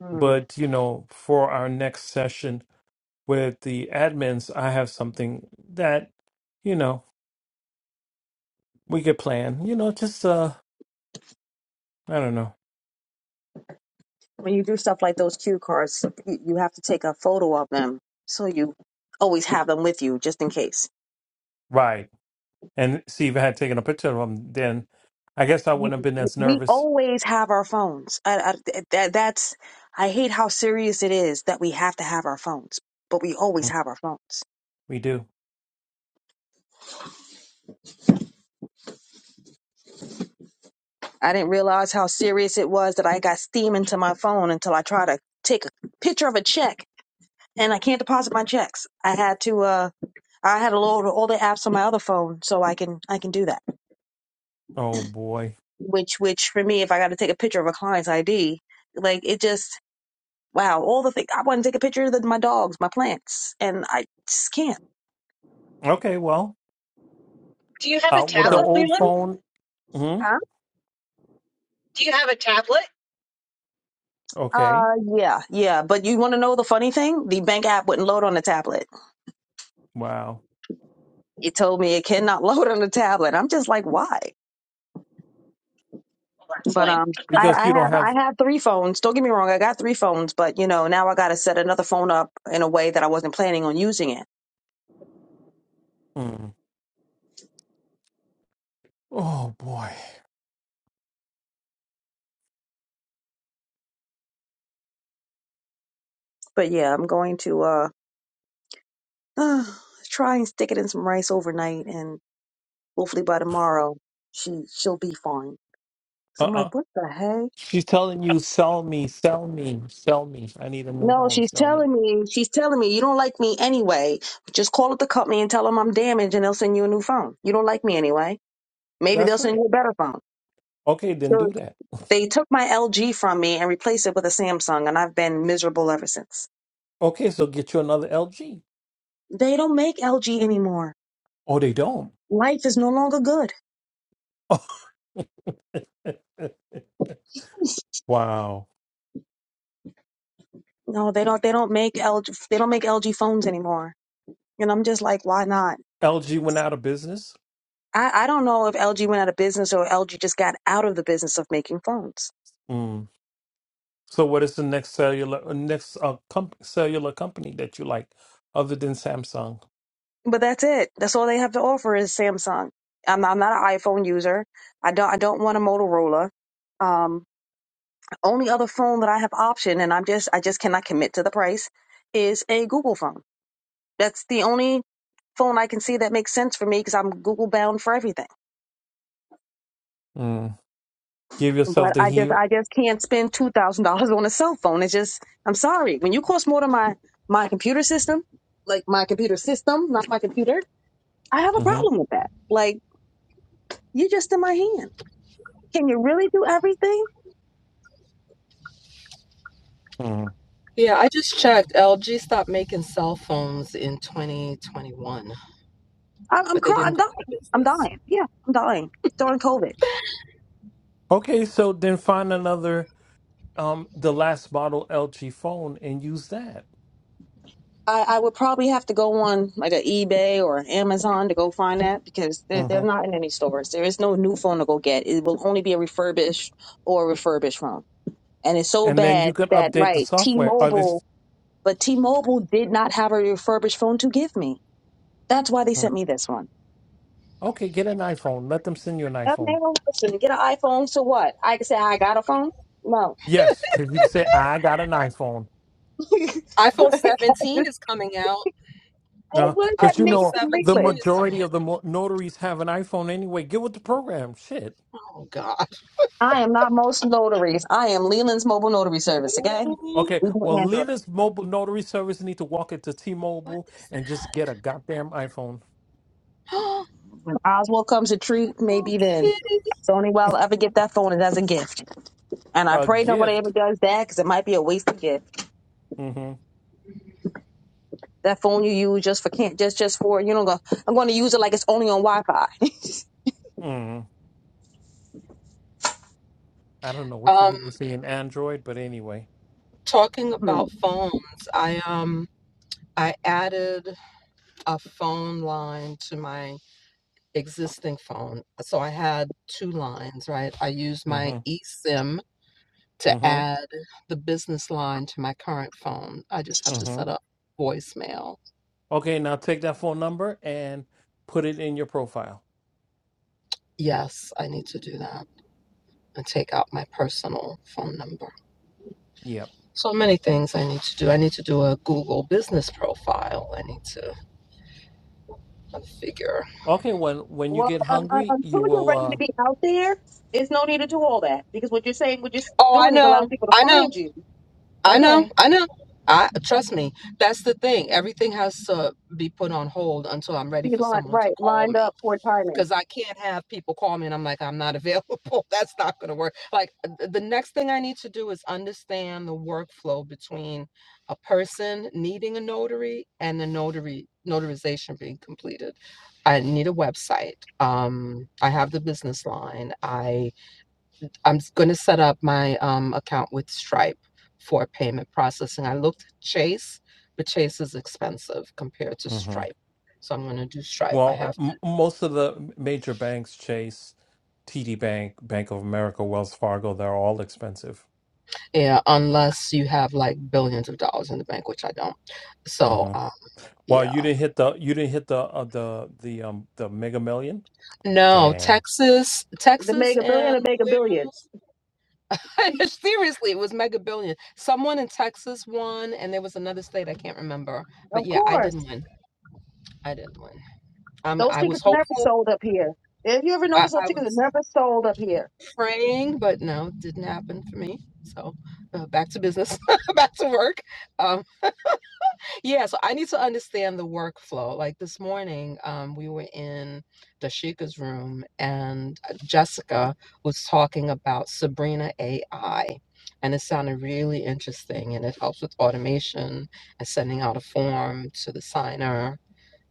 S2: Hmm.
S1: But you know, for our next session with the admins, I have something that you know we could plan. You know, just uh, I don't know
S2: When you do stuff like those cue cards, you, you have to take a photo of them so you always have them with you just in case.
S1: Right. And see if I had taken a picture of him, then I guess I wouldn't have been as
S2: we
S1: nervous.
S2: always have our phones. I, I, that, that's I hate how serious it is that we have to have our phones, but we always
S1: Mm,
S2: have our phones.
S1: We do.
S2: I didn't realize how serious it was that I got steam into my phone until I tried to take a picture of a check and I can't deposit my checks. I had to uh I had to load all the apps on my other phone so I can I can do that.
S1: Oh boy.
S2: Which which for me if I got to take a picture of a client's ID, like it just wow, all the things I want to take a picture of the, my dogs, my plants, and I just can't.
S1: Okay, well,
S7: Do you have a
S1: out with the
S7: tablet,
S1: old
S7: Leland?
S1: phone. hmm
S7: Do you have a tablet?
S1: Okay.
S2: Uh, yeah, yeah. But you want to know the funny thing? The bank app wouldn't load on the tablet.
S1: Wow.
S2: It told me it cannot [LAUGHS] load on the tablet. I'm just like, why? But um, I,
S1: Because
S2: I
S1: you don't
S2: have I
S1: have.
S2: have three phones. Don't get me wrong, I got three phones, but you know now I got to set another phone up in a way that I wasn't planning on using it.
S1: Mm. Oh boy.
S2: But yeah, I'm going to uh, [SIGHS] try and stick it in some rice overnight, and hopefully by tomorrow she she'll be fine.
S1: Uh
S2: So I'm
S1: uh
S2: like, what the heck?
S1: She's telling you, sell me, sell me, sell me. I need a new
S2: No,
S1: home,
S2: she's
S1: sell me.
S2: telling me, she's telling me, you don't like me anyway. Just call up the company and tell them I'm damaged and they'll send you a new phone. You don't like me anyway. Maybe they'll
S1: That's
S2: send
S1: right.
S2: you a better phone.
S1: Okay, then
S2: So
S1: do that.
S2: they took my LG from me and replaced it with a Samsung and I've been miserable ever since.
S1: Okay, so get you another LG.
S2: They don't make LG anymore.
S1: Oh, they don't.
S2: Life is no longer good.
S1: [LAUGHS] wow.
S2: No, they don't, they don't make LG, they don't make LG phones anymore. And I'm just like, why not?
S1: LG went out of business.
S2: I, I don't know if LG went out of business or LG just got out of the business of making phones.
S1: Mm. So what is the next cellular uh, next uh, comp- cellular company that you like other than Samsung?
S2: But that's it. That's all they have to offer is Samsung. I'm, I'm not an iPhone user. I don't I don't want a Motorola. Um, only other phone that I have option, and I'm just I just cannot commit to the price, is a Google phone. That's the only phone I can see that makes sense for me because I'm Google bound for everything.
S1: Mm. Give
S2: But
S1: yourself the
S2: I just
S1: here.
S2: I just can't spend two thousand dollars on a cell phone. It's just I'm sorry when you cost more than my my computer system, like my computer system, not my computer. Really,
S1: hmm
S6: Yeah, I just checked. LG stopped making cell phones in 2021,
S2: I
S6: but they didn't go out of business.
S1: Okay, so then find another um the last model LG phone and use that.
S2: I, I would probably have to go on like an eBay or Amazon because they're, they're
S1: hmm
S2: not in any stores. New phone to go get. It will only be a refurbished or refurbished phone. And it's so
S1: And then you
S2: bad
S1: can
S2: that,
S1: update the
S2: right.
S1: software. Are this
S2: But T Mobile did not have one to give me. Why they said,
S1: Mhm. okay, get an iPhone. Let them send you an iPhone.
S2: get an iPhone, so what? I got a phone? No.
S1: Yes, because you can say I got an iPhone.
S6: iPhone 17 is coming out.
S2: Hey,
S1: No,
S2: what is that
S1: because you
S6: iPhone
S2: nigga
S1: know
S2: from
S1: the
S2: Leland?
S6: 17 is coming
S1: majority of
S6: out.
S1: the mo- notaries have an iPhone anyway. Get with the program. Shit.
S6: Oh God.
S2: I am not most notaries. I am Leland's mobile notary service, okay?
S6: Ooh,
S1: Okay,
S2: We do
S1: well,
S2: Android.
S1: Lena's mobile notary service need to walk into
S6: what
S1: T-Mobile
S6: is
S1: and just get a goddamn iPhone,
S6: that? [GASPS]
S2: When Oswald comes to treat,
S6: Oh,
S2: maybe then.
S6: kitty.
S2: It's the only way I'll ever get that phone is as a gift. And I
S1: a
S2: pray nobody ever
S1: gift.
S2: does that because it might be a wasted gift.
S1: hmm
S2: That phone you use just for can't just just for you know go, I'm going to use it like it's only on Wi-Fi.
S1: hmm I don't know what you
S6: Um,
S1: people see in Android, but anyway.
S6: talking about phones, I um I added a phone line to my existing phone. So I had two lines, right? I used my
S1: hmm
S6: eSIM to
S1: hmm
S6: add the business line to my current phone. I just have to
S1: hmm
S6: set up voicemail.
S1: Okay, now take that phone number and put it in your profile.
S6: Yes, I need to do that and take out my personal phone number.
S1: Yep.
S6: So many things I need to do. I need to do a Google business profile. I need to figure.
S1: Okay, when when you
S2: Well,
S1: get
S2: un- un-
S1: hungry, you
S2: until you're
S1: will.
S2: ready to
S1: uh
S2: be out there, it's no need to do all that because what you're saying, what you're s-
S6: Oh, I
S2: doing, is allowing
S6: know.
S2: people to
S6: I know.
S2: find you.
S6: I know.
S2: Okay,
S6: I know. I trust me. That's the thing. Everything has to be put on hold until I'm ready
S2: be
S6: for
S2: lined
S6: someone to
S2: right,
S6: call
S2: lined
S6: me
S2: up for timing.
S6: because I can't have people call me and I'm like, I'm not available. [LAUGHS] That's not going to work. Like, th- the next thing I need to do is understand the workflow between a person needing a notary and the notary notarization being completed. I need a website. Um, I have the business line. I I'm going to set up my um, account with Stripe for payment processing. I looked at Chase, but Chase is expensive compared to
S1: hmm
S6: Stripe. So I'm going to do Stripe. I
S1: Well,
S6: have
S1: m- most of the major banks, Chase, TD Bank, Bank of America, Wells Fargo, they're all expensive.
S6: Yeah, unless you have like billions of dollars in the bank, which I don't.
S1: Mm-hmm.
S6: So, uh,
S1: Well,
S6: yeah.
S1: you didn't hit the you didn't hit the uh, the the um the Mega Million.
S6: No,
S1: Dang.
S6: Texas,
S2: The
S6: Texas,
S2: mega billion,
S6: and
S2: a mega
S6: where
S2: billion.
S6: else? [LAUGHS] Seriously, it was mega billion. Someone in Texas won, and there was another state I can't remember. But
S2: Of
S6: yeah, I
S2: course,
S6: didn't win. I didn't win. Um,
S2: those
S6: I was
S2: tickets are never
S6: hopeful.
S2: sold up here. If you ever
S6: I,
S2: notice, those
S6: I
S2: tickets are
S6: was
S2: never sold up here.
S6: praying, but no, it didn't happen for me. So, uh, back to business, [LAUGHS] back to work. Um. Yeah, so I need to understand the workflow. Like this morning, um, we were in Dashika's room and uh, Jessica was talking about Sabrina AI. And it sounded really interesting and it helps with automation and sending out a form to the signer.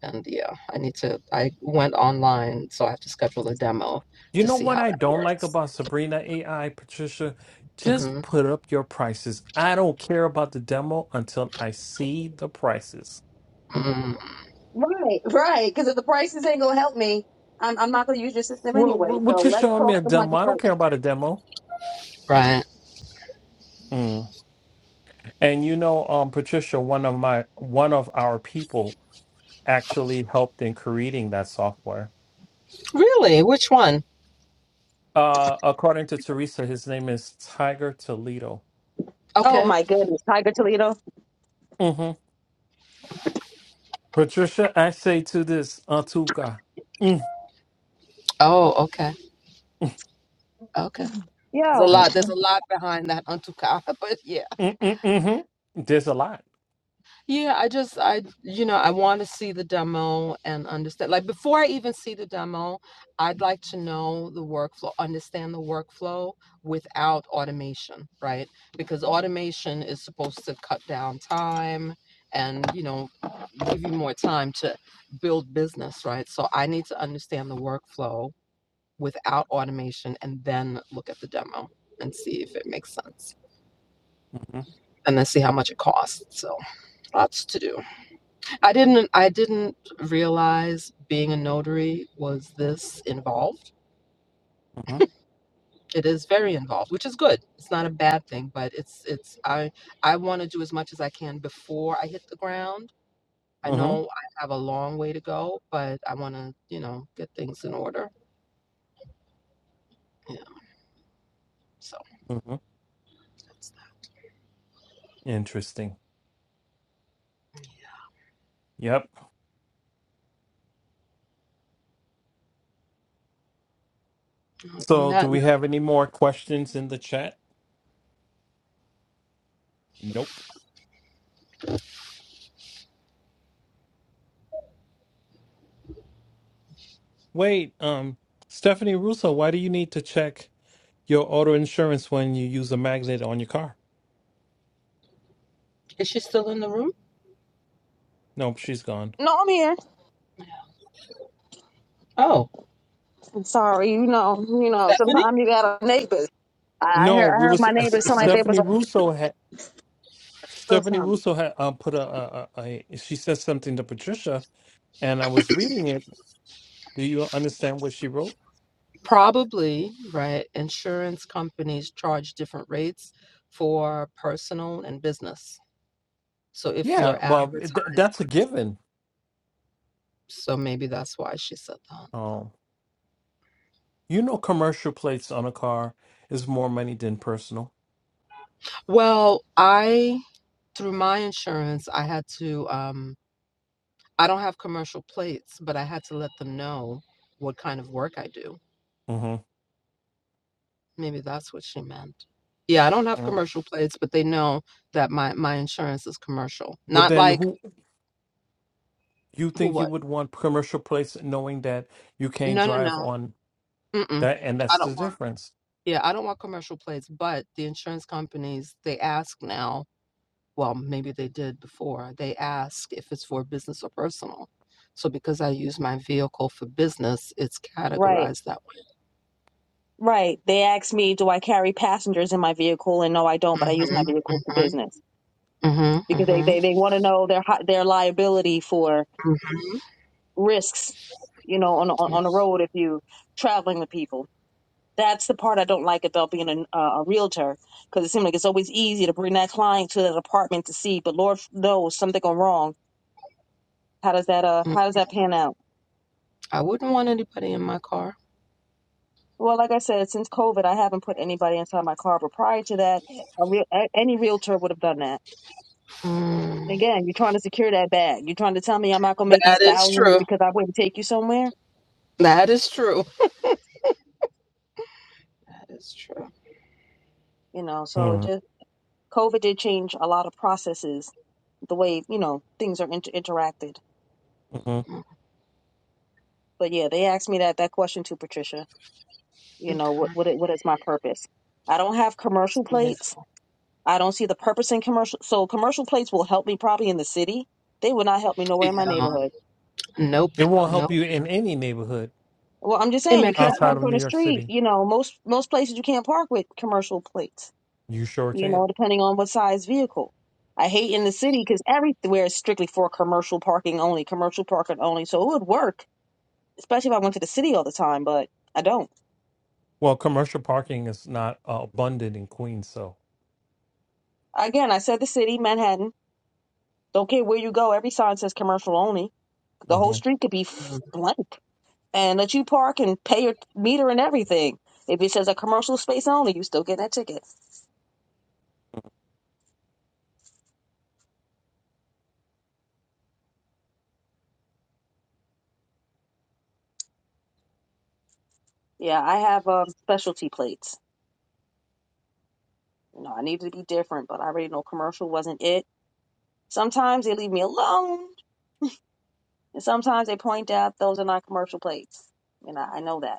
S6: And yeah, I need to, I went online, so I have to schedule a demo
S1: You
S6: to
S1: know
S6: see
S1: what
S6: how
S1: I
S6: that
S1: don't like
S6: works.
S1: about Sabrina AI, Patricia? Just
S6: hmm
S1: put up your prices. I don't care about the demo until I see the prices.
S6: mm
S2: Right, right. Because if the prices ain't gonna help me, I'm, I'm not gonna use your system
S1: Well,
S2: anyway.
S1: wh- what
S2: So
S1: you
S2: let's
S1: showing me
S2: talk
S1: a
S2: the money
S1: demo? I don't
S2: first.
S1: care about a demo.
S6: Right.
S1: Mm. And you know, um, Patricia, one of my one of our people actually helped in creating that software.
S6: Really? Which one?
S1: Uh, according to Teresa, his name is Tiger Toledo.
S2: Oh
S6: Okay.
S2: my goodness, Tiger Toledo.
S1: Patricia, I say to this, Antuka, mm,
S6: Oh, okay.
S1: mm,
S6: okay. There's a
S1: mm,
S6: lot. There's
S1: mm,
S6: a lot behind that Antuka. [LAUGHS] But yeah,
S1: mm, mm, mhm. there's a lot.
S6: yeah. I just, I, you know, I want to see the demo and understand. Like before I even see the demo, I'd like to know the workflow, understand the workflow without automation, right? Because automation is supposed to cut down time and you know give you more time to build business, right? So I need to understand the workflow without automation and then look at the demo and see if it makes sense.
S1: hmm
S6: and then see how much it costs. So lots to do. I didn't I didn't realize being a notary was this involved.
S1: hmm
S6: It is very involved, which is good. It's not a bad thing, but it's it's I I want to do as much as I can before I hit the ground. I
S1: hmm
S6: know I have a long way to go, but I want to, you know, get things in order. Yeah. So
S1: hmm
S6: that's that.
S1: Interesting. Yep.
S6: Uh, on
S1: So, do
S6: that, note-
S1: we have any more questions in the chat? Nope. Wait, um, Stephanie Russo, why do you need to check your auto insurance when you use a magnet on your car?
S6: is she still in the room?
S1: Nope, she's gone.
S2: No, I'm here.
S6: Oh,
S2: I'm sorry. You know, you know.
S6: Stephanie.
S2: Sometimes you got neighbors. I heard,
S1: No,
S2: I
S1: we
S2: heard
S1: was uh,
S2: my
S1: S-
S2: neighbors sound like they was
S1: Stephanie Russo had
S2: or
S1: Stephanie
S2: something.
S1: Russo had um, put a, a, a, a she said something to Patricia, and I was reading it Do you understand what she wrote?
S6: Probably, right? Insurance companies charge different rates for personal and business. So if you're
S1: Yeah, well, th-
S6: advertised,
S1: that's a given.
S6: so maybe that's why she said that.
S1: Um, you know, commercial plates on a car is more money than personal.
S6: Well, I, through my insurance, I had to, um, I don't have commercial plates, but I had to let them know what kind of work I do.
S1: hmm
S6: Maybe that's what she meant. Yeah, I don't have
S1: But
S6: commercial plates, but they know that my my insurance is commercial. Not
S1: then,
S6: like
S1: who you
S6: who
S1: think you
S6: what?
S1: would want commercial plates, knowing that you can't
S6: No, no,
S1: drive
S6: no.
S1: on
S6: Mm-mm.
S1: that, and
S6: I
S1: that's
S6: don't
S1: the
S6: want
S1: difference.
S6: Yeah, I don't want commercial plates, but the insurance companies, they ask now, well, maybe they did before, they ask if it's for business or personal. So because I use my vehicle for business, it's
S2: Right,
S6: categorized that way.
S2: right. They asked me, do I carry passengers in my vehicle? And no, I don't. But I use my vehicle for
S6: Mm-hmm,
S2: business
S6: mm-hmm,
S2: because they
S6: mm-hmm,
S2: they, they want to know their hi- their liability for
S6: hmm
S2: risks. You know, on on
S6: Yeah.
S2: on the road if you traveling with people. That's the part I don't like about being a, a realtor because it seems like it's always easy to bring that client to that apartment to see, but Lord knows something go wrong. How does that uh
S6: mm.
S2: how does that pan out?
S6: I wouldn't want anybody in my car.
S2: Well, like I said, since COVID, I haven't put anybody inside my car. But prior to that, a real, a- any realtor would have done that.
S6: Mm.
S2: Again, you're trying to secure that bag. You're trying to tell me I'm not going to make these
S6: That is
S2: thousands
S6: true.
S2: because I wouldn't take you somewhere.
S6: That is true. That is true.
S2: You know, so just COVID did change a lot of processes, the way you know things are inter- interacted.
S1: Mm-hmm.
S6: Mm,
S2: But yeah, they asked me that that question too, Patricia. You know, what
S6: Okay.
S2: what i- what is my purpose? I don't have commercial
S6: Yeah.
S2: plates. I don't see the purpose in commercial. So commercial plates will help me probably in the city. They will not help me nowhere in my
S6: yeah.
S2: neighborhood
S6: Nope.
S1: It won't help
S6: Nope.
S1: you in any neighborhood
S2: Well, I'm just
S6: In
S2: saying you can't park
S1: outside
S6: Manhattan.
S1: of
S2: on
S1: New
S2: the
S1: York
S2: street.
S1: City.
S2: You know, most most places you can't park with commercial plates.
S1: You sure
S2: You know, it
S1: can't.
S2: depends on the vehicle. I hate in the city because everywhere is strict commercial parking only, commercial parking only. So it would work, especially if I went to the city all the time. But I don't.
S1: Well, commercial parking is not uh, abundant in Queens, so.
S2: Again, I said the city, Manhattan. Don't care where you go. Every sign says commercial only. The whole
S1: hmm
S2: street could be f- blank and let you park and pay your meter and everything. If it says a commercial space only, you still get that ticket. Yeah, I have um, specialty plates. You know, I needed to be different, but I already know commercial wasn't it Sometimes they leave me alone, and sometimes they point out those are not commercial plates. And I, I know that.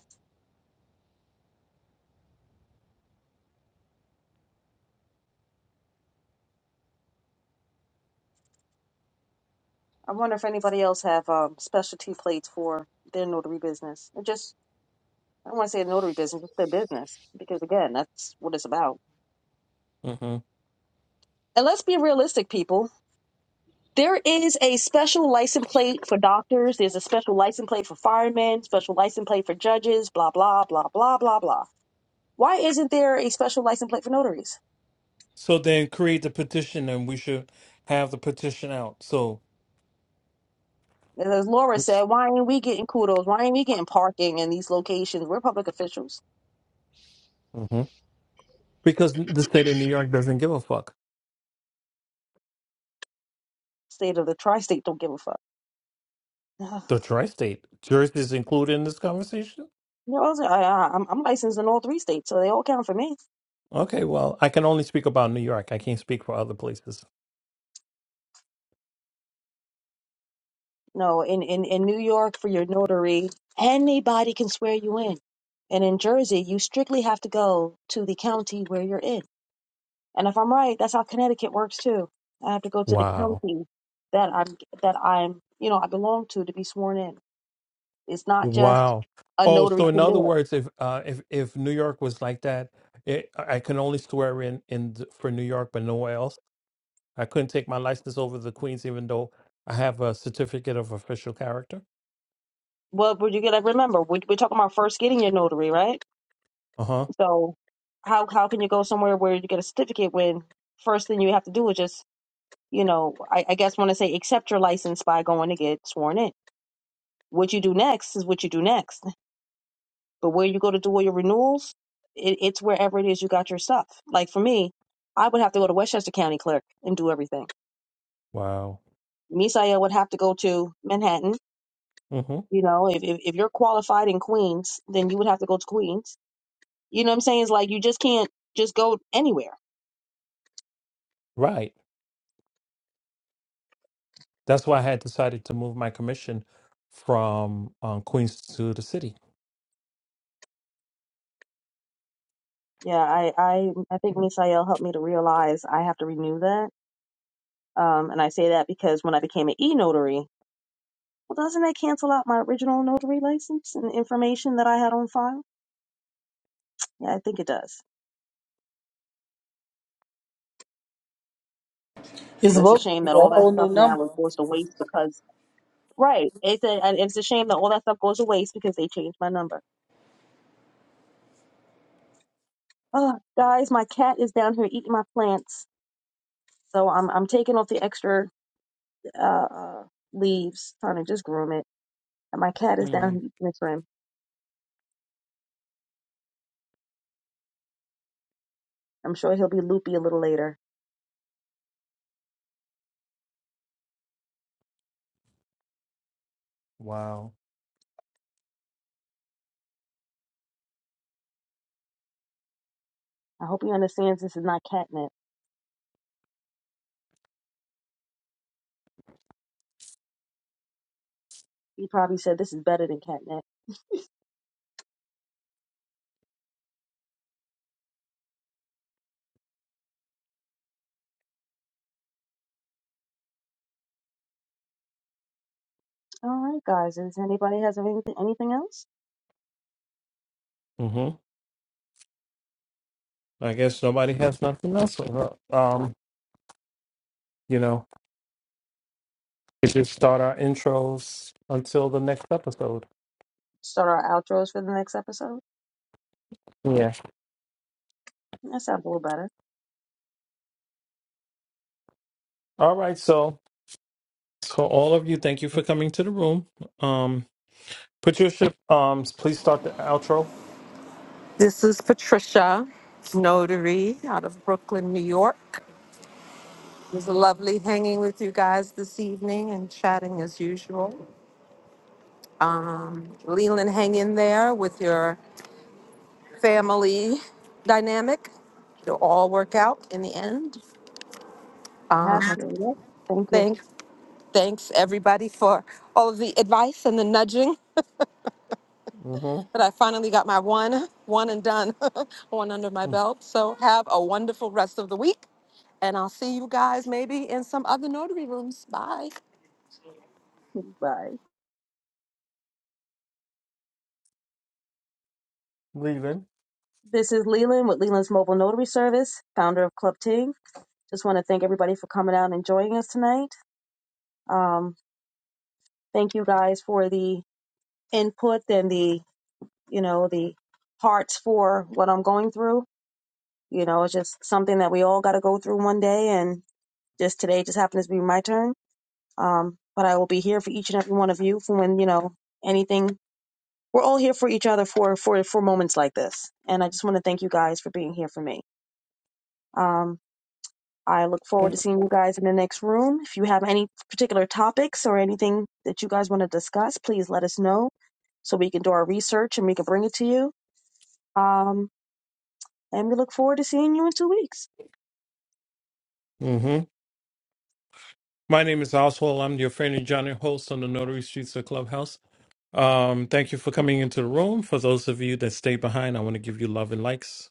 S2: I wonder if anybody else have um, specialty plates for their notary business, or just I don't want to say notary business, just their business, because again, that's what it's about. And let's be realistic, people. There is a special license plate for doctors, special license plate for firemen, special license plate for judges, blah blah blah blah blah blah. Why isn't there a special license plate for notaries?
S1: So then create the petition and we should have the petition out. So
S2: Cool location,
S1: hmm because the state of New York doesn't give a fuck.
S2: state of the tri-state, don't give a fuck. [LAUGHS] [SIGHS]
S1: The tri-state. Jersey is included in this conversation?
S2: No, also, I, I- I'm I'm licensed in all three states, so they all count for me.
S1: Okay, well, I can only speak about New York. I can't speak for other places.
S2: No, in in in New York for your notary, anybody can swear you in, and in Jersey, you strictly have to go to the county where you're in. And if I'm right, that's how Connecticut works too. I have to go to the
S1: Wow.
S2: county that I'm that I'm you know I belong to to be sworn in. It's not just
S1: Wow. Oh, so in other words, if uh if if New York was like that, it, I can only swear in in th- for New York but nowhere else. I couldn't take my license over to the Queens even though I have a certificate of official character.
S2: well, would you get? Like, remember, we, we're talking about first getting your notary, right?
S1: Uh-huh.
S2: So, how how can you go somewhere where you get a certificate when first thing you have to do is just you know, I, I guess want to say accept your license by going to get sworn in. What you do next is what you do next. But where you go to do all your renewals, it, it's wherever it is you got your stuff. Like for me, I would have to go to Westchester County Clerk and do everything.
S1: Wow.
S2: Misael would have to go to Manhattan. You know, if, if, if you're qualified in Queens, then you would have to go to Queens. You know what I'm saying? It's like you just can't just go anywhere.
S1: Right. That's why I had decided to move my commission from um, Queens to the city.
S2: Yeah, I, I, I think Misael helped me to realize I have to renew that. Um, and I say that because when I became an e notary, Well, doesn't that cancel out my original notary license and information that I had on file? I think it does.
S8: You're supposed to give you a
S2: Well, that's
S8: whole
S2: what
S8: new
S2: I was
S8: number.
S2: doing. right. It, it's a shame that all that stuff goes to waste because they changed my number. Oh, guys, my cat is down here eating my plants, so I'm I'll
S1: Mm. Wow.
S2: be-
S1: hmm I guess nobody has nothing else. for her. Um, you know, we just start our intros until the next episode.
S2: start our outros for the next episode.
S1: Yeah.
S2: That sounds a little better.
S1: All right. So, so all of you, thank you for coming to the room. Um, put your ship. Um, please start the outro.
S6: This is Patricia, notary out of Brooklyn, New York. It was lovely hanging with you guys this evening and chatting as usual. Leland, hang in there with your family dynamic. It'll all work out in the end.
S2: That's
S6: Uh,
S2: good. Thank you.
S6: thanks, thanks everybody for all of the advice and the nudging.
S1: Mm-hmm.
S6: But I finally got my one, one and done, [LAUGHS] one under my belt. So have a wonderful rest of the week. And I'll see you guys maybe in some other notary rooms. Bye.
S2: Bye.
S1: Leaving.
S2: This is Leland with Leland's Mobile Notary Service, founder of Club Ting. Just want to thank everybody for coming out and joining us tonight. Um, thank you guys for the input and the, you know, the hearts for what I'm going through. You know, it's just something that we all got to go through one day. And just today just happens to be my turn. Um, but I will be here for each and every one of you for when, you know, anything. We're all here for each other for, for, for moments like this. And I just want to thank you guys for being here for me. Um, I look forward to seeing you guys in the next room. If you have any particular topics or anything that you guys want to discuss, please let us know so we can do our research and we can bring it to you. Um, and we look forward to seeing you in two weeks.
S1: Mm-hmm. My name is Oswald. I'm your friendly Johnny host on the Notary Streets of Clubhouse. Um, thank you for coming into the room. For those of you that stay behind, I want to give you love and likes.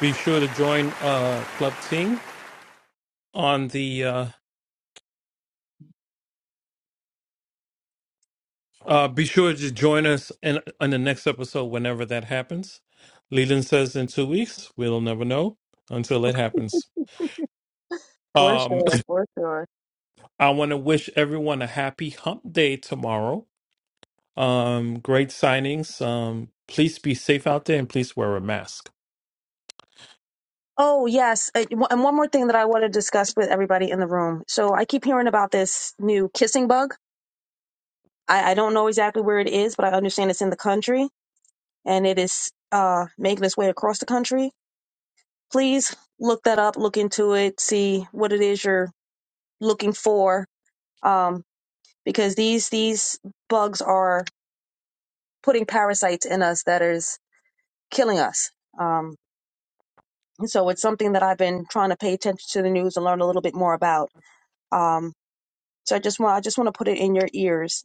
S1: Be sure to join uh Club Ting on the uh uh be sure to join us in on the next episode whenever that happens. Leland says in two weeks, we'll never know until it happens.
S2: For
S1: Um
S2: sure, for sure.
S1: [LAUGHS] I wanna wish everyone a happy hump day tomorrow. Um great signings. Um please be safe out there and please wear a mask.
S2: Oh, yes. Uh, one- And one more thing that I want to discuss with everybody in the room. So I keep hearing about this new kissing bug. I, I don't know exactly where it is, but I understand it's in the country and it is uh, making its way across the country. Please look that up, look into it, see what it is you're looking for, um, because these these bugs are putting parasites in us that is killing us. Um, and so it's something that I've been trying to pay attention to the news and learn a little bit more about. Um, so I just want I just want to put it in your ears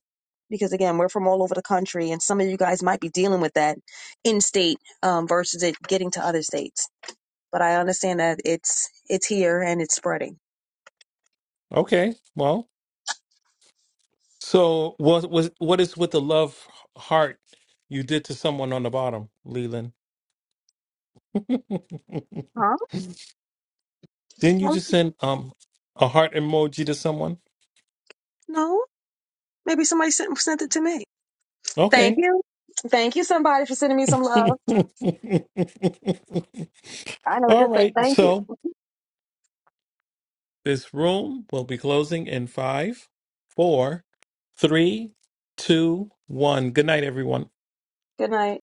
S2: because again, we're from all over the country, and some of you guys might be dealing with that in state um, versus it getting to other states. But I understand that it's it's here and it's spreading.
S1: Okay. Well, So what was what is with the love heart you did to someone on the bottom, Leland? [LAUGHS]
S2: Huh?
S1: Didn't you just send um a heart emoji to someone?
S2: No. Maybe somebody sent, sent it to me. Thank
S1: Okay.
S2: you. Thank you, somebody, for sending me some love.
S1: [LAUGHS]
S2: I know what
S1: All
S2: to say.
S1: right.
S2: Thank you.
S1: So this room will be closing in five, four, three, two, one. Good night, everyone.
S2: Good night.